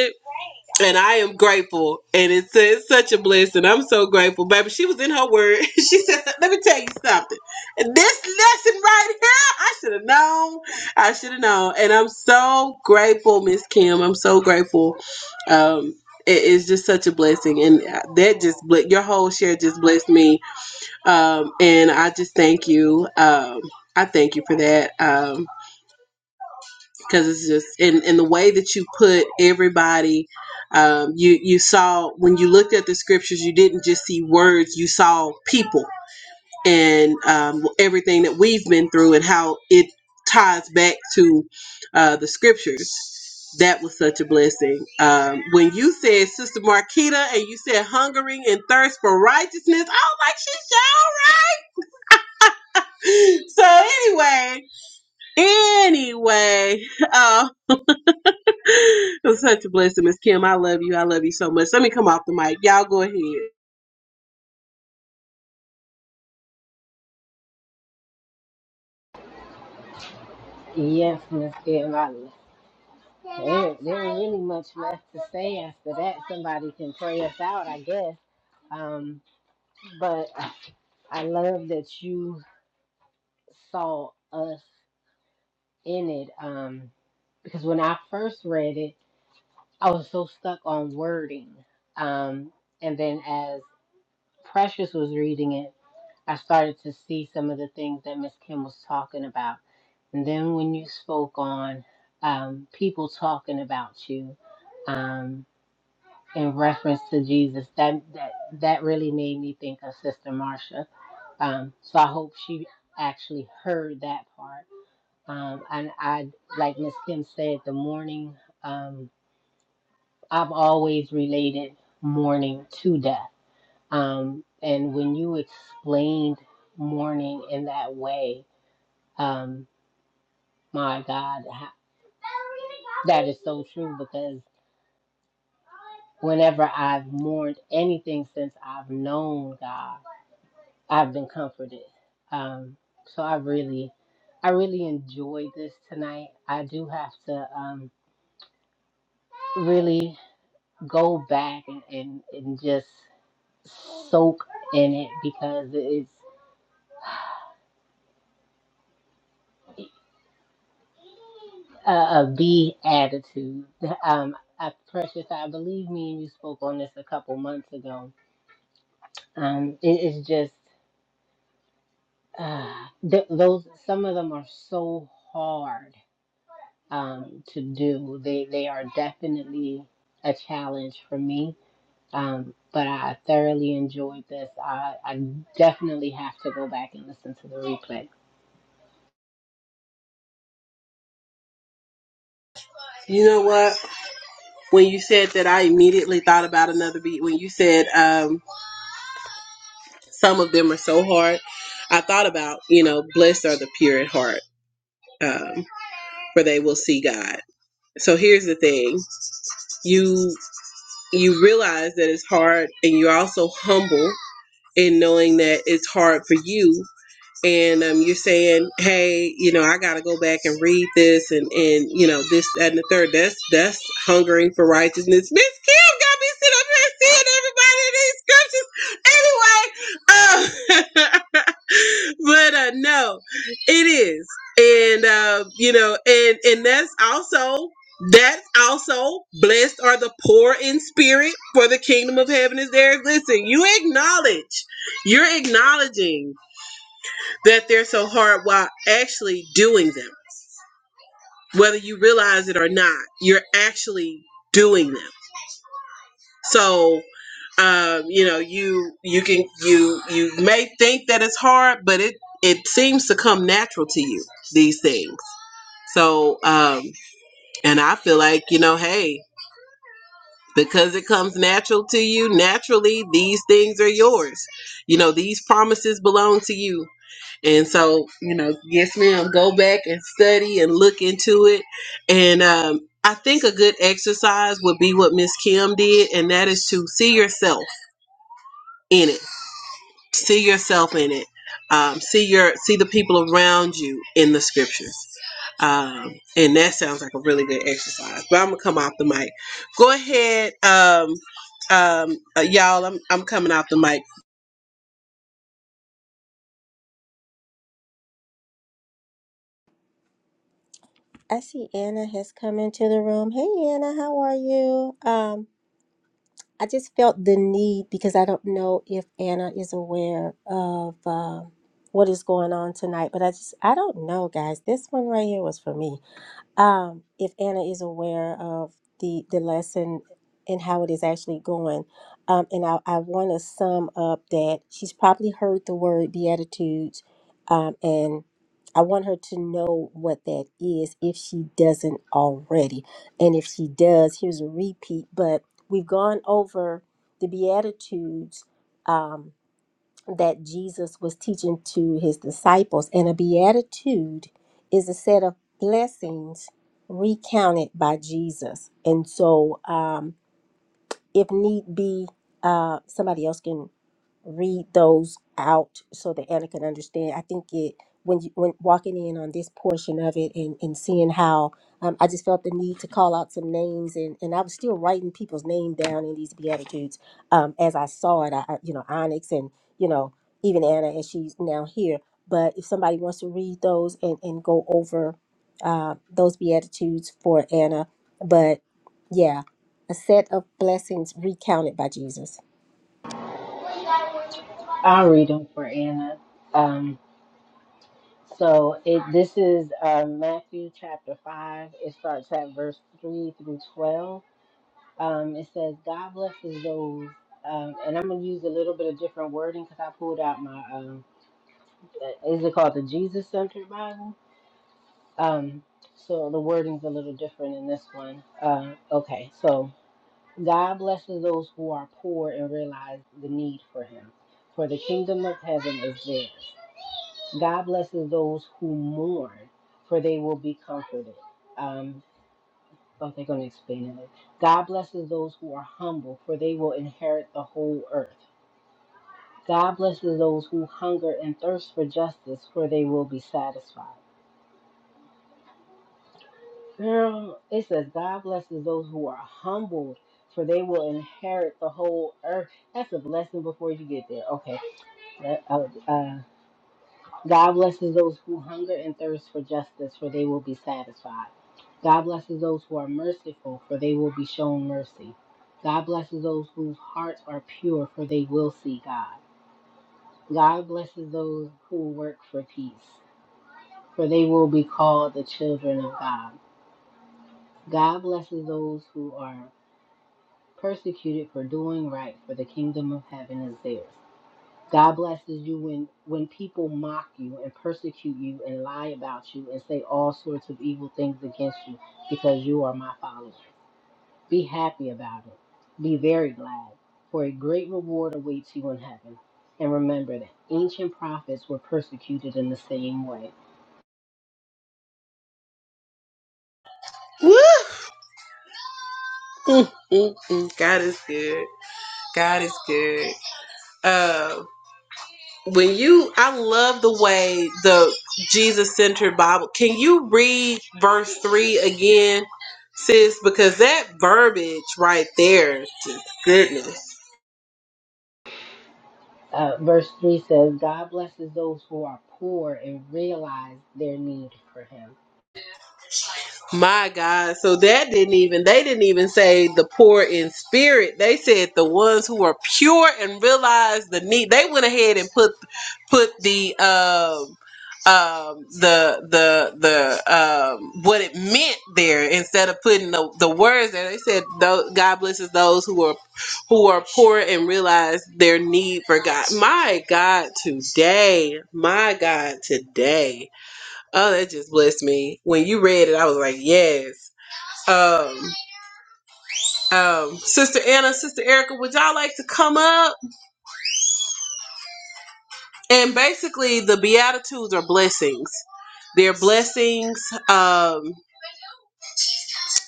Speaker 1: and I am grateful. And it's, it's such a blessing. I'm so grateful, baby. She was in her word. She said, "Let me tell you something. This lesson right here, I should have known. I should have known." And I'm so grateful, Miss Kim. I'm so grateful. Um, it is just such a blessing, and that just ble- your whole share just blessed me. Um, and I just thank you. Um, I thank you for that. Um, because it's just in in the way that you put everybody um you you saw when you looked at the scriptures you didn't just see words you saw people and um, everything that we've been through and how it ties back to uh, the scriptures that was such a blessing um, when you said sister marquita and you said hungering and thirst for righteousness i was like she's sure right." so anyway anyway um, It's such a blessing, Miss Kim. I love you. I love you so much. Let me come off the mic. Y'all go ahead.
Speaker 2: Yes, Miss Carolina. There, there ain't really much left to say after that. Somebody can pray us out, I guess. Um, but I love that you saw us in it. Um, because when I first read it, I was so stuck on wording. Um, and then as Precious was reading it, I started to see some of the things that Miss Kim was talking about. And then when you spoke on um, people talking about you um, in reference to Jesus, that, that that really made me think of Sister Marcia. Um, so I hope she actually heard that part. Um, and I, like Miss Kim said, the morning, um, I've always related mourning to death um, and when you explained mourning in that way, um, my God, ha- that is so true because whenever I've mourned anything since I've known God, I've been comforted. Um, so I really, I really enjoyed this tonight. I do have to um, really go back and, and, and just soak in it because it's. uh, of the attitude. Um, I, Precious, I believe me and you spoke on this a couple months ago. Um, it is just uh, th- those. Some of them are so hard um, to do. They they are definitely a challenge for me. Um, but I thoroughly enjoyed this. I, I definitely have to go back and listen to the replay.
Speaker 1: You know what? When you said that, I immediately thought about another beat. When you said um, some of them are so hard, I thought about, you know, blessed are the pure at heart, um, for they will see God. So here's the thing: you you realize that it's hard, and you're also humble in knowing that it's hard for you and um, you're saying, "Hey, you know, I got to go back and read this, and and you know, this that, and the third. That's that's hungering for righteousness. Miss Kim got me sitting up here seeing everybody in these scriptures. Anyway, uh, but uh, no, it is, and uh, you know, and and that's also. That's also blessed are the poor in spirit, for the kingdom of heaven is theirs. Listen, you acknowledge, you're acknowledging that they're so hard while actually doing them. Whether you realize it or not, you're actually doing them. So, um, you know, you you can you you may think that it's hard, but it it seems to come natural to you these things. So, um, and I feel like you know, hey, because it comes natural to you, naturally these things are yours. You know, these promises belong to you And so, you know, yes, ma'am, go back and study and look into it. And um, I think a good exercise would be what Miss Kim did, and that is to see yourself in it. See yourself in it. Um, see your see the people around you in the scriptures. Um, and that sounds like a really good exercise. But I'm gonna come off the mic. Go ahead, um, um, uh, y'all. I'm I'm coming off the mic.
Speaker 3: i see anna has come into the room hey anna how are you Um I just felt the need because I don't know if Anna is aware of uh, what is going on tonight, but I just I don't know, guys. This one right here was for me um, if Anna is aware of the the lesson and how it is actually going. Um, and I, I want to sum up that she's probably heard the word beatitudes, um, and I want her to know what that is if she doesn't already. And if she does, here's a repeat. But we've gone over the beatitudes. Um, that Jesus was teaching to his disciples, and a beatitude is a set of blessings recounted by Jesus. And so, um, if need be, uh, somebody else can read those out so that Anna can understand. I think it when you when walking in on this portion of it and, and seeing how um, I just felt the need to call out some names and, and I was still writing people's name down in these beatitudes um, as I saw it. I, I- you know Onyx and you know even Anna as she's now here. But if somebody wants to read those and and go over uh, those beatitudes for Anna, but yeah a set of blessings recounted by Jesus.
Speaker 2: I'll read them for Anna. Um, So it this is uh, Matthew chapter five. It starts at verse three through twelve. Um, it says, "God blesses those." Um, and I'm gonna use a little bit of different wording because I pulled out my um, uh, is it called the Jesus Centered Bible? Um, so the wording's a little different in this one. Uh, okay, so God blesses those who are poor and realize the need for Him, for the kingdom of heaven is theirs. God blesses those who mourn, for they will be comforted. Um, oh, they're going to explain it. God blesses those who are humble, for they will inherit the whole earth. God blesses those who hunger and thirst for justice, for they will be satisfied. Girl, it says, God blesses those who are humbled, for they will inherit the whole earth. That's a blessing before you get there. Okay. Uh, uh, God blesses those who hunger and thirst for justice, for they will be satisfied. God blesses those who are merciful, for they will be shown mercy. God blesses those whose hearts are pure, for they will see God. God blesses those who work for peace, for they will be called the children of God. God blesses those who are persecuted for doing right, for the kingdom of heaven is theirs. God blesses you when when people mock you and persecute you and lie about you and say all sorts of evil things against you because you are my follower. Be happy about it. Be very glad, for a great reward awaits you in heaven. And remember that ancient prophets were persecuted in the same way.
Speaker 1: Woo! Mm, mm, mm. God is good. God is good. Uh, when you, I love the way the Jesus centered Bible. Can you read verse three again, sis? Because that verbiage right there, just goodness.
Speaker 2: Uh, verse 3 says, God blesses those who are poor and realize their need for Him.
Speaker 1: My God. So that didn't even, they didn't even say the poor in spirit. They said the ones who are pure and realize the need. They went ahead and put, put the, um, um the the the um what it meant there instead of putting the, the words there they said tho- god blesses those who are who are poor and realize their need for god my god today my god today Oh, that just blessed me. When you read it, I was like, yes. Um, um, Sister Anna, Sister Erica, would y'all like to come up? And basically, the Beatitudes are blessings. They're blessings. Um,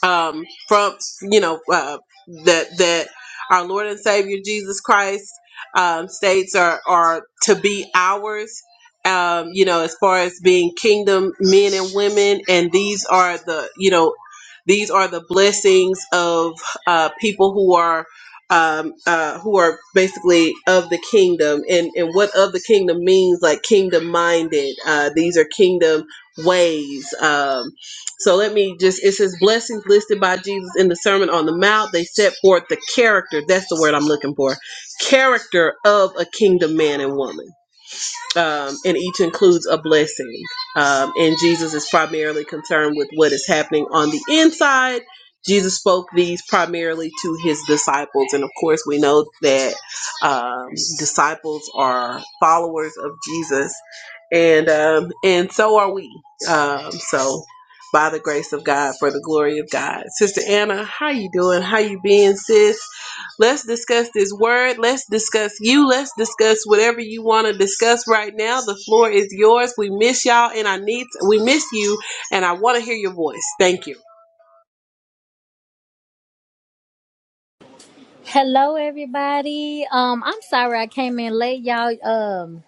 Speaker 1: um, from you know uh, that that our Lord and Savior Jesus Christ um, states are are to be ours. Um, you know, as far as being kingdom men and women, and these are the you know these are the blessings of uh, people who are. Um, uh, who are basically of the kingdom and, and what of the kingdom means like kingdom minded uh, these are kingdom ways um, so let me just, it says blessings listed by Jesus in the Sermon on the Mount. They set forth the character, that's the word I'm looking for, character of a kingdom man and woman um, and each includes a blessing. Um, and Jesus is primarily concerned with what is happening on the inside. Jesus spoke these primarily to his disciples. And of course, we know that um, disciples are followers of Jesus, and, um, and so are we. Um, so, by the grace of God, for the glory of God. Sister Anna, how you doing? How you being, sis? Let's discuss this word. Let's discuss you. Let's discuss whatever you want to discuss right now. The floor is yours. We miss y'all and I need we miss you and I want to hear your voice. Thank you.
Speaker 7: Hello, everybody. Um, I'm sorry I came in late, y'all. Um,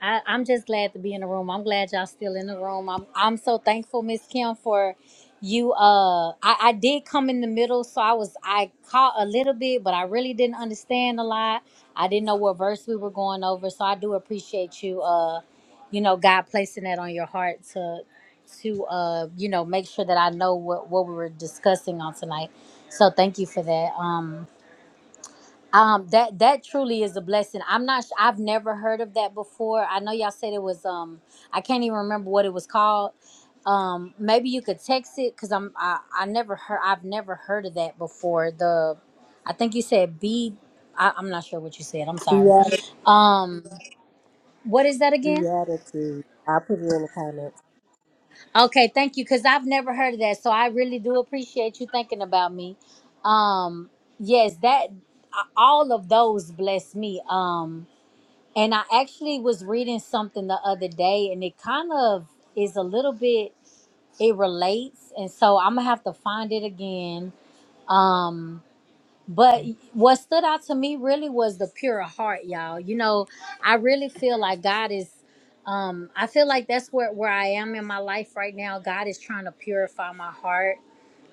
Speaker 7: I, I'm just glad to be in the room. I'm glad y'all still in the room. I'm I'm so thankful, Miss Kim, for you. Uh, I, I did come in the middle, so I was I caught a little bit, but I really didn't understand a lot. I didn't know what verse we were going over, so I do appreciate you. Uh, you know, God placing that on your heart to to uh, you know, make sure that I know what what we were discussing on tonight. So thank you for that. Um. Um, that that truly is a blessing. I'm not. su- I've never heard of that before. I know y'all said it was. Um, I can't even remember what it was called. Um, maybe you could text it because I'm. I, I never heard. I've never heard of that before. The, I think you said B. I, I'm not sure what you said. I'm sorry.
Speaker 3: Beati-
Speaker 7: Um, what is that again?
Speaker 3: Beatitude. I'll put it in the comments.
Speaker 7: Okay, thank you. Because I've never heard of that, so I really do appreciate you thinking about me. Um, yes, that a- all of those bless me. Um And I actually was reading something the other day, and it kind of is a little bit, it relates. And so I'm going to have to find it again. Um, but what stood out to me really was the pure heart, y'all. You know, I really feel like God is, um, I feel like that's where, where I am in my life right now. God is trying to purify my heart.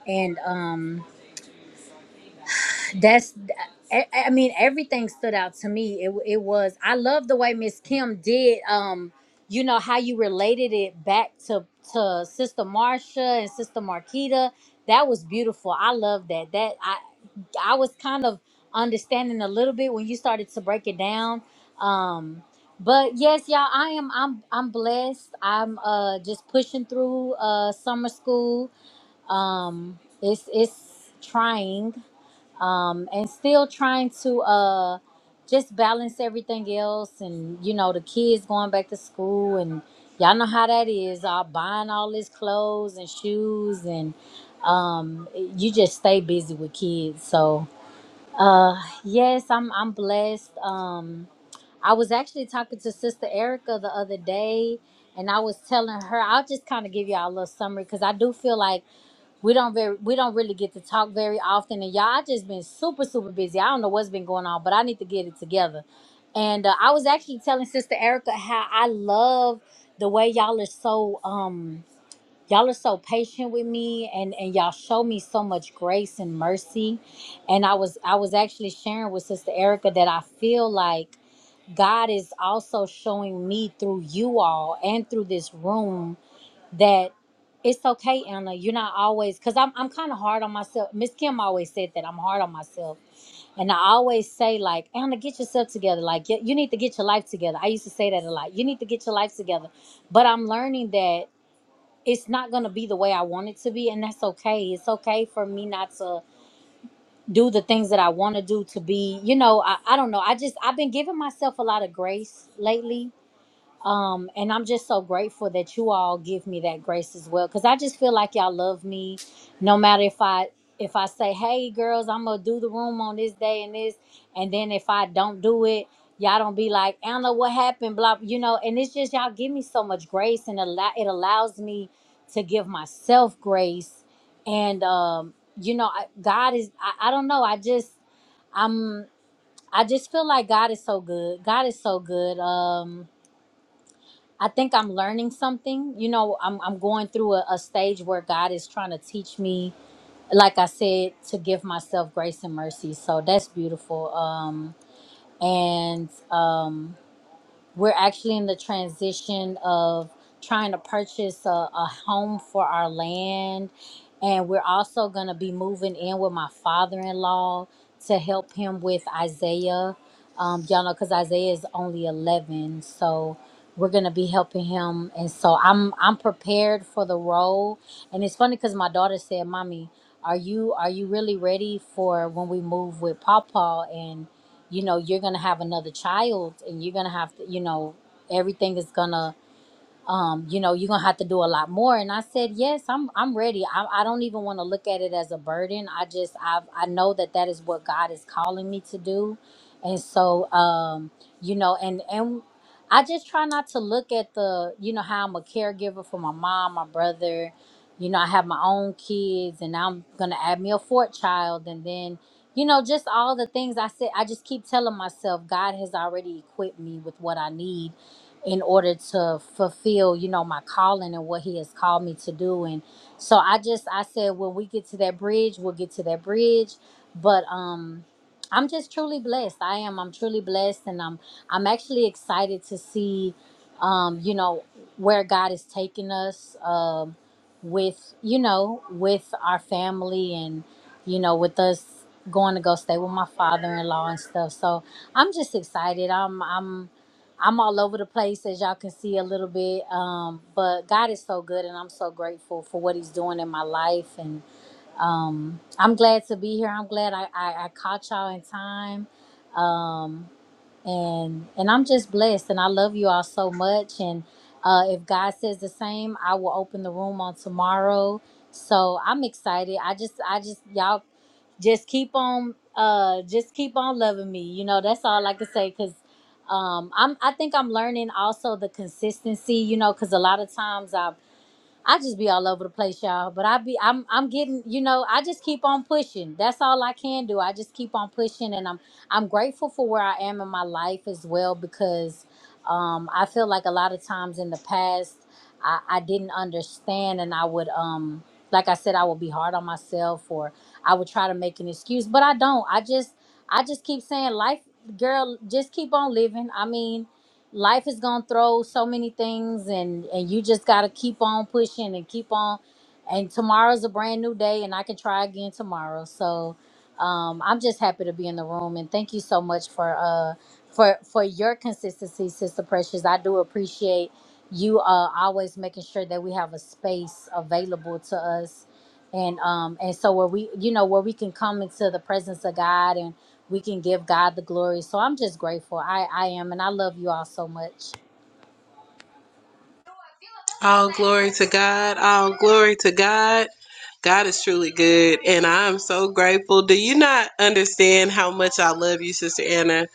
Speaker 7: And, um, that's I, I mean everything stood out to me it, it was i love the way miss kim did um you know how you related it back to to sister Marcia and sister marquita that was beautiful i love that that i i was kind of understanding a little bit when you started to break it down um but yes y'all i am i'm i'm blessed i'm uh just pushing through uh summer school um it's it's trying um, and still trying to uh, just balance everything else and you know the kids going back to school and y'all know how that is all buying all this clothes and shoes and um, you just stay busy with kids so uh, yes i'm i'm blessed um, I was actually talking to Sister Erica the other day, and I was telling her, I'll just kind of give y'all a little summary because I do feel like we don't very we don't really get to talk very often, and y'all I just been super super busy. I don't know what's been going on, but I need to get it together. And uh, I was actually telling Sister Erica how I love the way y'all are so um y'all are so patient with me, and and y'all show me so much grace and mercy. And I was I was actually sharing with Sister Erica that I feel like God is also showing me through you all and through this room that it's okay, Anna. You're not always because I'm I'm kind of hard on myself. Miss Kim always said that I'm hard on myself, and I always say like, Anna, get yourself together. Like you, you need to get your life together. I used to say that a lot. You need to get your life together, but I'm learning that it's not gonna be the way I want it to be, and that's okay. It's okay for me not to do the things that I want to do to be. You know, I I don't know. I just I've been giving myself a lot of grace lately um and i'm just so grateful that you all give me that grace as well because i just feel like y'all love me no matter if i if i say hey girls i'm gonna do the room on this day and this and then if i don't do it y'all don't be like anna what happened blah you know and it's just y'all give me so much grace and allow it allows me to give myself grace and um you know I, god is I, I don't know i just i'm i just feel like god is so good god is so good um I think I'm learning something. You know, I'm I'm going through a, a stage where God is trying to teach me, like I said, to give myself grace and mercy. So that's beautiful. Um and um we're actually in the transition of trying to purchase a, a home for our land and we're also going to be moving in with my father-in-law to help him with isaiah um, y'all know because isaiah is only 11 so we're going to be helping him and so i'm i'm prepared for the role and it's funny because my daughter said mommy are you are you really ready for when we move with papa you know you're gonna have another child and you're gonna have to you know everything is gonna um, you know, you're gonna have to do a lot more. And I said, yes, I'm, I'm ready. I, I don't even want to look at it as a burden. I just, I, I know that that is what God is calling me to do, and so, um, you know, and and I just try not to look at the, you know, how I'm a caregiver for my mom, my brother. You know, I have my own kids, and I'm gonna add me a fourth child, and then. You know, just all the things I said, I just keep telling myself, God has already equipped me with what I need in order to fulfill, you know, my calling and what he has called me to do. And so I just I said when we get to that bridge, we'll get to that bridge. But um I'm just truly blessed. I am. I'm truly blessed and I'm I'm actually excited to see um, you know, where God is taking us um with, you know, with our family and, you know, with us going to go stay with my father in law and stuff. So I'm just excited. I'm I'm I'm all over the place as y'all can see a little bit. Um, but God is so good and I'm so grateful for what he's doing in my life. And um, I'm glad to be here. I'm glad I, I, I caught y'all in time. Um, and and I'm just blessed and I love you all so much and uh, if God says the same, I will open the room on tomorrow. So I'm excited. I just I just y'all just keep on uh just keep on loving me. You know, that's all I can say cuz um I'm I think I'm learning also the consistency, you know, cuz a lot of times I I just be all over the place, y'all. But I be I'm I'm getting, you know, I just keep on pushing. That's all I can do. I just keep on pushing and I'm I'm grateful for where I am in my life as well because um I feel like a lot of times in the past I, I didn't understand and I would um like I said, I would be hard on myself or I would try to make an excuse, but I don't. I just I just keep saying life girl, just keep on living. I mean, life is gonna throw so many things and and you just gotta keep on pushing and keep on and tomorrow's a brand new day and i can try again tomorrow so um i'm just happy to be in the room and thank you so much for uh for for your consistency sister precious i do appreciate you uh always making sure that we have a space available to us and um and so where we you know where we can come into the presence of god and we can give god the glory so i'm just grateful i i am and i love you all so much
Speaker 1: All glory to God. All glory to God. God is truly good and I am so grateful. Do you not understand how much I love you, Sister Anna?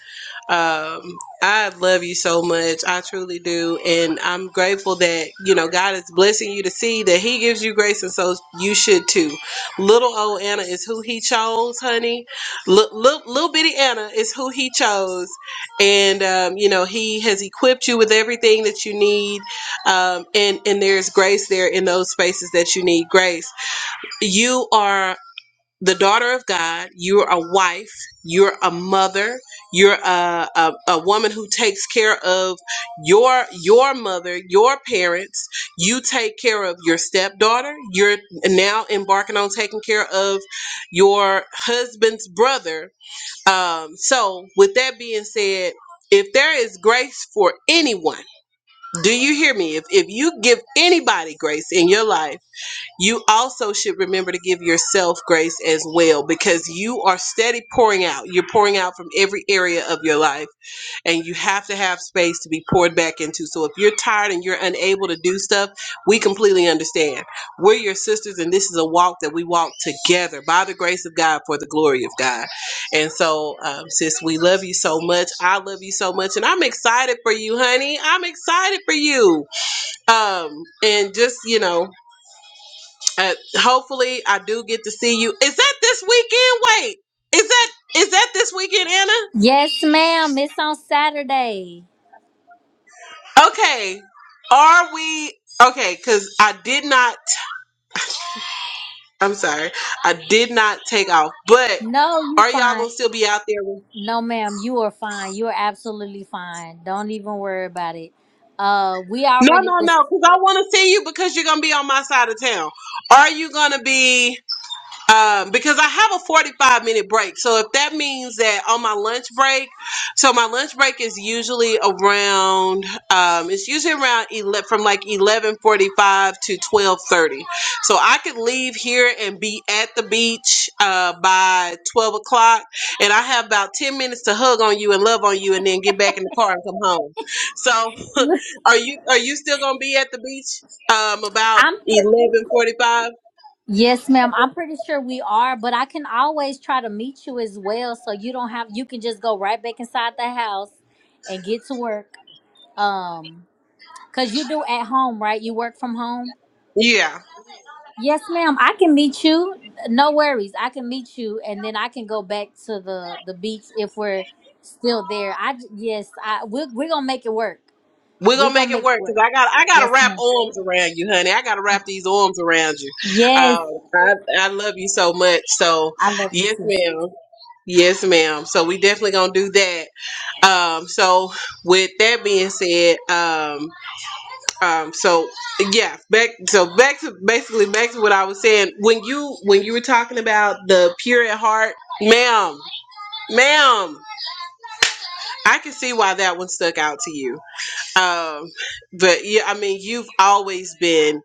Speaker 1: Um, I love you so much. I truly do. And I'm grateful that, you know, God is blessing you to see that He gives you grace. And so you should too. Little old Anna is who He chose, honey. Little, little, little bitty Anna is who He chose. And, um, you know, He has equipped you with everything that you need. Um, and, and there's grace there in those spaces that you need grace. You are the daughter of God, you're a wife, you're a mother, you're a, a, a woman who takes care of your your mother, your parents, you take care of your stepdaughter, you're now embarking on taking care of your husband's brother. Um, so with that being said, if there is grace for anyone, do you hear me? If if you give anybody grace in your life, you also should remember to give yourself grace as well because you are steady pouring out. You're pouring out from every area of your life and you have to have space to be poured back into. So if you're tired and you're unable to do stuff, we completely understand. We're your sisters and this is a walk that we walk together by the grace of God for the glory of God. And so, um, sis, we love you so much. I love you so much and I'm excited for you, honey. I'm excited for you. Um, and just, you know, uh, hopefully, I do get to see you. Is that this weekend? Wait, is that is that this weekend, Anna?
Speaker 7: yes ma'am it's on saturday
Speaker 1: Okay, are we okay? Because I did not. I'm sorry, I did not take off. But
Speaker 7: no you
Speaker 1: are y'all
Speaker 7: fine
Speaker 1: gonna still be out there? With,
Speaker 7: no ma'am you are fine you are absolutely fine don't even worry about it uh we
Speaker 1: no,
Speaker 7: already
Speaker 1: no,
Speaker 7: just.
Speaker 1: no. Because I want to see you because you're gonna be on my side of town. Are you gonna be? um, because I have a 45 minute break. So if that means that on my lunch break, so my lunch break is usually around, um, it's usually around 11, from like 11.45 to 12.30. So I could leave here and be at the beach uh, by 12 o'clock and I have about 10 minutes to hug on you and love on you and then get back in the car and come home. So are you, are you still going to be at the beach um, about
Speaker 7: i'm pre-
Speaker 1: 11.45?
Speaker 7: yes ma'am i'm pretty sure we are but i can always try to meet you as well so you don't have you can just go right back inside the house and get to work Um, cause you do at home, right? You work from home.
Speaker 1: Yeah.
Speaker 7: Yes, ma'am. I can meet you. No worries. I can meet you, and then I can go back to the the beach if we're still there. I j- yes, I we're, we're gonna make it work.
Speaker 1: We're
Speaker 7: We're
Speaker 1: gonna
Speaker 7: gonna
Speaker 1: make it
Speaker 7: make it
Speaker 1: work
Speaker 7: work.
Speaker 1: because I got I
Speaker 7: Yes,
Speaker 1: gotta wrap
Speaker 7: ma'am.
Speaker 1: arms around you, honey. I gotta wrap these arms around you.
Speaker 7: Yes,
Speaker 1: Um, I I love you so much. So
Speaker 7: I love you
Speaker 1: yes,
Speaker 7: too. Sis.
Speaker 1: ma'am. Yes, ma'am. So we definitely gonna do that. Um, so with that being said, um, um, so yeah, back so back to basically back to what I was saying. When you when you were talking about the pure at heart, ma'am, ma'am, I can see why that one stuck out to you um but yeah i mean you've always been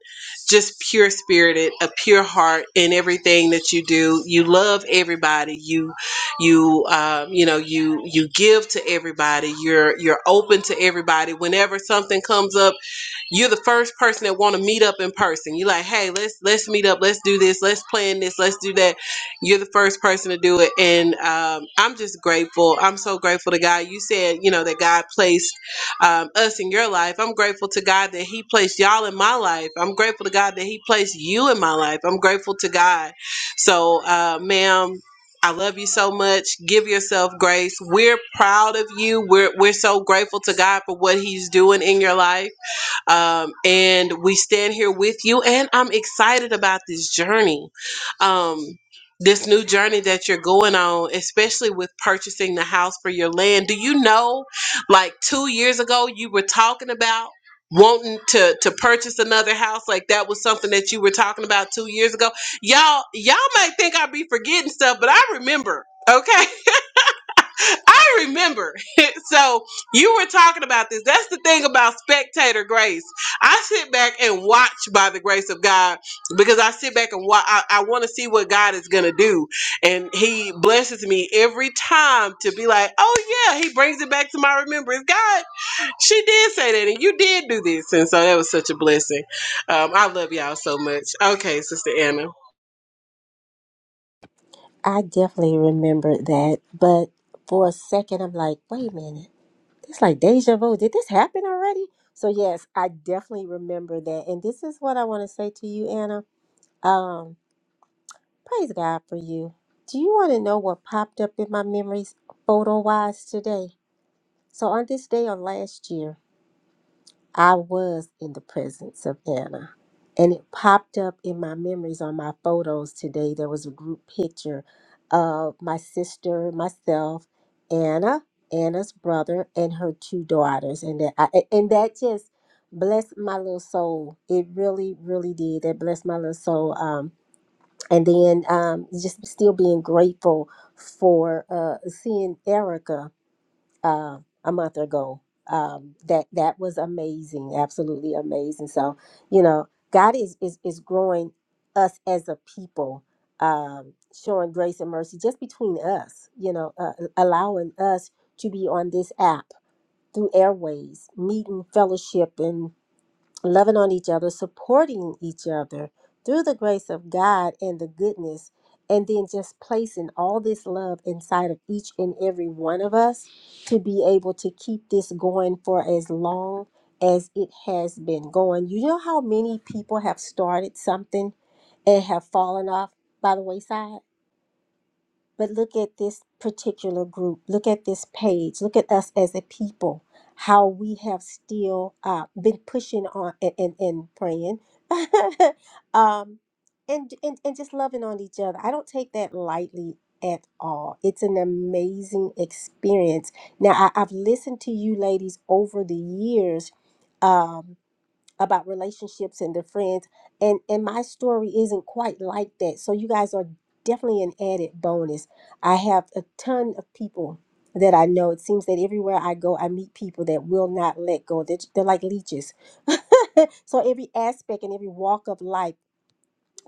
Speaker 1: just pure spirited a pure heart in everything that you do you love everybody you you um you know you you give to everybody you're you're open to everybody whenever something comes up you're the first person that want to meet up in person. You're like, hey, let's let's meet up, let's do this, let's plan this, let's do that. You're the first person to do it, and um, I'm just grateful. I'm so grateful to God. You said, you know, that God placed um, us in your life. I'm grateful to God that He placed y'all in my life. I'm grateful to God that He placed you in my life. I'm grateful to God. So, uh, ma'am. I love you so much. Give yourself grace. We're proud of you. We're we're so grateful to God for what He's doing in your life um, and we stand here with you, and I'm excited about this journey. Um, this new journey that you're going on, especially with purchasing the house for your land. Do you know, like two years ago, you were talking about wanting to to purchase another house like that was something that you were talking about two years ago y'all y'all might think i be forgetting stuff but i remember okay I remember. so you were talking about this. That's the thing about spectator grace. I sit back and watch by the grace of God because I sit back and watch. I, I want to see what God is going to do. And He blesses me every time to be like, oh, yeah, He brings it back to my remembrance. God, she did say that and you did do this. And so that was such a blessing. Um, I love y'all so much. Okay, Sister Anna.
Speaker 3: I definitely remembered that, but for a second, I'm like, wait a minute. It's like deja vu. Did this happen already? So, yes, I definitely remember that. And this is what I want to say to you, Anna. Um, praise God for you. Do you want to know what popped up in my memories photo wise today? So, on this day of last year, I was in the presence of Anna. And it popped up in my memories on my photos today. There was a group picture of my sister, myself, Anna, Anna's brother, and her two daughters. And that I, and that just blessed my little soul. It really, really did. That blessed my little soul. Um, and then um, just still being grateful for uh, seeing Erica uh, a month ago. Um, that that was amazing, absolutely amazing. So you know, God is is is growing us as a people, um, showing grace and mercy just between us. You know, uh, allowing us to be on this app through airways, meeting, fellowship, loving on each other, supporting each other through the grace of God and the goodness, and then just placing all this love inside of each and every one of us to be able to keep this going for as long as it has been going. You know how many people have started something and have fallen off by the wayside? But look at this particular group. Look at this page. Look at us as a people. How we have still uh, been pushing on and, and, and praying, um, and, and and just loving on each other. I don't take that lightly at all. It's an amazing experience. Now I, I've listened to you ladies over the years, um, about relationships and their friends and and my story isn't quite like that so you guys are definitely an added bonus i have a ton of people that i know it seems that everywhere i go i meet people that will not let go they're, they're like leeches so every aspect and every walk of life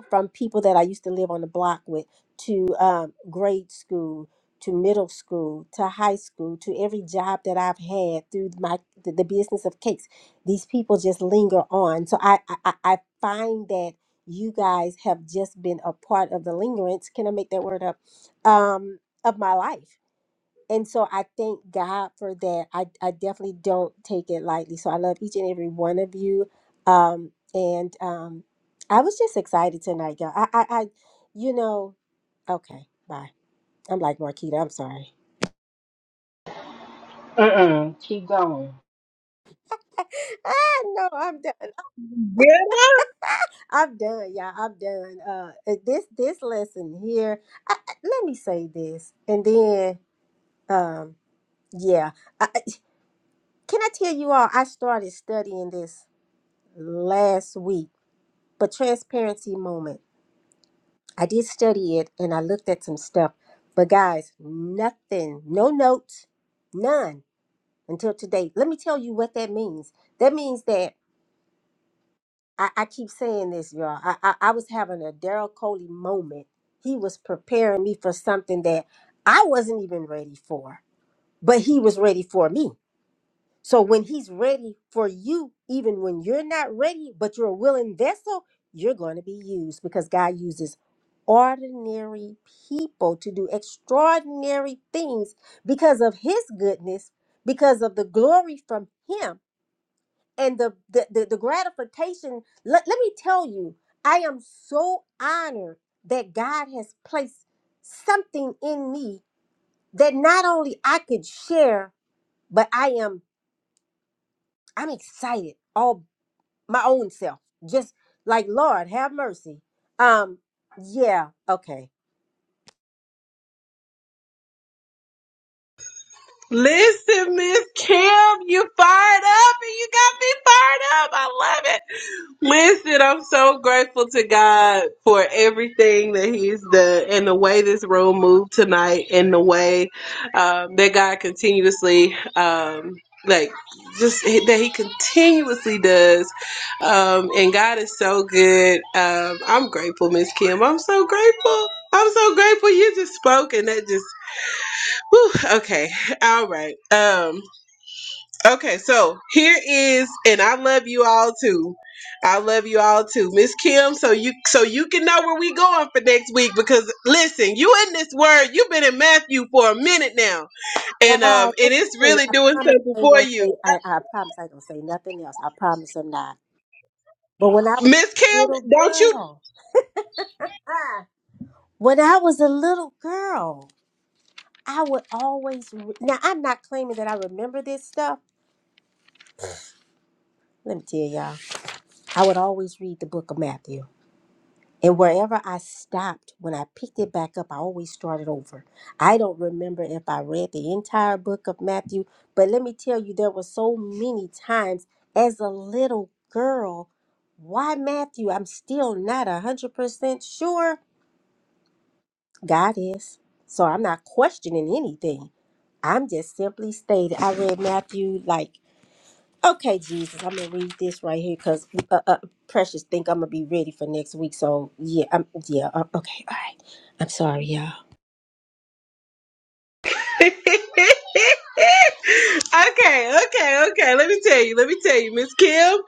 Speaker 3: from people that I used to live on the block with to um, grade school to middle school to high school to every job that I've had through my the, the business of cakes. These people just linger on. So I I, I I find that you guys have just been a part of the lingerance. Can I make that word up? Um, of my life and so I thank God for that. I, I definitely don't take it lightly. So I love each and every one of you. Um, and um, I was just excited tonight, y'all. I, I, I you know, okay, bye. I'm like Marquita. I'm sorry.
Speaker 2: Mm-mm, keep going.
Speaker 3: ah, no, I'm done. I'm done, y'all. I'm done. Uh, uh, this this lesson here. I, I- let me say this, and then um, yeah. I, I- can I tell you all? I started studying this last week But transparency moment. I did study it and I looked at some stuff. But guys, nothing, no notes, none until today. Let me tell you what that means. That means that I, I keep saying this, y'all. I, I, I was having a Daryl Coley moment. He was preparing me for something that I wasn't even ready for, but he was ready for me. So when he's ready for you, even when you're not ready, but you're a willing vessel, you're going to be used because God uses ordinary people to do extraordinary things because of his goodness, because of the glory from him and the the, the, the gratification. Let, let me tell you, I am so honored that God has placed something in me that not only I could share, but I am I'm excited all my own self. Just like Lord, have mercy. Um, yeah, okay.
Speaker 1: Listen, Miss Kim, you fired up and you got me fired up. I love it. Listen, I'm so grateful to God for everything that He's done and the way this room moved tonight and the way um, that God continuously, um, like, just that He continuously does. Um, and God is so good. Um, I'm grateful, Miss Kim. I'm so grateful. I'm so grateful you just spoke and that just Whew, okay. All right. Um, okay, so here is and I love you all too. I love you all too. Miss Kim, so you so you can know where we going for next week because listen, you in this word, you've been in Matthew for a minute now. And um
Speaker 3: God,
Speaker 1: and
Speaker 3: let
Speaker 1: it's
Speaker 3: me see.
Speaker 1: really
Speaker 3: I
Speaker 1: doing
Speaker 3: promise
Speaker 1: something
Speaker 3: I ain't
Speaker 1: for
Speaker 3: gonna say.
Speaker 1: you.
Speaker 3: I, I promise I ain't gonna say nothing else. I promise I'm not. But when I was
Speaker 1: Miss
Speaker 3: a
Speaker 1: Kim,
Speaker 3: little
Speaker 1: don't you
Speaker 3: girl, ah, when I was a little girl, I would always. Re- now I'm not claiming that I remember this stuff. Let me tell y'all, I would always read the Book of Matthew. And wherever I stopped, when I picked it back up, I always started over. I don't remember if I read the entire book of Matthew, but let me tell you, there were so many times as a little girl. Why Matthew? I'm still not 100% sure. God is. So I'm not questioning anything. I'm just simply stating I read Matthew like Okay, Jesus, I'm gonna read this right here because uh, uh, Precious think I'm gonna be ready for next week. So yeah, I'm yeah. Uh, okay, all right. I'm sorry, y'all.
Speaker 1: okay, okay, okay. Let me tell you. Let me tell you, Miss Kim.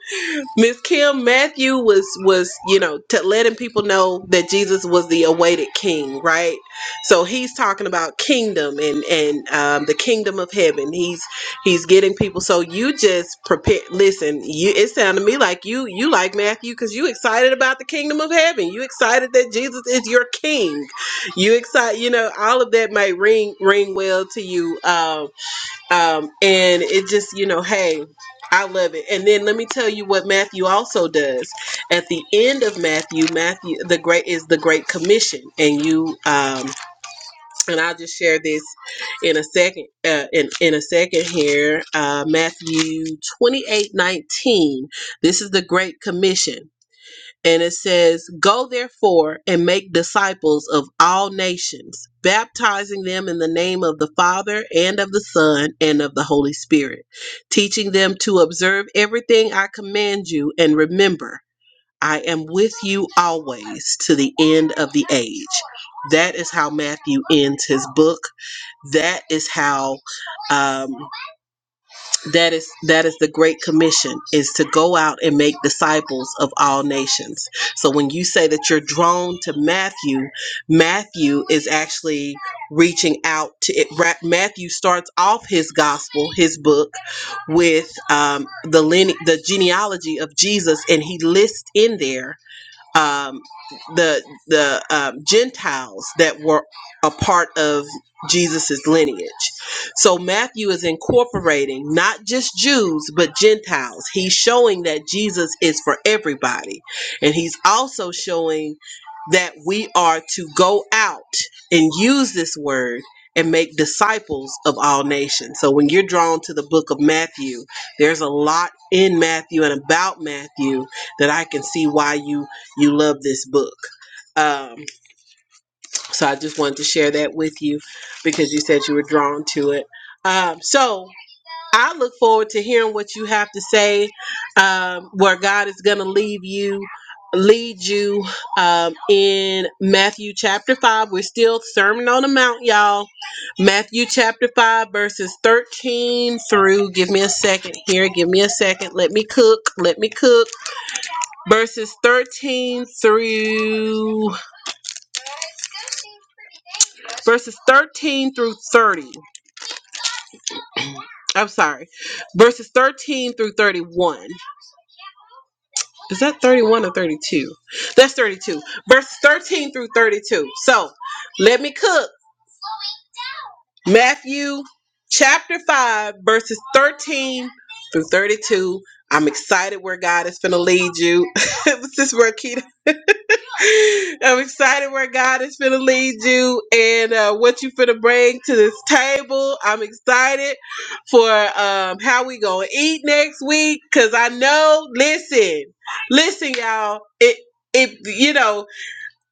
Speaker 1: Miss Kim Matthew was was you know to letting people know that Jesus was the awaited King, right? So he's talking about kingdom and and um, the kingdom of heaven. He's he's getting people. So you just prepare. Listen, you it sounded to me like you you like Matthew because you excited about the kingdom of heaven. You excited that Jesus is your King. You excited. You know all of that may ring ring well to you. Um, um, and it just you know hey i love it and then let me tell you what matthew also does at the end of matthew matthew the great is the great commission and you um, and i'll just share this in a second uh, in, in a second here uh, matthew 28 19. this is the great commission and it says, Go therefore and make disciples of all nations, baptizing them in the name of the Father and of the Son and of the Holy Spirit, teaching them to observe everything I command you, and remember, I am with you always to the end of the age. That is how Matthew ends his book. That is how um, that is that is the great commission is to go out and make disciples of all nations so when you say that you're drawn to matthew matthew is actually reaching out to it Ra- matthew starts off his gospel his book with um, the line, the genealogy of jesus and he lists in there um, the the um, Gentiles that were a part of Jesus's lineage. So Matthew is incorporating not just Jews but Gentiles. He's showing that Jesus is for everybody, and he's also showing that we are to go out and use this word and make disciples of all nations. So when you're drawn to the book of Matthew, there's a lot in Matthew and about Matthew that I can see why you you love this book. Um, so I just wanted to share that with you because you said you were drawn to it. Um, so I look forward to hearing what you have to say, um, where God is going to leave you, lead you um, in Matthew chapter 5. We're still Sermon on the Mount, y'all. Matthew chapter 5, verses 13 through, give me a second here, give me a second. Let me cook, let me cook. Verses 13 through verses 13 through 30. I'm sorry, verses 13 through 31. Is that 31 or 32? That's 32. Verses 13 through 32. So let me cook. Matthew chapter 5, verses 13 through 32. I'm excited where God is going to lead you. this is where Keita I'm excited where God is finna lead you and uh, what you finna bring to this table. I'm excited for um, how we gonna eat next week because I know. Listen, listen, y'all. It it you know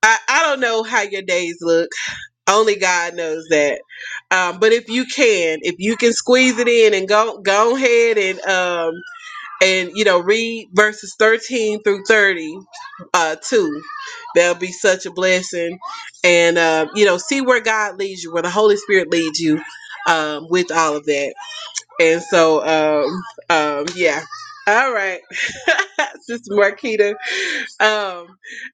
Speaker 1: I I don't know how your days look. Only God knows that. Um, but if you can, if you can squeeze it in and go go ahead and um and you know read verses 13 through 30 uh too that'll be such a blessing and uh, you know see where god leads you where the holy spirit leads you um with all of that and so um um yeah all right sister marquita um,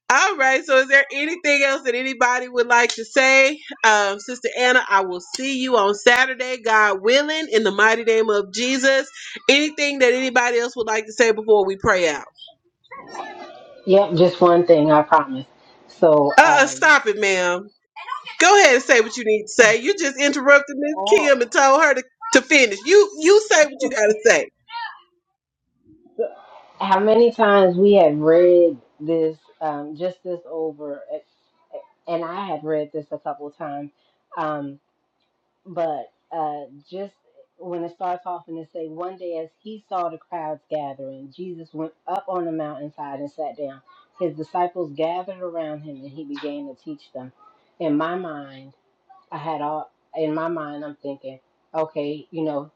Speaker 1: all right. So, is there anything else that anybody would like to say? Um, Sister Anna, I will see you on Saturday, God willing, in the mighty name of Jesus. Anything that anybody else would like to say before we pray out?
Speaker 2: Yep, just one thing, I promise. So,
Speaker 1: Uh, uh
Speaker 2: um,
Speaker 1: stop it, ma'am. Go ahead and say what you need to say. You just interrupted Miss Kim and told her to, to finish. You you say what you gotta say.
Speaker 2: How many times we have read this, um, just this over, eh, and I have read this a couple of times, um, but uh, just when it starts off and it say, one day as he saw the crowds gathering, Jesus went up on the mountainside and sat down. His disciples gathered around him, and he began to teach them. In my mind, I had all. In my mind, I'm thinking, okay, you know,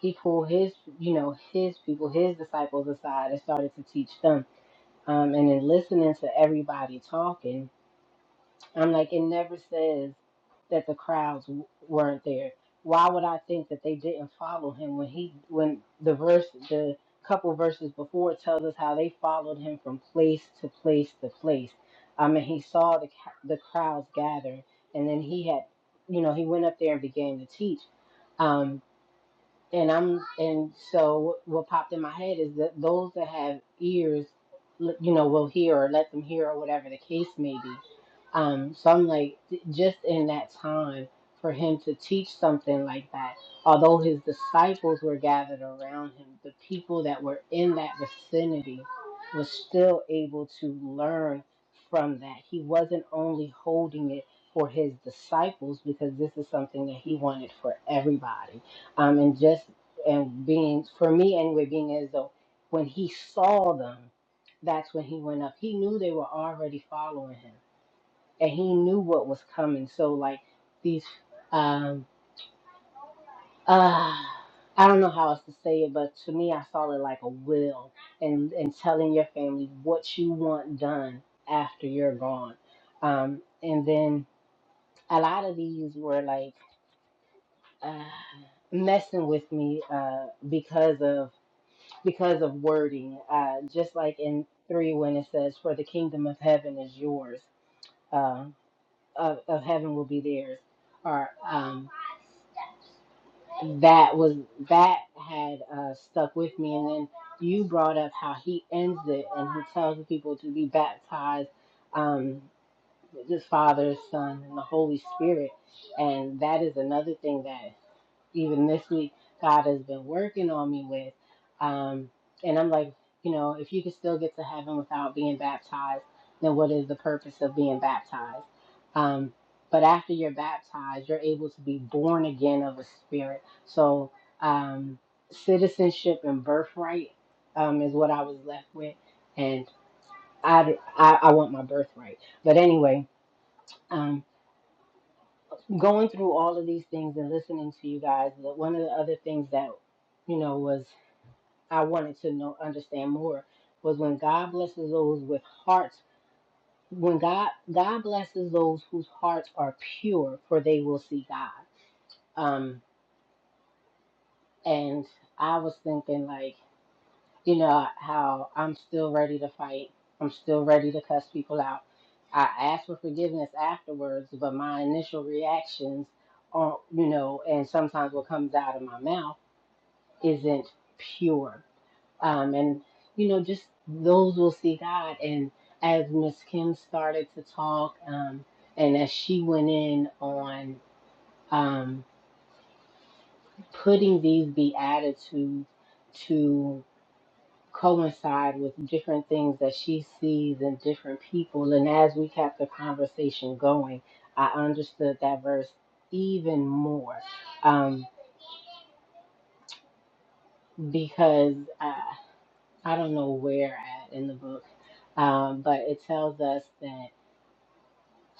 Speaker 2: he pulled his, you know, his people, his disciples aside and started to teach them um, and in listening to everybody talking, I'm like, it never says that the crowds w- weren't there. Why would I think that they didn't follow him when he when the verse the couple verses before tells us how they followed him from place to place to place. I mean, he saw the ca- the crowds gather, and then he had, you know, he went up there and began to teach. Um, and I'm and so what popped in my head is that those that have ears, l- you know, will hear or let them hear or whatever the case may be. Um, so I'm like, j- just in that time for him to teach something like that, although his disciples were gathered around him, the people that were in that vicinity was still able to learn from that. He wasn't only holding it for his disciples because this is something that he wanted for everybody um, and just and being for me anyway, being as though when he saw them, that's when he went up. He knew they were already following him, and he knew what was coming. So like these, um, uh, I don't know how else to say it, but to me, I saw it like a will, and and telling your family what you want done after you're gone, um, and then a lot of these were like. Uh, messing with me uh, because of because of wording. Uh, just like in three, when it says, "For the kingdom of heaven is yours," uh, of, of heaven will be theirs. Or um, that was that had uh, stuck with me. And then you brought up how he ends it and he tells the people to be baptized, um, with his Father, Son, and the Holy Spirit. And that is another thing that even this week, God has been working on me with. Um, and I'm like, you know, if you could still get to heaven without being baptized, then what is the purpose of being baptized? Um, but after you're baptized, you're able to be born again of a spirit. So um, citizenship and birthright um, is what I was left with, and I, I I want my birthright. But anyway. Um, going through all of these things and listening to you guys, that one of the other things that, you know, was I wanted to know understand more was when God blesses those with hearts, when God God blesses those whose hearts are pure, for they will see God. Um, and I was thinking like, you know, how I'm still ready to fight. I'm still ready to cuss people out. I ask for forgiveness afterwards, but my initial reactions are, you know, and sometimes what comes out of my mouth isn't pure. Um, and, you know, just those will see God. And as Miss Kim started to talk, um, and as she went in on um, putting these beatitudes to coincide with different things that she sees in different people, and as we kept the conversation going, I understood that verse even more um, because. uh, I don't know where at in the book, um, but it tells us that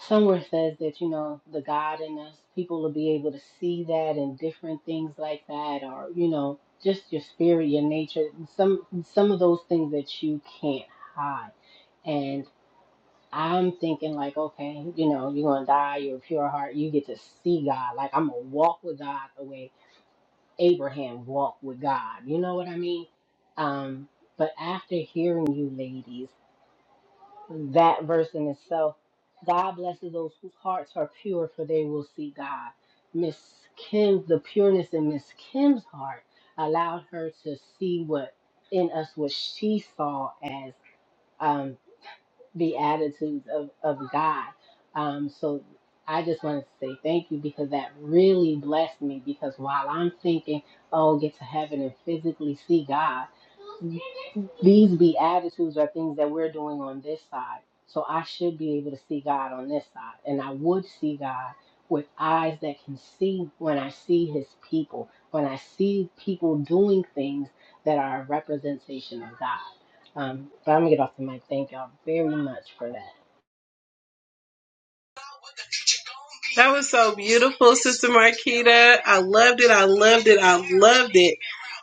Speaker 2: somewhere says that, you know, the God in us, people will be able to see that and different things like that, or, you know, just your spirit, your nature, some some of those things that you can't hide. And I'm thinking like, okay, you know, you're gonna die, you're a pure heart, you get to see God. Like I'm gonna walk with God the way Abraham walked with God. You know what I mean? Um, but after hearing you ladies, that verse in itself. God blesses those whose hearts are pure, for they will see God. Miss Kim, the pureness in Miss Kim's heart allowed her to see what in us what she saw as um, the attitudes of, of God. Um, so I just wanted to say thank you because that really blessed me. Because while I'm thinking, oh, get to heaven and physically see God, these beatitudes are things that we're doing on this side. So I should be able to see God on this side. And I would see God with eyes that can see when I see his people, when I see people doing things that are a representation of God. Um, but I'm going to get off the mic. Thank y'all very much for that.
Speaker 1: That was so beautiful, Sister Marquita. I loved it. I loved it. I loved it.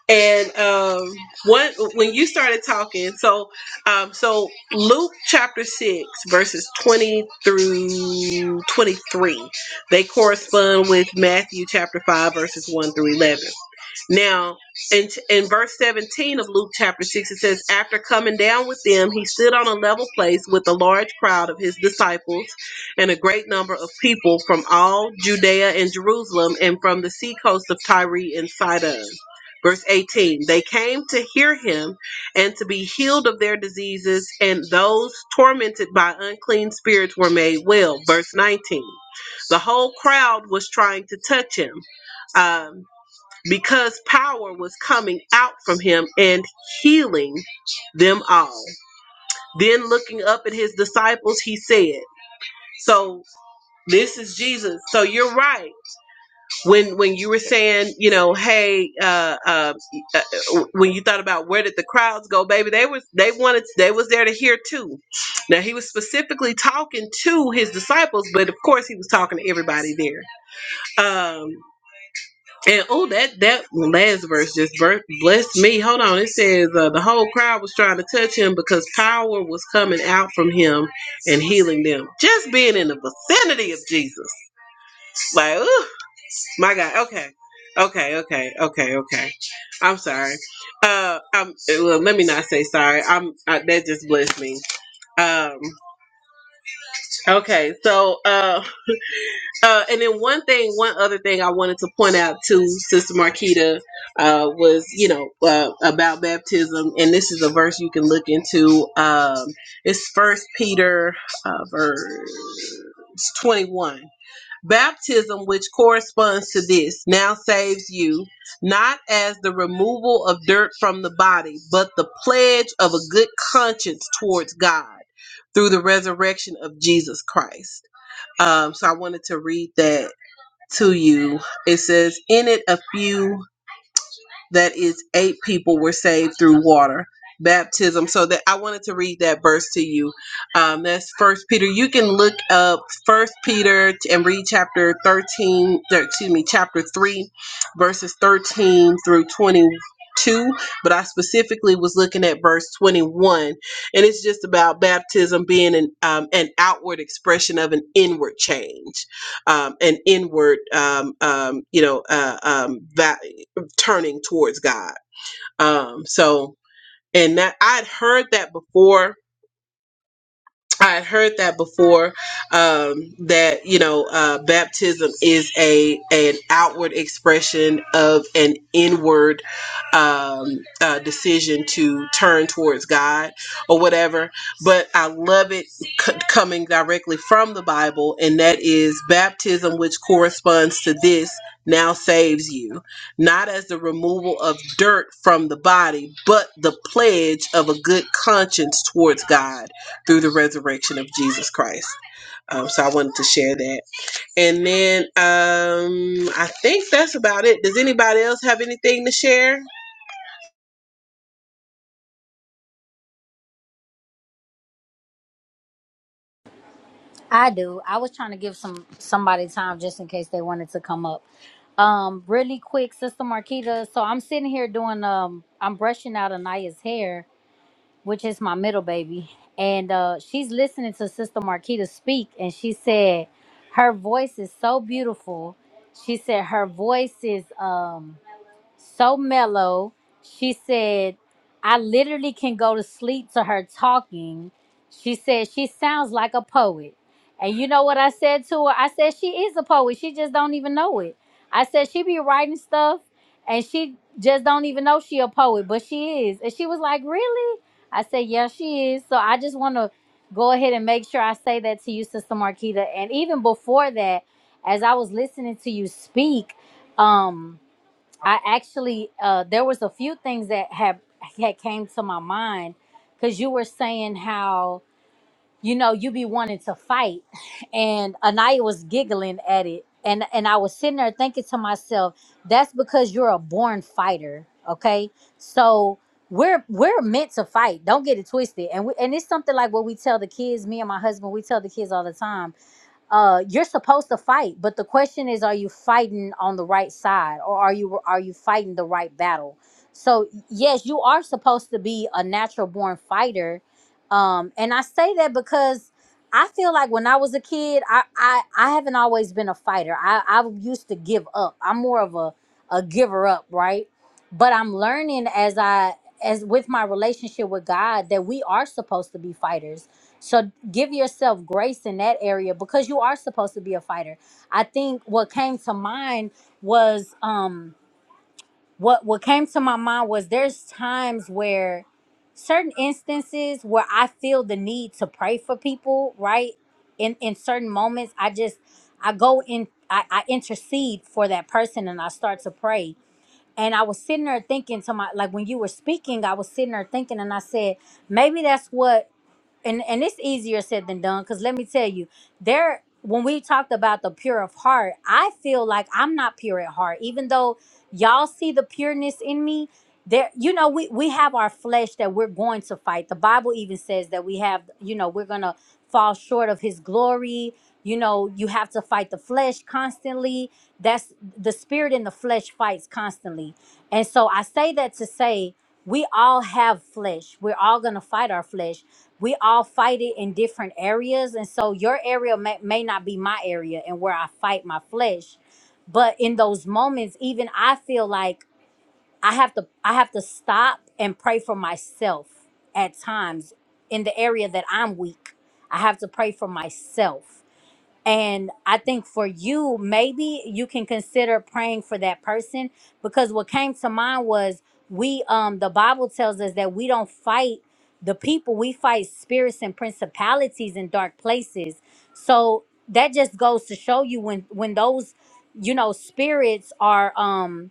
Speaker 1: And um, one when you started talking, so um, so Luke chapter six verses twenty through twenty three, they correspond with Matthew chapter five verses one through eleven. Now, in, in verse 17 of Luke chapter 6, it says, After coming down with them, he stood on a level place with a large crowd of his disciples and a great number of people from all Judea and Jerusalem and from the seacoast of Tyre and Sidon. Verse 18 They came to hear him and to be healed of their diseases, and those tormented by unclean spirits were made well. Verse 19 The whole crowd was trying to touch him Um, because power was coming out from him and healing them all. Then looking up at his disciples, he said, so this is Jesus. So you're right. When when you were saying, you know, hey, uh, uh, uh, when you thought about where did the crowds go, baby, they was they wanted they was there to hear too. Now he was specifically talking to his disciples, but of course he was talking to everybody there. Um, And oh, that that last verse just bur- blessed me. Hold on, it says uh, the whole crowd was trying to touch him because power was coming out from him and healing them. Just being in the vicinity of Jesus, like, oh my God. Okay, okay, okay, okay, okay. I'm sorry. Uh, I'm well. Let me not say sorry. I'm I, that just blessed me. Um. Okay, so uh. Uh, and then one thing, one other thing I wanted to point out to Sister Marquita uh, was, you know, uh, about baptism, and this is a verse you can look into. Um, it's First Peter uh, verse twenty-one. Baptism, which corresponds to this, now saves you, not as the removal of dirt from the body, but the pledge of a good conscience towards God through the resurrection of Jesus Christ um, so I wanted to read that to you. It says, In it, a few that is eight people were saved through water baptism so that i wanted to read that verse to you um, that's first peter you can look up first peter and read chapter 13 er, excuse me chapter 3 verses 13 through 22 but i specifically was looking at verse 21 and it's just about baptism being an, um, an outward expression of an inward change um, an inward um, um, you know uh, um, va- turning towards God. Um, so, and that I'd heard that before, I had heard that before um, that you know uh, baptism is a an outward expression of an inward um, uh, decision to turn towards God or whatever. But I love it c- coming directly from the Bible, and that is baptism, which corresponds to this. Now saves you, not as the removal of dirt from the body, but the pledge of a good conscience towards God through the resurrection of Jesus Christ. Um, so I wanted to share that. And then um, I think that's about it. Does anybody else have anything to share?
Speaker 7: I do. I was trying to give some somebody time just in case they wanted to come up. Um, really quick, Sister Marquita. So I'm sitting here doing um, I'm brushing out Anaya's hair, which is my middle baby, and uh, she's listening to Sister Marquita speak, and she said her voice is so beautiful. She said her voice is um so mellow. She said, I literally can go to sleep to her talking. She said, she sounds like a poet. And you know what I said to her? I said, she is a poet. She just don't even know it. I said, she be writing stuff and she just don't even know she a poet, but she is. And she was like, really? I said, yeah, she is. So I just want to go ahead and make sure I say that to you, Sister Marquita. And even before that, as I was listening to you speak, um, I actually uh, there was a few things that have had came to my mind because you were saying how you know you be wanting to fight, and Anaya was giggling at it, and and I was sitting there thinking to myself, that's because you're a born fighter, okay? So we're we're meant to fight. Don't get it twisted, and we, and it's something like what we tell the kids. Me and my husband, we tell the kids all the time uh you're supposed to fight but the question is are you fighting on the right side or are you are you fighting the right battle so yes you are supposed to be a natural born fighter um and i say that because i feel like when i was a kid i i, I haven't always been a fighter i i used to give up i'm more of a a giver up right but i'm learning as i as with my relationship with god that we are supposed to be fighters so give yourself grace in that area because you are supposed to be a fighter. I think what came to mind was um what what came to my mind was there's times where certain instances where I feel the need to pray for people, right? In in certain moments, I just I go in I, I intercede for that person and I start to pray. And I was sitting there thinking to my like when you were speaking, I was sitting there thinking and I said, maybe that's what and and it's easier said than done because let me tell you there when we talked about the pure of heart i feel like i'm not pure at heart even though y'all see the pureness in me there you know we we have our flesh that we're going to fight the bible even says that we have you know we're gonna fall short of his glory you know you have to fight the flesh constantly that's the spirit and the flesh fights constantly and so i say that to say we all have flesh we're all gonna fight our flesh we all fight it in different areas and so your area may, may not be my area and where i fight my flesh but in those moments even i feel like i have to i have to stop and pray for myself at times in the area that i'm weak i have to pray for myself and I think for you, maybe you can consider praying for that person because what came to mind was we um the Bible tells us that we don't fight the people, we fight spirits and principalities in dark places. So that just goes to show you when when those you know spirits are um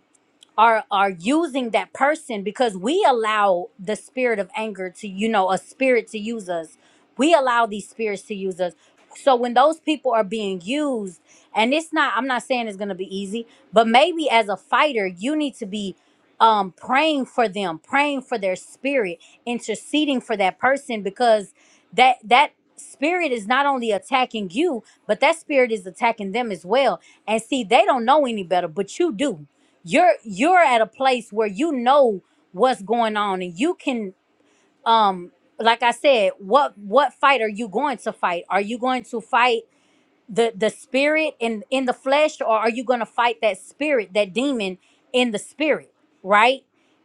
Speaker 7: are are using that person because we allow the spirit of anger to you know a spirit to use us we allow these spirits to use us so when those people are being used and it's not i'm not saying it's going to be easy but maybe as a fighter you need to be um praying for them praying for their spirit interceding for that person because that that spirit is not only attacking you but that spirit is attacking them as well and see they don't know any better but you do you're you're at a place where you know what's going on and you can um like i said what what fight are you going to fight are you going to fight the the spirit in in the flesh or are you going to fight that spirit that demon in the spirit right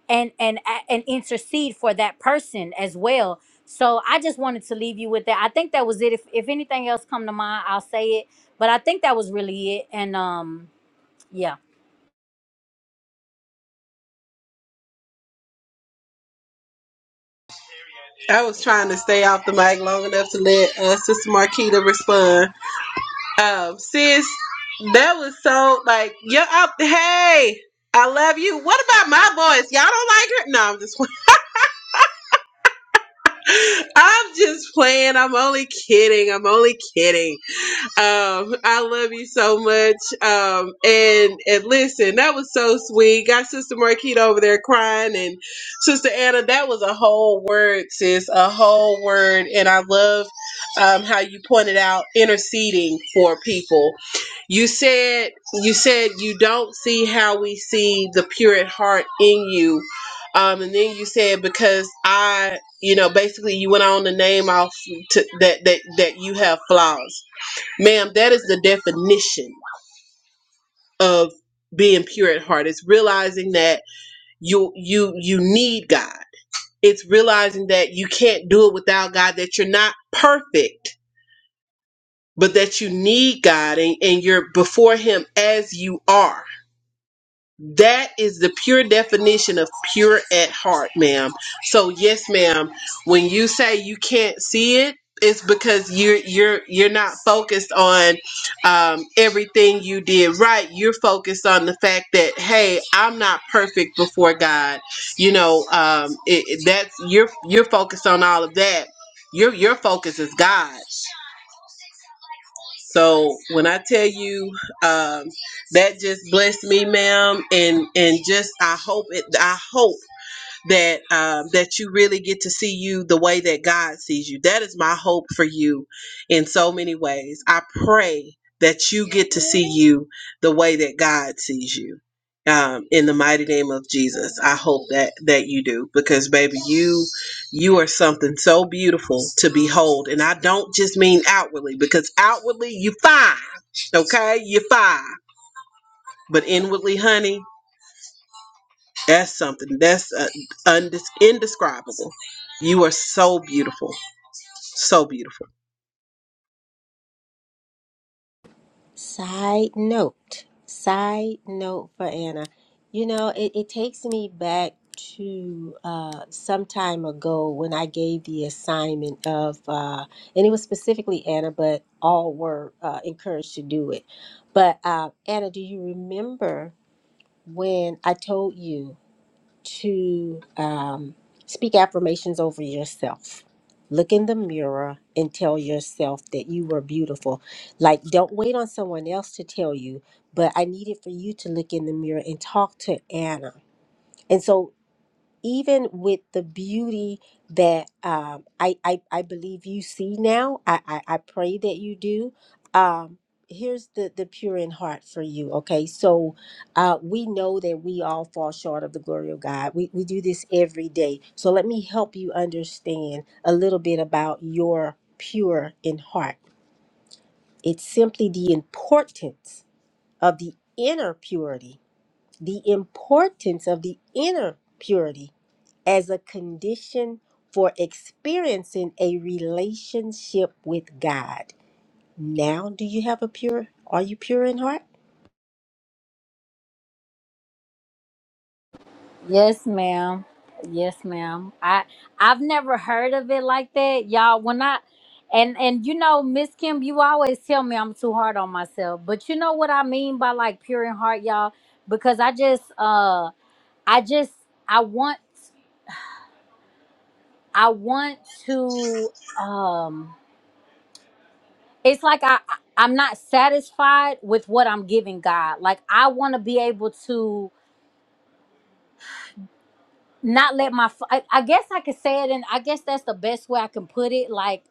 Speaker 7: and and a- and intercede for that person as well so i just wanted to leave you with that i think that was it if if anything else come to mind i'll say it but i think that was really it and um yeah
Speaker 1: I was trying to stay off the mic long enough to let uh, Sister Marquita respond. Um, sis, that was so like you're up. Hey, I love you. What about my voice? Y'all don't like her? No, I'm just I'm just playing. I'm only kidding. I'm only kidding. Um, I love you so much. Um, and and listen, that was so sweet. Got Sister Marquita over there crying, and Sister Anna, that was a whole word, sis, a whole word. And I love um, how you pointed out interceding for people. You said you said you don't see how we see the pure at heart in you. Um, and then you said because I, you know, basically you went on to name off to, that that that you have flaws Ma'am, that is the definition of being pure at heart. It's realizing that you you you need God. It's realizing that you can't do it without God, that you're not perfect, but that you need God and, and you're before him as you are. That is the pure definition of pure at heart, ma'am. So yes, ma'am, when you say you can't see it, it's because you're you're you're not focused on um, everything you did right. You're focused on the fact that hey, I'm not perfect before God. You know, um, it, it- that's you're you're focused on all of that. Your your focus is God. So when I tell you um, that just blessed me, ma'am, and and just I hope it. I hope that um, that you really get to see you the way that God sees you. That is my hope for you in so many ways. I pray that you get to see you the way that God sees you. Um, in the mighty name of Jesus, I hope that that you do because baby, you you are something so beautiful to behold, and I don't just mean outwardly because outwardly you fine, okay, you fine, but inwardly, honey. That's something. That's uh, undis indescribable. You are so beautiful. So beautiful.
Speaker 3: Side note, side note for Anna. You know, it, it takes me back to uh, some time ago when I gave the assignment of, uh, and it was specifically Anna, but all were uh, encouraged to do it. But uh, Anna, do you remember when I told you? to um, speak affirmations over yourself. Look in the mirror and tell yourself that you were beautiful. Like, don't wait on someone else to tell you, but I needed for you to look in the mirror and talk to Anna. And so even with the beauty that um, I, I I believe you see now, I, I I pray that you do. Um, here's the the pure in heart for you. Okay, so uh, we know that we all fall short of the glory of God. We we do this every day. So let me help you understand a little bit about your pure in heart. It's simply the importance of the inner purity, the importance of the inner purity as a condition for experiencing a relationship with God. Now, do you have a pure? Are you pure in heart?
Speaker 7: Yes, ma'am. Yes, ma'am. I I've never heard of it like that, y'all. When I and and you know, Miss Kim, you always tell me I'm too hard on myself, but you know what I mean by like pure in heart, y'all, because I just uh I just I want I want to um it's like I I- I'm not satisfied with what I'm giving God. Like I want to be able to not let my fl- I, I guess I could say it and I guess that's the best way I can put it like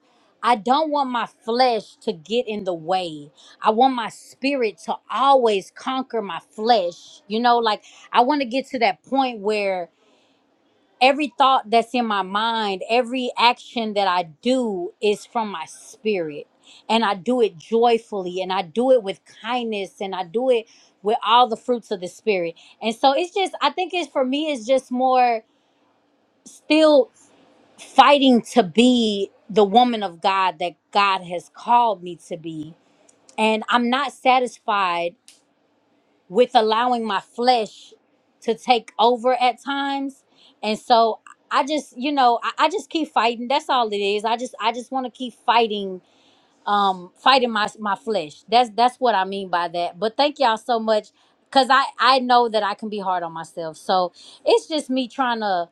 Speaker 7: I don't want my flesh to get in the way. I want my spirit to always conquer my flesh. You know, like I want to get to that point where every thought that's in my mind, every action that I do is from my spirit. And I do it joyfully and I do it with kindness and I do it with all the fruits of the spirit. And so it's just, I think it's for me, it's just more still fighting to be the woman of God that God has called me to be. And I'm not satisfied with allowing my flesh to take over at times. And so I just, you know, I, I just keep fighting. That's all it is. I just I just want to keep fighting um fighting my my flesh. That's that's what I mean by that. But thank y'all so much cuz I I know that I can be hard on myself. So it's just me trying to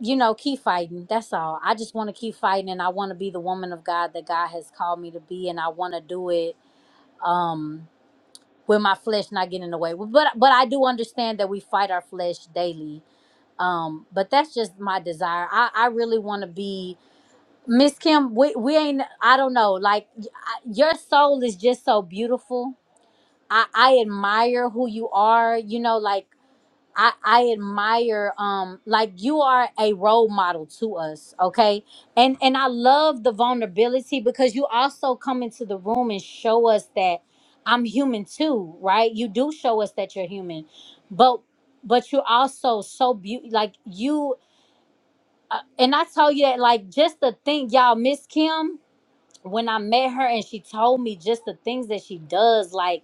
Speaker 7: you know, keep fighting. That's all. I just want to keep fighting and I want to be the woman of God that God has called me to be and I want to do it um with my flesh not getting in the way. But but I do understand that we fight our flesh daily. Um but that's just my desire. I I really want to be Miss Kim, we, we ain't I don't know. Like y- I- your soul is just so beautiful. I I admire who you are, you know, like I, I admire um like you are a role model to us okay and and i love the vulnerability because you also come into the room and show us that i'm human too right you do show us that you're human but but you're also so beautiful like you uh, and i told you that like just the thing y'all miss kim when i met her and she told me just the things that she does like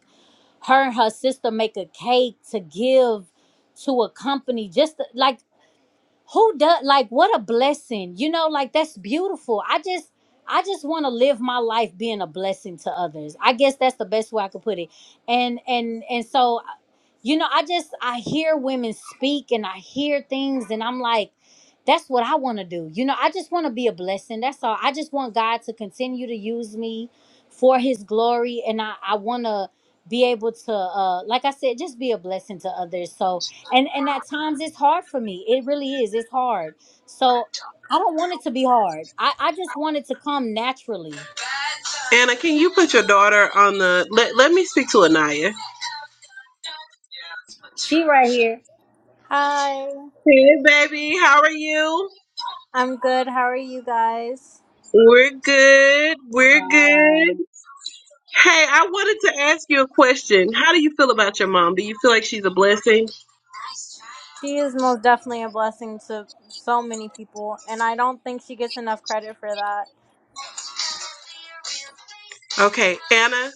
Speaker 7: her and her sister make a cake to give to a company just to- like who does like what a blessing you know like that's beautiful i just i just want to live my life being a blessing to others i guess that's the best way i could put it and and and so you know i just i hear women speak and i hear things and i'm like that's what i want to do you know i just want to be a blessing that's all i just want god to continue to use me for his glory and i i want to be able to uh like i said just be a blessing to others so and and at times it's hard for me it really is it's hard so i don't want it to be hard i i just want it to come naturally
Speaker 1: Anna, can you put your daughter on the. Let, let me speak to Anaya.
Speaker 7: she right here Hi,
Speaker 1: Hey, baby. How are you?
Speaker 7: I'm good. How are you guys?
Speaker 1: We're good. We're good.
Speaker 2: Um,
Speaker 1: Hey, I wanted to ask you a question. How do you feel about your mom? Do you feel like she's a blessing?
Speaker 7: She is most definitely a blessing to so many people, and I don't think she gets enough credit for that.
Speaker 1: Okay, Anna,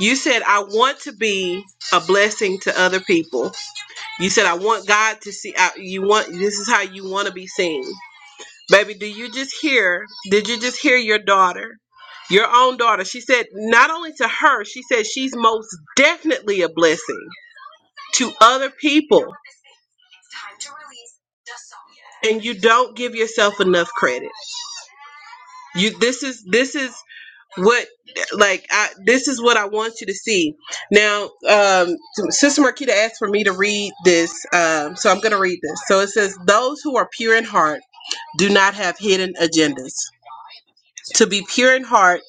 Speaker 1: you said, I want to be a blessing to other people. You said, I want God to see, I, you want, this is how you want to be seen. Baby, do you just hear? Did you just hear your daughter? Your own daughter. She said, not only to her, she said she's most definitely a blessing to other people. And you don't give yourself enough credit. You this is this is what like I this is what I want you to see. Now, um Sister Marquita asked for me to read this, um, so I'm gonna read this. So it says, Those who are pure in heart do not have hidden agendas. To be pure in heart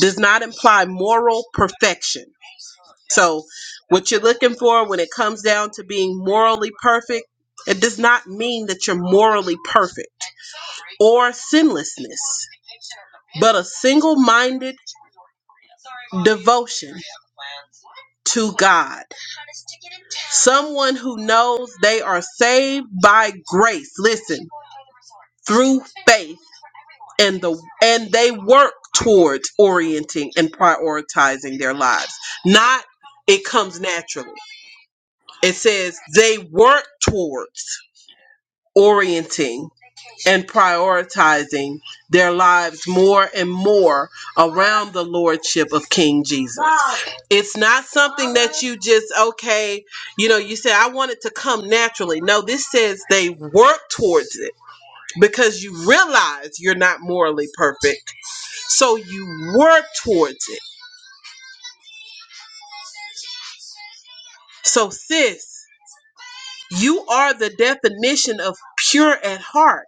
Speaker 1: does not imply moral perfection. So, what you're looking for when it comes down to being morally perfect, it does not mean that you're morally perfect or sinlessness, but a single minded devotion to God. Someone who knows they are saved by grace, listen, through faith and the and they work towards orienting and prioritizing their lives. Not it comes naturally. It says they work towards orienting and prioritizing their lives more and more around the lordship of King Jesus. It's not something that you just okay, you know, you say I want it to come naturally. No, this says they work towards it because you realize you're not morally perfect. So you work towards it. So sis, you are the definition of pure at heart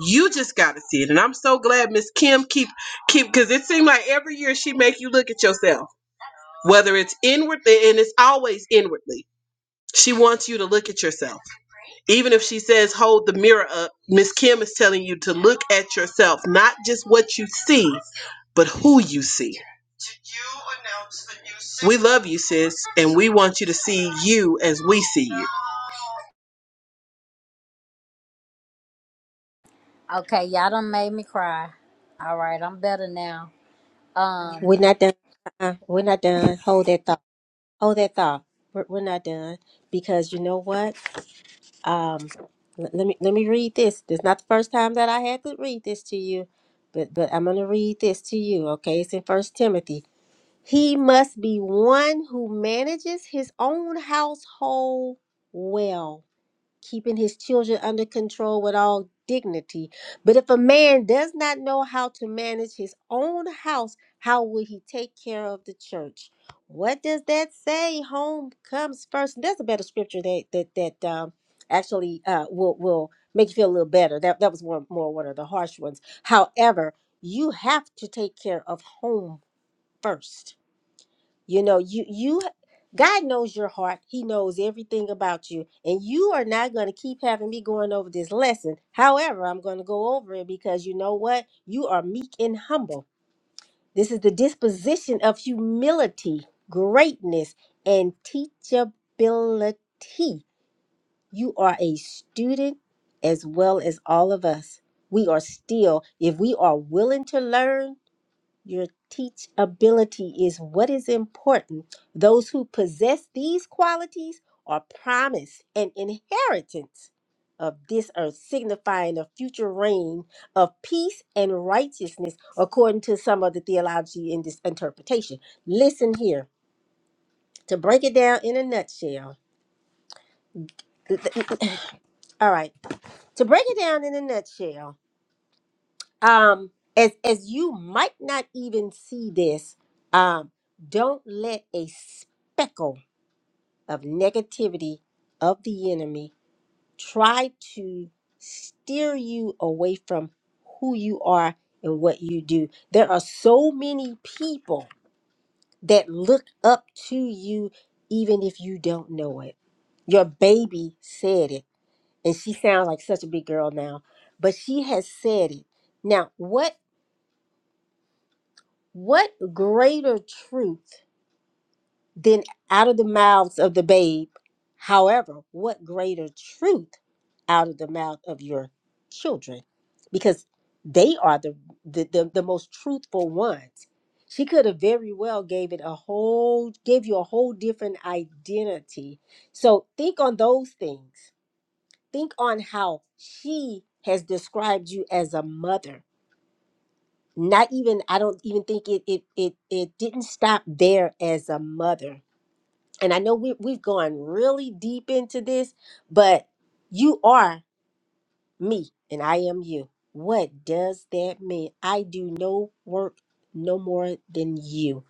Speaker 1: You just gotta see it. And I'm so glad Miss Kim keep keep because it seemed like every year she make you look at yourself. Whether it's inwardly and it's always inwardly. She wants you to look at yourself. Even if she says hold the mirror up, Miss Kim is telling you to look at yourself, not just what you see, but who you see. We love you, sis, and we want you to see you as we see you.
Speaker 7: okay y'all done made me cry all right i'm better now um
Speaker 3: We're not done. Uh-uh. We're not done. Hold that thought. Hold that thought. We're, we're not done because you know what? Um, l- let me let me read this. This is not the first time that I had to read this to you, but but I'm gonna read this to you. Okay, it's in First Timothy. He must be one who manages his own household well keeping his children under control with all dignity. But if a man does not know how to manage his own house, how will he take care of the church? What does that say? Home comes first. That's a better scripture that that that um, actually uh, will will make you feel a little better. That that was more more one of the harsh ones. However, you have to take care of home first you know, you you God knows your heart. He knows everything about you. And you are not going to keep having me going over this lesson. However, I'm going to go over it because you know what? You are meek and humble. This is the disposition of humility, greatness, and teachability. You are a student as well as all of us. We are still, if we are willing to learn, your teachability is what is important. Those who possess these qualities are promised an inheritance of this earth, signifying a future reign of peace and righteousness, according to some of the theology in this interpretation. Listen here to break it down in a nutshell. All right, to break it down in a nutshell, um as as you might not even see this um don't let a speckle of negativity of the enemy try to steer you away from who you are and what you do there are so many people that look up to you even if you don't know it your baby said it and she sounds like such a big girl now but she has said it now what What greater truth than out of the mouths of the babe? However, what greater truth out of the mouth of your children? Because they are the the, the, the most truthful ones. She could have very well gave it a whole gave you a whole different identity. So think on those things. Think on how she has described you as a mother not even i don't even think it it it, it didn't stop there as a mother and i know we, we've gone really deep into this but you are me and i am you what does that mean i do no work no more than you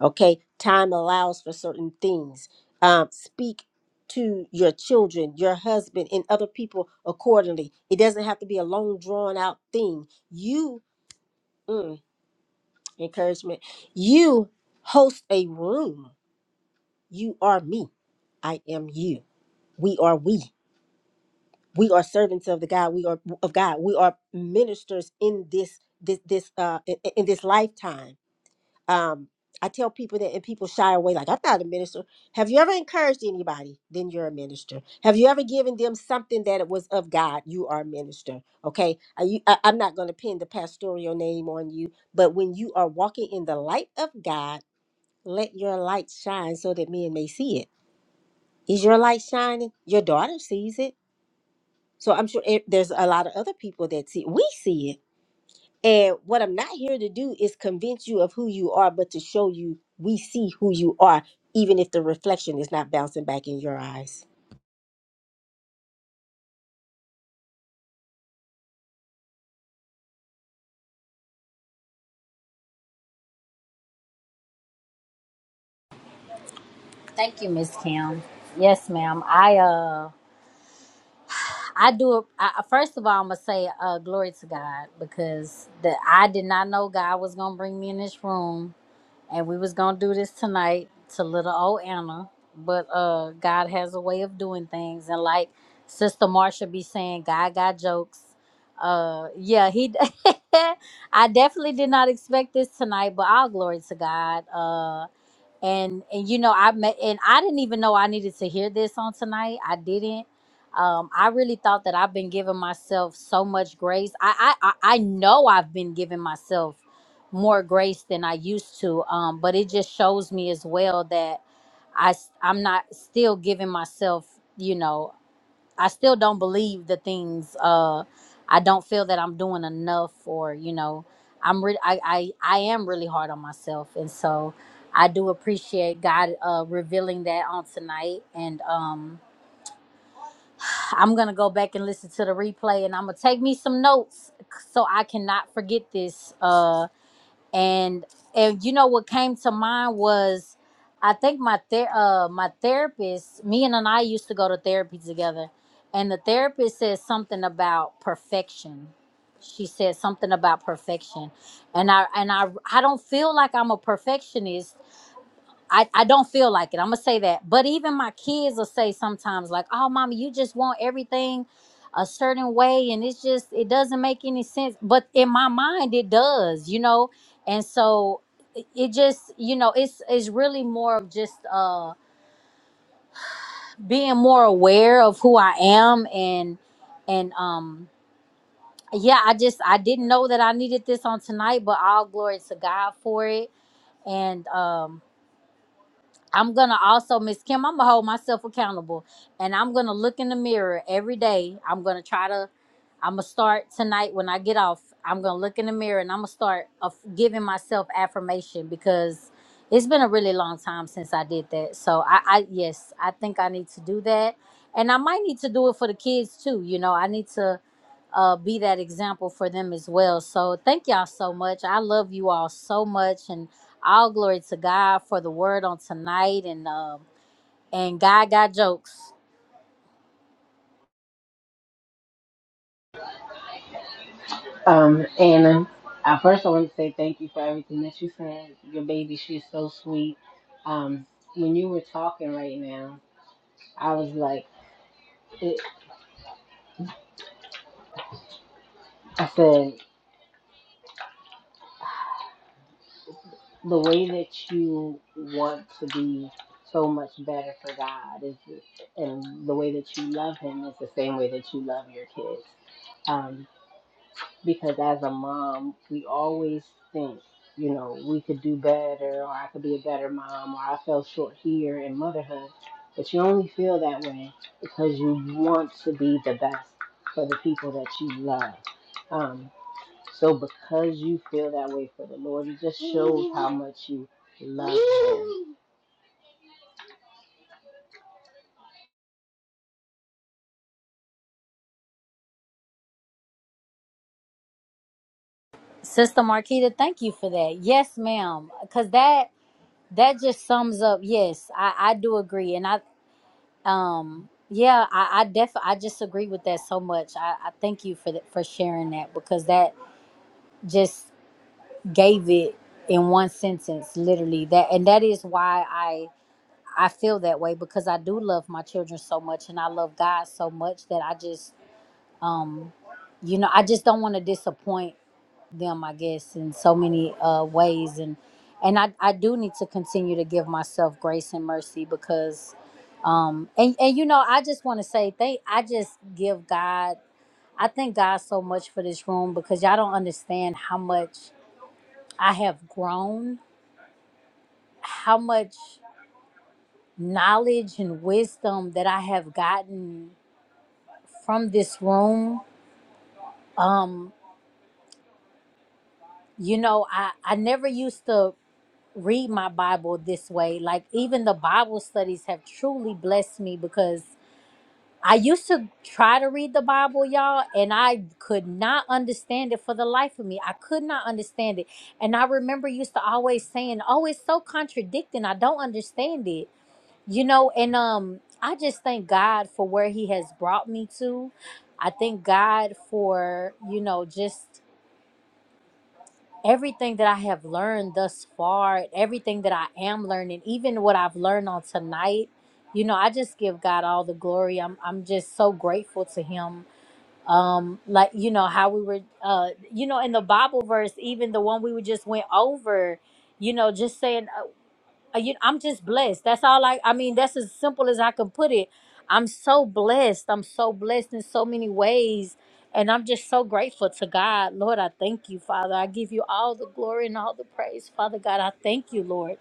Speaker 3: okay time allows for certain things um speak to your children your husband and other people accordingly it doesn't have to be a long drawn out thing you mm, encouragement. You host a room. You are me. I am you. We are we. We are servants of the God. We are of God. We are ministers in this this this uh in, in this lifetime. Um I tell people that and people shy away like I'm not a minister. Have you ever encouraged anybody? Then you're a minister. Have you ever given them something that it was of God? You are a minister. Okay. Are you, I, I'm not going to pin the pastoral name on you, but when you are walking in the light of God let your light shine so that men may see it. Is your light shining? Your daughter sees it. So I'm sure it, there's a lot of other people that see we see it. And what I'm not here to do is convince you of who you are, but to show you we see who you are, even if the reflection is not bouncing back in your eyes.
Speaker 7: thank you miss kim yes ma'am i uh. I do. I, first of all, I'm gonna say uh, glory to God because the I did not know God was gonna bring me in this room and we was gonna do this tonight to little old Anna. But uh, God has a way of doing things, and like Sister Marsha be saying, God got jokes. Uh, yeah, he. I definitely did not expect this tonight, but all glory to God. Uh, and and you know i met and i didn't even know i needed to hear this on tonight i didn't um i really thought that i've been giving myself so much grace i i i I know i've been giving myself more grace than i used to um but it just shows me as well that i s- i'm not still giving myself you know I still don't believe the things. Uh, I don't feel that I'm doing enough, or you know, I'm re- I, I I am really hard on myself, and so I do appreciate God uh, revealing that on tonight. And um, I'm gonna go back and listen to the replay, and I'm gonna take me some notes so I cannot forget this. uh, and and you know what came to mind was I think my ther- uh my therapist, me and I used to go to therapy together, and the therapist said something about perfection. She said something about perfection, and I and I I don't feel like I'm a perfectionist, I, I don't feel like it. I'm gonna say that. But even my kids will say sometimes, like, oh mommy, you just want everything a certain way and it's just it doesn't make any sense. But in my mind it does, you know? And so it it just, you know, it's it's really more of just uh being more aware of who I am and and um yeah, I just I didn't know that I needed this on tonight, but all glory to God for it. And um I'm gonna also, Miss Kim, I'm gonna hold myself accountable and I'm gonna look in the mirror every day. I'm gonna try to, I'm gonna start tonight when I get off. I'm gonna look in the mirror and I'm gonna start of giving myself affirmation because it's been a really long time since I did that. So I, I, yes, I think I need to do that. And I might need to do it for the kids too. You know, I need to uh, be that example for them as well. So thank y'all so much. I love you all so much. and. All glory to God for the word on tonight and um and God got jokes.
Speaker 2: Um, Anna, uh, first I want to say thank you for everything that you said. Your baby, she's so sweet. Um, when you were talking right now, I was like, I said, the way that you want to be so much better for God is, and the way that you love Him is the same way that you love your kids. Um, because as a mom, we always think, you know, we could do better, or I could be a better mom, or I fell short here in motherhood. But you only feel that way because you want to be the best for the people that you love. Um, So because you feel that way for the Lord, it just shows how much you love Him.
Speaker 7: Sister Marquita, thank you for that. Yes, ma'am. Cause that that just sums up yes, I, I do agree. And I um yeah, I, I def I just agree with that so much. I, I thank you for that for sharing that because that just gave it in one sentence, literally. That and that is why I I feel that way because I do love my children so much and I love God so much that I just um you know i just don't want to disappoint them i guess in so many uh ways and and i i do need to continue to give myself grace and mercy because um and and you know i just want to say they i just give god i thank god so much for this room because y'all don't understand how much i have grown how much knowledge and wisdom that i have gotten from this room um you know i i never used to read my Bible this way. Like even the Bible studies have truly blessed me because I used to try to read the Bible, y'all, and I could not understand it for the life of me. I could not understand it. And I remember used to always saying, "Oh, it's so contradicting. I don't understand it." You know, and um I just thank God for where he has brought me to. I thank God for, you know, just everything that I have learned thus far, everything that I am learning, even what I've learned on tonight, you know, I just give God all the glory. I'm I'm just so grateful to him. Um like you know how we were uh you know in the Bible verse, even the one we were just went over, you know, just saying uh, uh, you, I'm just blessed. That's all I. I mean, that's as simple as I can put it. I'm so blessed. I'm so blessed in so many ways, and I'm just so grateful to God, Lord. I thank you, Father. I give you all the glory and all the praise, Father God. I thank you, Lord.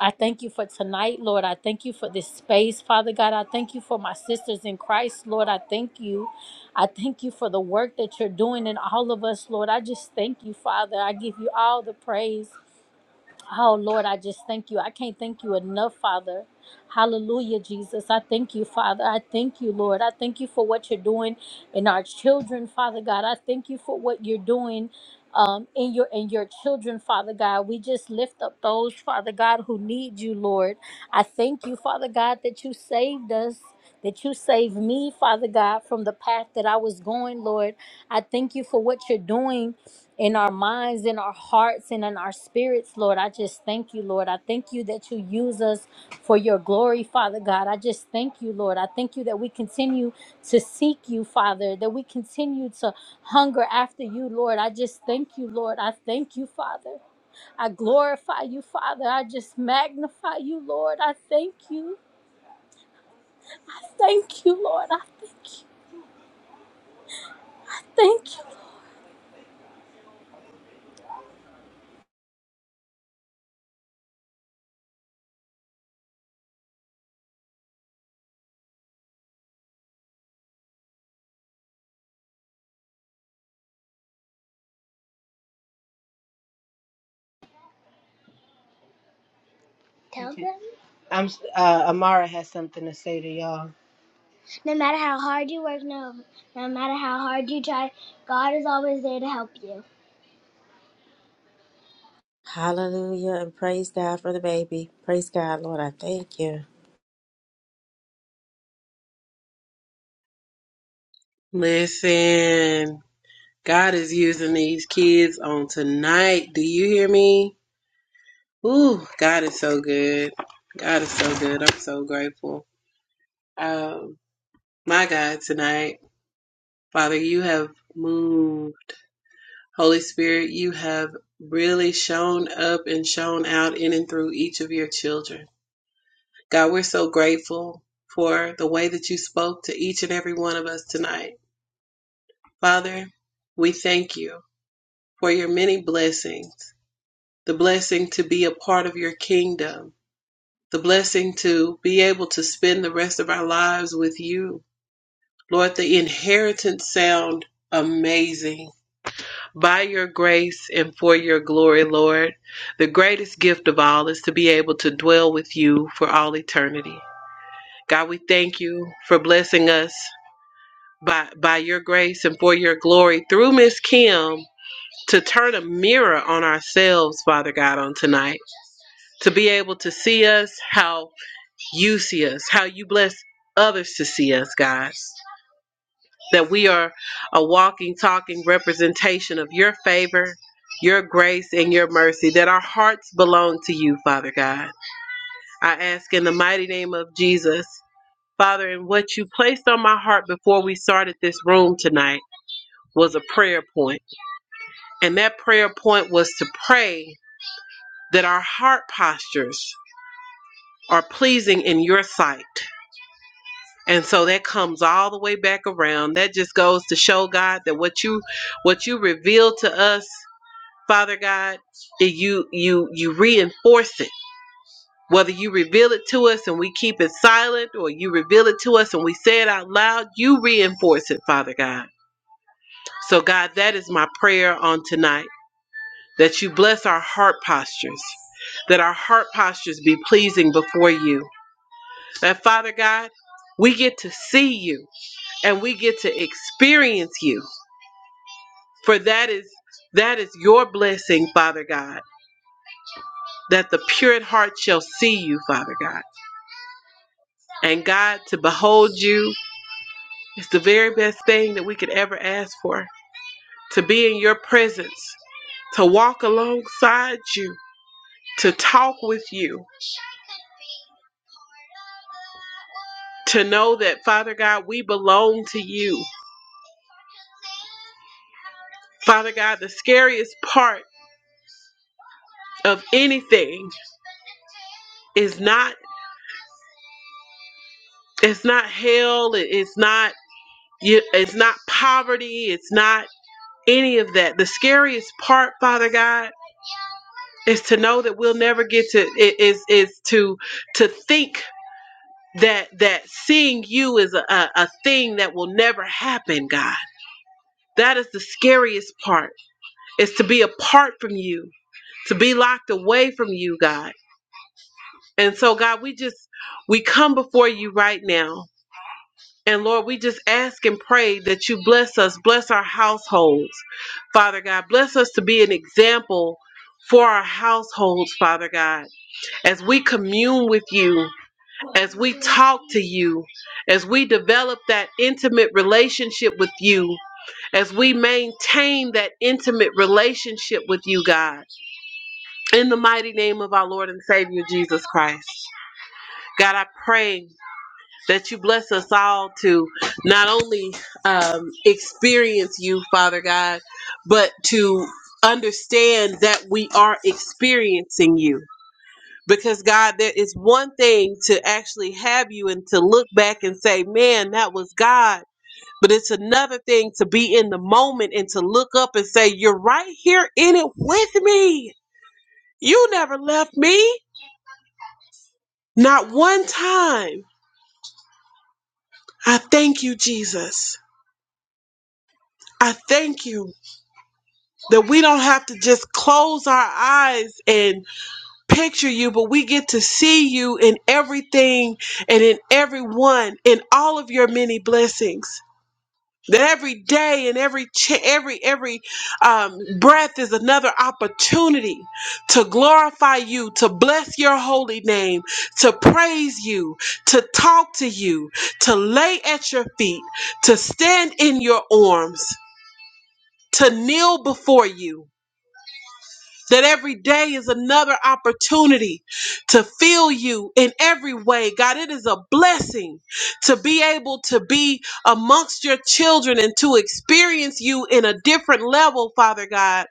Speaker 7: I thank you for tonight, Lord. I thank you for this space, Father God. I thank you for my sisters in Christ, Lord. I thank you. I thank you for the work that you're doing in all of us, Lord. I just thank you, Father. I give you all the praise. Oh, Lord, I just thank you. I can't thank you enough, Father. Hallelujah, Jesus. I thank you, Father. I thank you, Lord. I thank you for what you're doing in our children, Father God. I thank you for what you're doing. Um, in your in your children, Father God, we just lift up those, Father God, who need you, Lord. I thank you, Father God, that you saved us, that you saved me, Father God, from the path that I was going, Lord. I thank you for what you're doing in our minds, in our hearts, and in our spirits, Lord. I just thank you, Lord. I thank you that you use us for your glory, Father God. I just thank you, Lord. I thank you that we continue to seek you, Father, that we continue to hunger after you, Lord. I just thank you, Lord. I thank you, Father. I glorify you, Father. I just magnify you, Lord. I thank you. Thank you, Lord. I thank you. Thank you.
Speaker 2: Tell Okay. them. I'm uh, Amara has something to say to y'all. No matter how hard you work, no, no matter how hard you try, God is always there to help you.
Speaker 3: Hallelujah and praise God for the baby. Praise God, Lord. I thank you.
Speaker 1: Listen. God is using these kids on tonight. Do you hear me? Ooh, God is so good. God is so good. I'm so grateful. Um, my God, tonight, Father, you have moved. Holy Spirit, you have really shown up and shown out in and through each of your children. God, we're so grateful for the way that you spoke to each and every one of us tonight. Father, we thank you for your many blessings. the blessing to be a part of your kingdom, the blessing to be able to spend the rest of our lives with you. Lord, the inheritance sound amazing. By your grace and for your glory, Lord, the greatest gift of all is to be able to dwell with you for all eternity. God, we thank you for blessing us by by your grace and for your glory through Miss Kim to turn a mirror on ourselves, Father God, on tonight to be able to see us how you see us, how you bless others to see us, God. That we are a walking, talking representation of your favor, your grace, and your mercy, that our hearts belong to you, Father God. I ask in the mighty name of Jesus, Father, and what you placed on my heart before we started this room tonight was a prayer point. And that prayer point was to pray that our heart postures are pleasing in your sight and so that comes all the way back around that just goes to show god that what you what you reveal to us father god that you you you reinforce it whether you reveal it to us and we keep it silent or you reveal it to us and we say it out loud you reinforce it father god so god that is my prayer on tonight that you bless our heart postures that our heart postures be pleasing before you that father god we get to see you and we get to experience you for that is that is your blessing father god that the pure at heart shall see you father god and god to behold you is the very best thing that we could ever ask for to be in your presence to walk alongside you to talk with you to know that father god we belong to you father god the scariest part of anything is not it's not hell it's not You, it's not poverty. It's not any of that. The scariest part, Father God, is to know that we'll never get to. i- Is is to to think that that seeing you is a, a, a thing that will never happen, God. That is the scariest part. Is to be apart from you, to be locked away from you, God. And so, God, we just we come before you right now And Lord, we just ask and pray that you bless us, bless our households. Father God, bless us to be an example for our households, Father God. As we commune with you, as we talk to you, as we develop that intimate relationship with you, as we maintain that intimate relationship with you, God. In the mighty name of our Lord and Savior Jesus Christ. God, I pray that you bless us all to not only um, experience you, Father God, but to understand that we are experiencing you. Because, God, there is one thing to actually have you and to look back and say, man, that was God. But it's another thing to be in the moment and to look up and say, you're right here in it with me. You never left me, not one time. I thank you, Jesus. I thank you. that we don't have to just close our eyes and picture you, but we get to see you in everything and in everyone, in all of your many blessings. That every day and every ch- every every um, breath is another opportunity to glorify you, to bless your holy name, to praise you, to talk to you, to lay at your feet, to stand in your arms, to kneel before you. That every day is another opportunity to feel you in every way. God, it is a blessing to be able to be amongst your children and to experience you in a different level, Father God.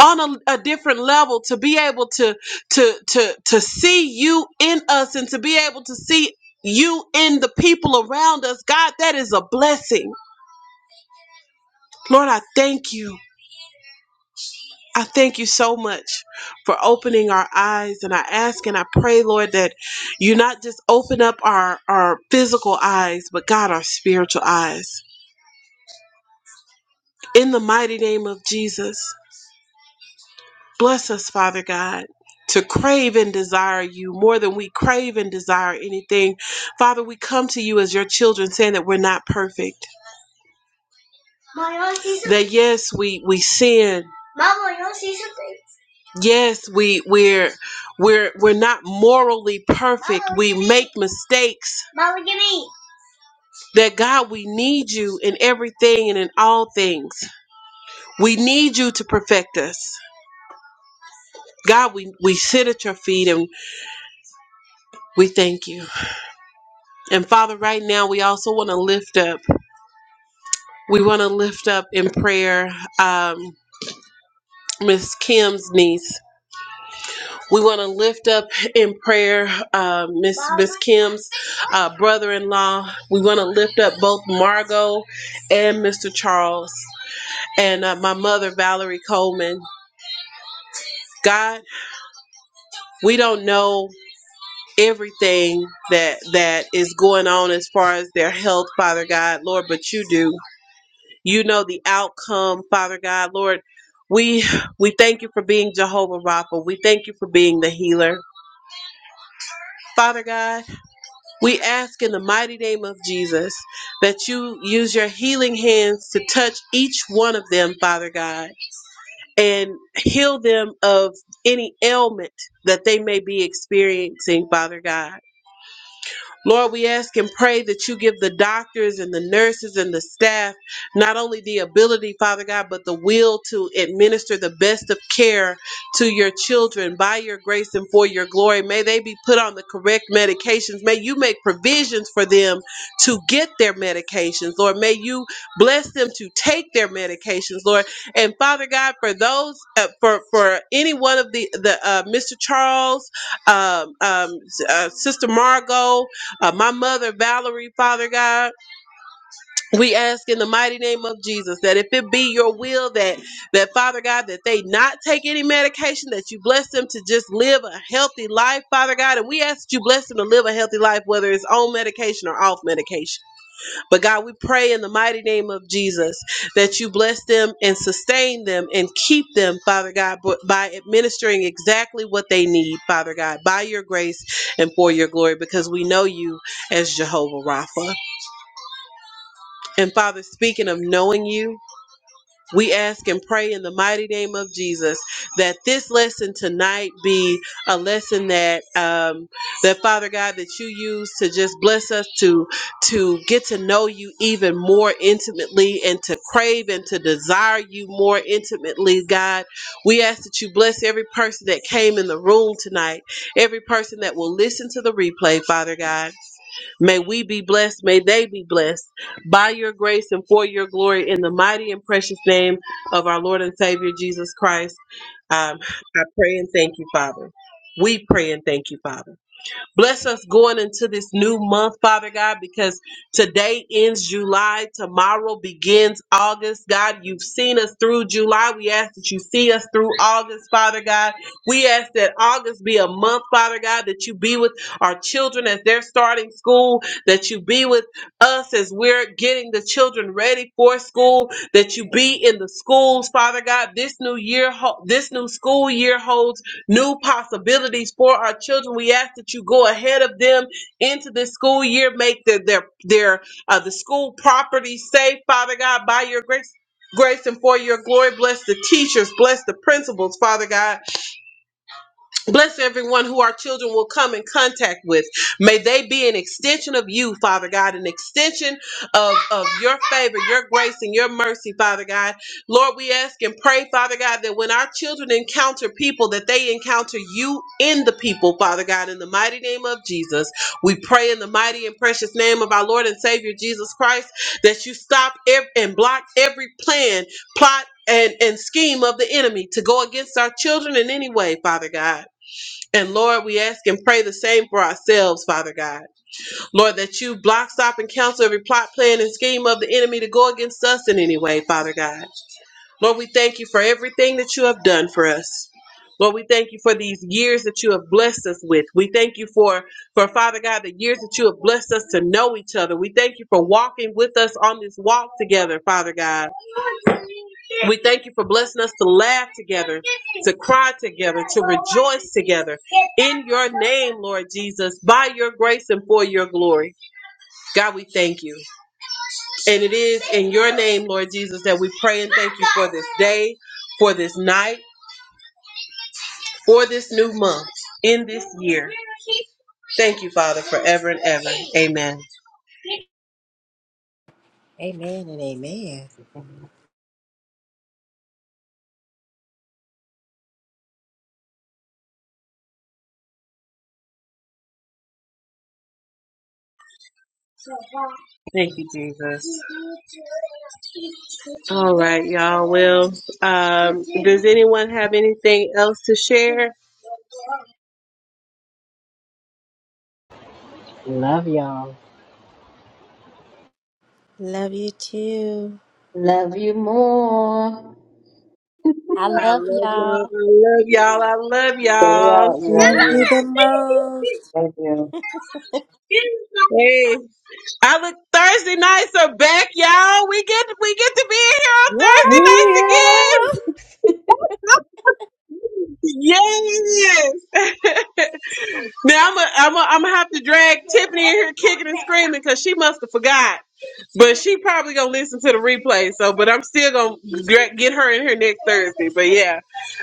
Speaker 1: On a, a different level, to be able to to to to see you in us and to be able to see you in the people around us, God, that is a blessing. Lord, I thank you. I thank you so much for opening our eyes. And I ask and I pray, Lord, that you not just open up our, our physical eyes, but God, our spiritual eyes. In the mighty name of Jesus, bless us, Father God. To crave and desire you more than we crave and desire anything. Father, we come to you as your children saying that we're not perfect. That yes, we, we sin Yes, we we're we're we're not morally perfect. We make mistakes. That God, we need you in everything and in all things. We need you to perfect us. God, we, we sit at your feet and we thank you. And Father, right now we also want to lift up. We want to lift up in prayer um Miss Kim's niece. We want to lift up in prayer uh, Miss Miss Kim's uh, brother-in-law. We want to lift up both Margot and Mr. Charles and uh, my mother Valerie Coleman. God, we don't know everything that that is going on as far as their health, Father God, Lord, but you do. You know the outcome, Father God, Lord. We we thank you for being Jehovah Rapha. We thank you for being the healer. Father God, We ask in the mighty name of Jesus that you use your healing hands to touch each one of them, Father God, and heal them of any ailment that they may be experiencing, Father God. Lord, we ask and pray that you give the doctors and the nurses and the staff not only the ability, Father God, but the will to administer the best of care to your children by your grace and for your glory. May they be put on the correct medications. May you make provisions for them to get their medications. Lord, may you bless them to take their medications, Lord. And Father God, for those, uh, for for any one of the the uh, Mr. Charles, um, um, uh, Sister Margot, uh, my mother, Valerie, Father God, we ask in the mighty name of Jesus that if it be your will that that Father God that they not take any medication, that you bless them to just live a healthy life, Father God, and we ask that you bless them to live a healthy life, whether it's on medication or off medication. But God, we pray in the mighty name of Jesus that you bless them and sustain them and keep them, Father God, b- by administering exactly what they need, Father God, by your grace and for your glory, because we know you as Jehovah Rapha. And Father, speaking of knowing you, we ask and pray in the mighty name of Jesus that this lesson tonight be a lesson that um, that Father God that you use to just bless us to to get to know you even more intimately and to crave and to desire you more intimately, God. We ask that you bless every person that came in the room tonight, every person that will listen to the replay, Father God. May we be blessed. May they be blessed by your grace and for your glory in the mighty and precious name of our Lord and Savior Jesus Christ. Um, I pray and thank you, Father. We pray and thank you, Father. Bless us going into this new month, Father God, because today ends July, tomorrow begins August. God, you've seen us through July. We ask that you see us through August, Father God. We ask that August be a month, Father God, that you be with our children as they're starting school, that you be with us as we're getting the children ready for school, that you be in the schools, Father God. This new year, ho- this new school year holds new possibilities for our children. We ask that you go ahead of them into this school year, make their their their uh, the school property safe, Father God, by your grace. Grace and for your glory, bless the teachers, bless the principals, Father God. Bless everyone who our children will come in contact with. May they be an extension of you, Father God, an extension of, of your favor, your grace, and your mercy, Father God. Lord, we ask and pray, Father God, that when our children encounter people, that they encounter you in the people, Father God, in the mighty name of Jesus. We pray in the mighty and precious name of our Lord and Savior Jesus Christ that you stop ev- and block every plan, plot, and, and scheme of the enemy to go against our children in any way, Father God. And Lord, we ask and pray the same for ourselves, Father God. Lord, that you block, stop, and counsel every plot, plan, and scheme of the enemy to go against us in any way, Father God. Lord, we thank you for everything that you have done for us. Lord, we thank you for these years that you have blessed us with. We thank you for, for Father God, the years that you have blessed us to know each other. We thank you for walking with us on this walk together, Father God. We thank you for blessing us to laugh together, to cry together, to rejoice together in your name, Lord Jesus, by your grace and for your glory. God, we thank you. And it is in your name, Lord Jesus, that we pray and thank you for this day, for this night, for this new month, in this year. Thank you, Father, forever and ever. Amen.
Speaker 3: Amen and amen.
Speaker 1: Thank you, Jesus. All right, y'all. Well, um, does anyone have anything else to share?
Speaker 2: Love y'all.
Speaker 3: Love you too.
Speaker 4: Love you more.
Speaker 7: I
Speaker 1: I
Speaker 7: love
Speaker 1: love y'all.
Speaker 7: y'all.
Speaker 1: I love y'all. I love
Speaker 4: Stay
Speaker 1: y'all.
Speaker 4: out,
Speaker 3: Love you
Speaker 4: warriors.
Speaker 3: the most.
Speaker 4: Thank you.
Speaker 1: Hey. Our Thursday nights are back, y'all. We get we get to be in here on
Speaker 3: Yes!
Speaker 4: Yeah.
Speaker 1: Thursday nights again. Yes. now I'm a, I'm a, I'm gonna have to drag Tiffany in here kicking and screaming because she must have forgot. But she probably gonna listen to the replay. So, but I'm still gonna gra- get her in here next Thursday. But yeah,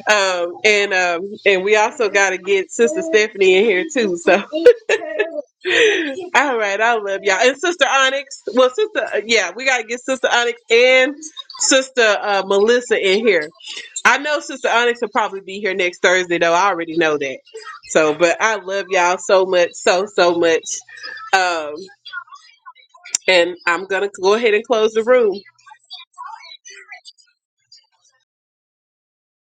Speaker 1: um, and um, and we also gotta get Sister Stephanie in here too. So. All right, I love y'all. And Sister Onyx, well, Sister, uh, yeah, we gotta get Sister Onyx and Sister uh, Melissa in here. I know Sister Onyx will probably be here next Thursday, though. I already know that. So, but I love y'all so much, so so much. Um, and I'm gonna go ahead and close the room.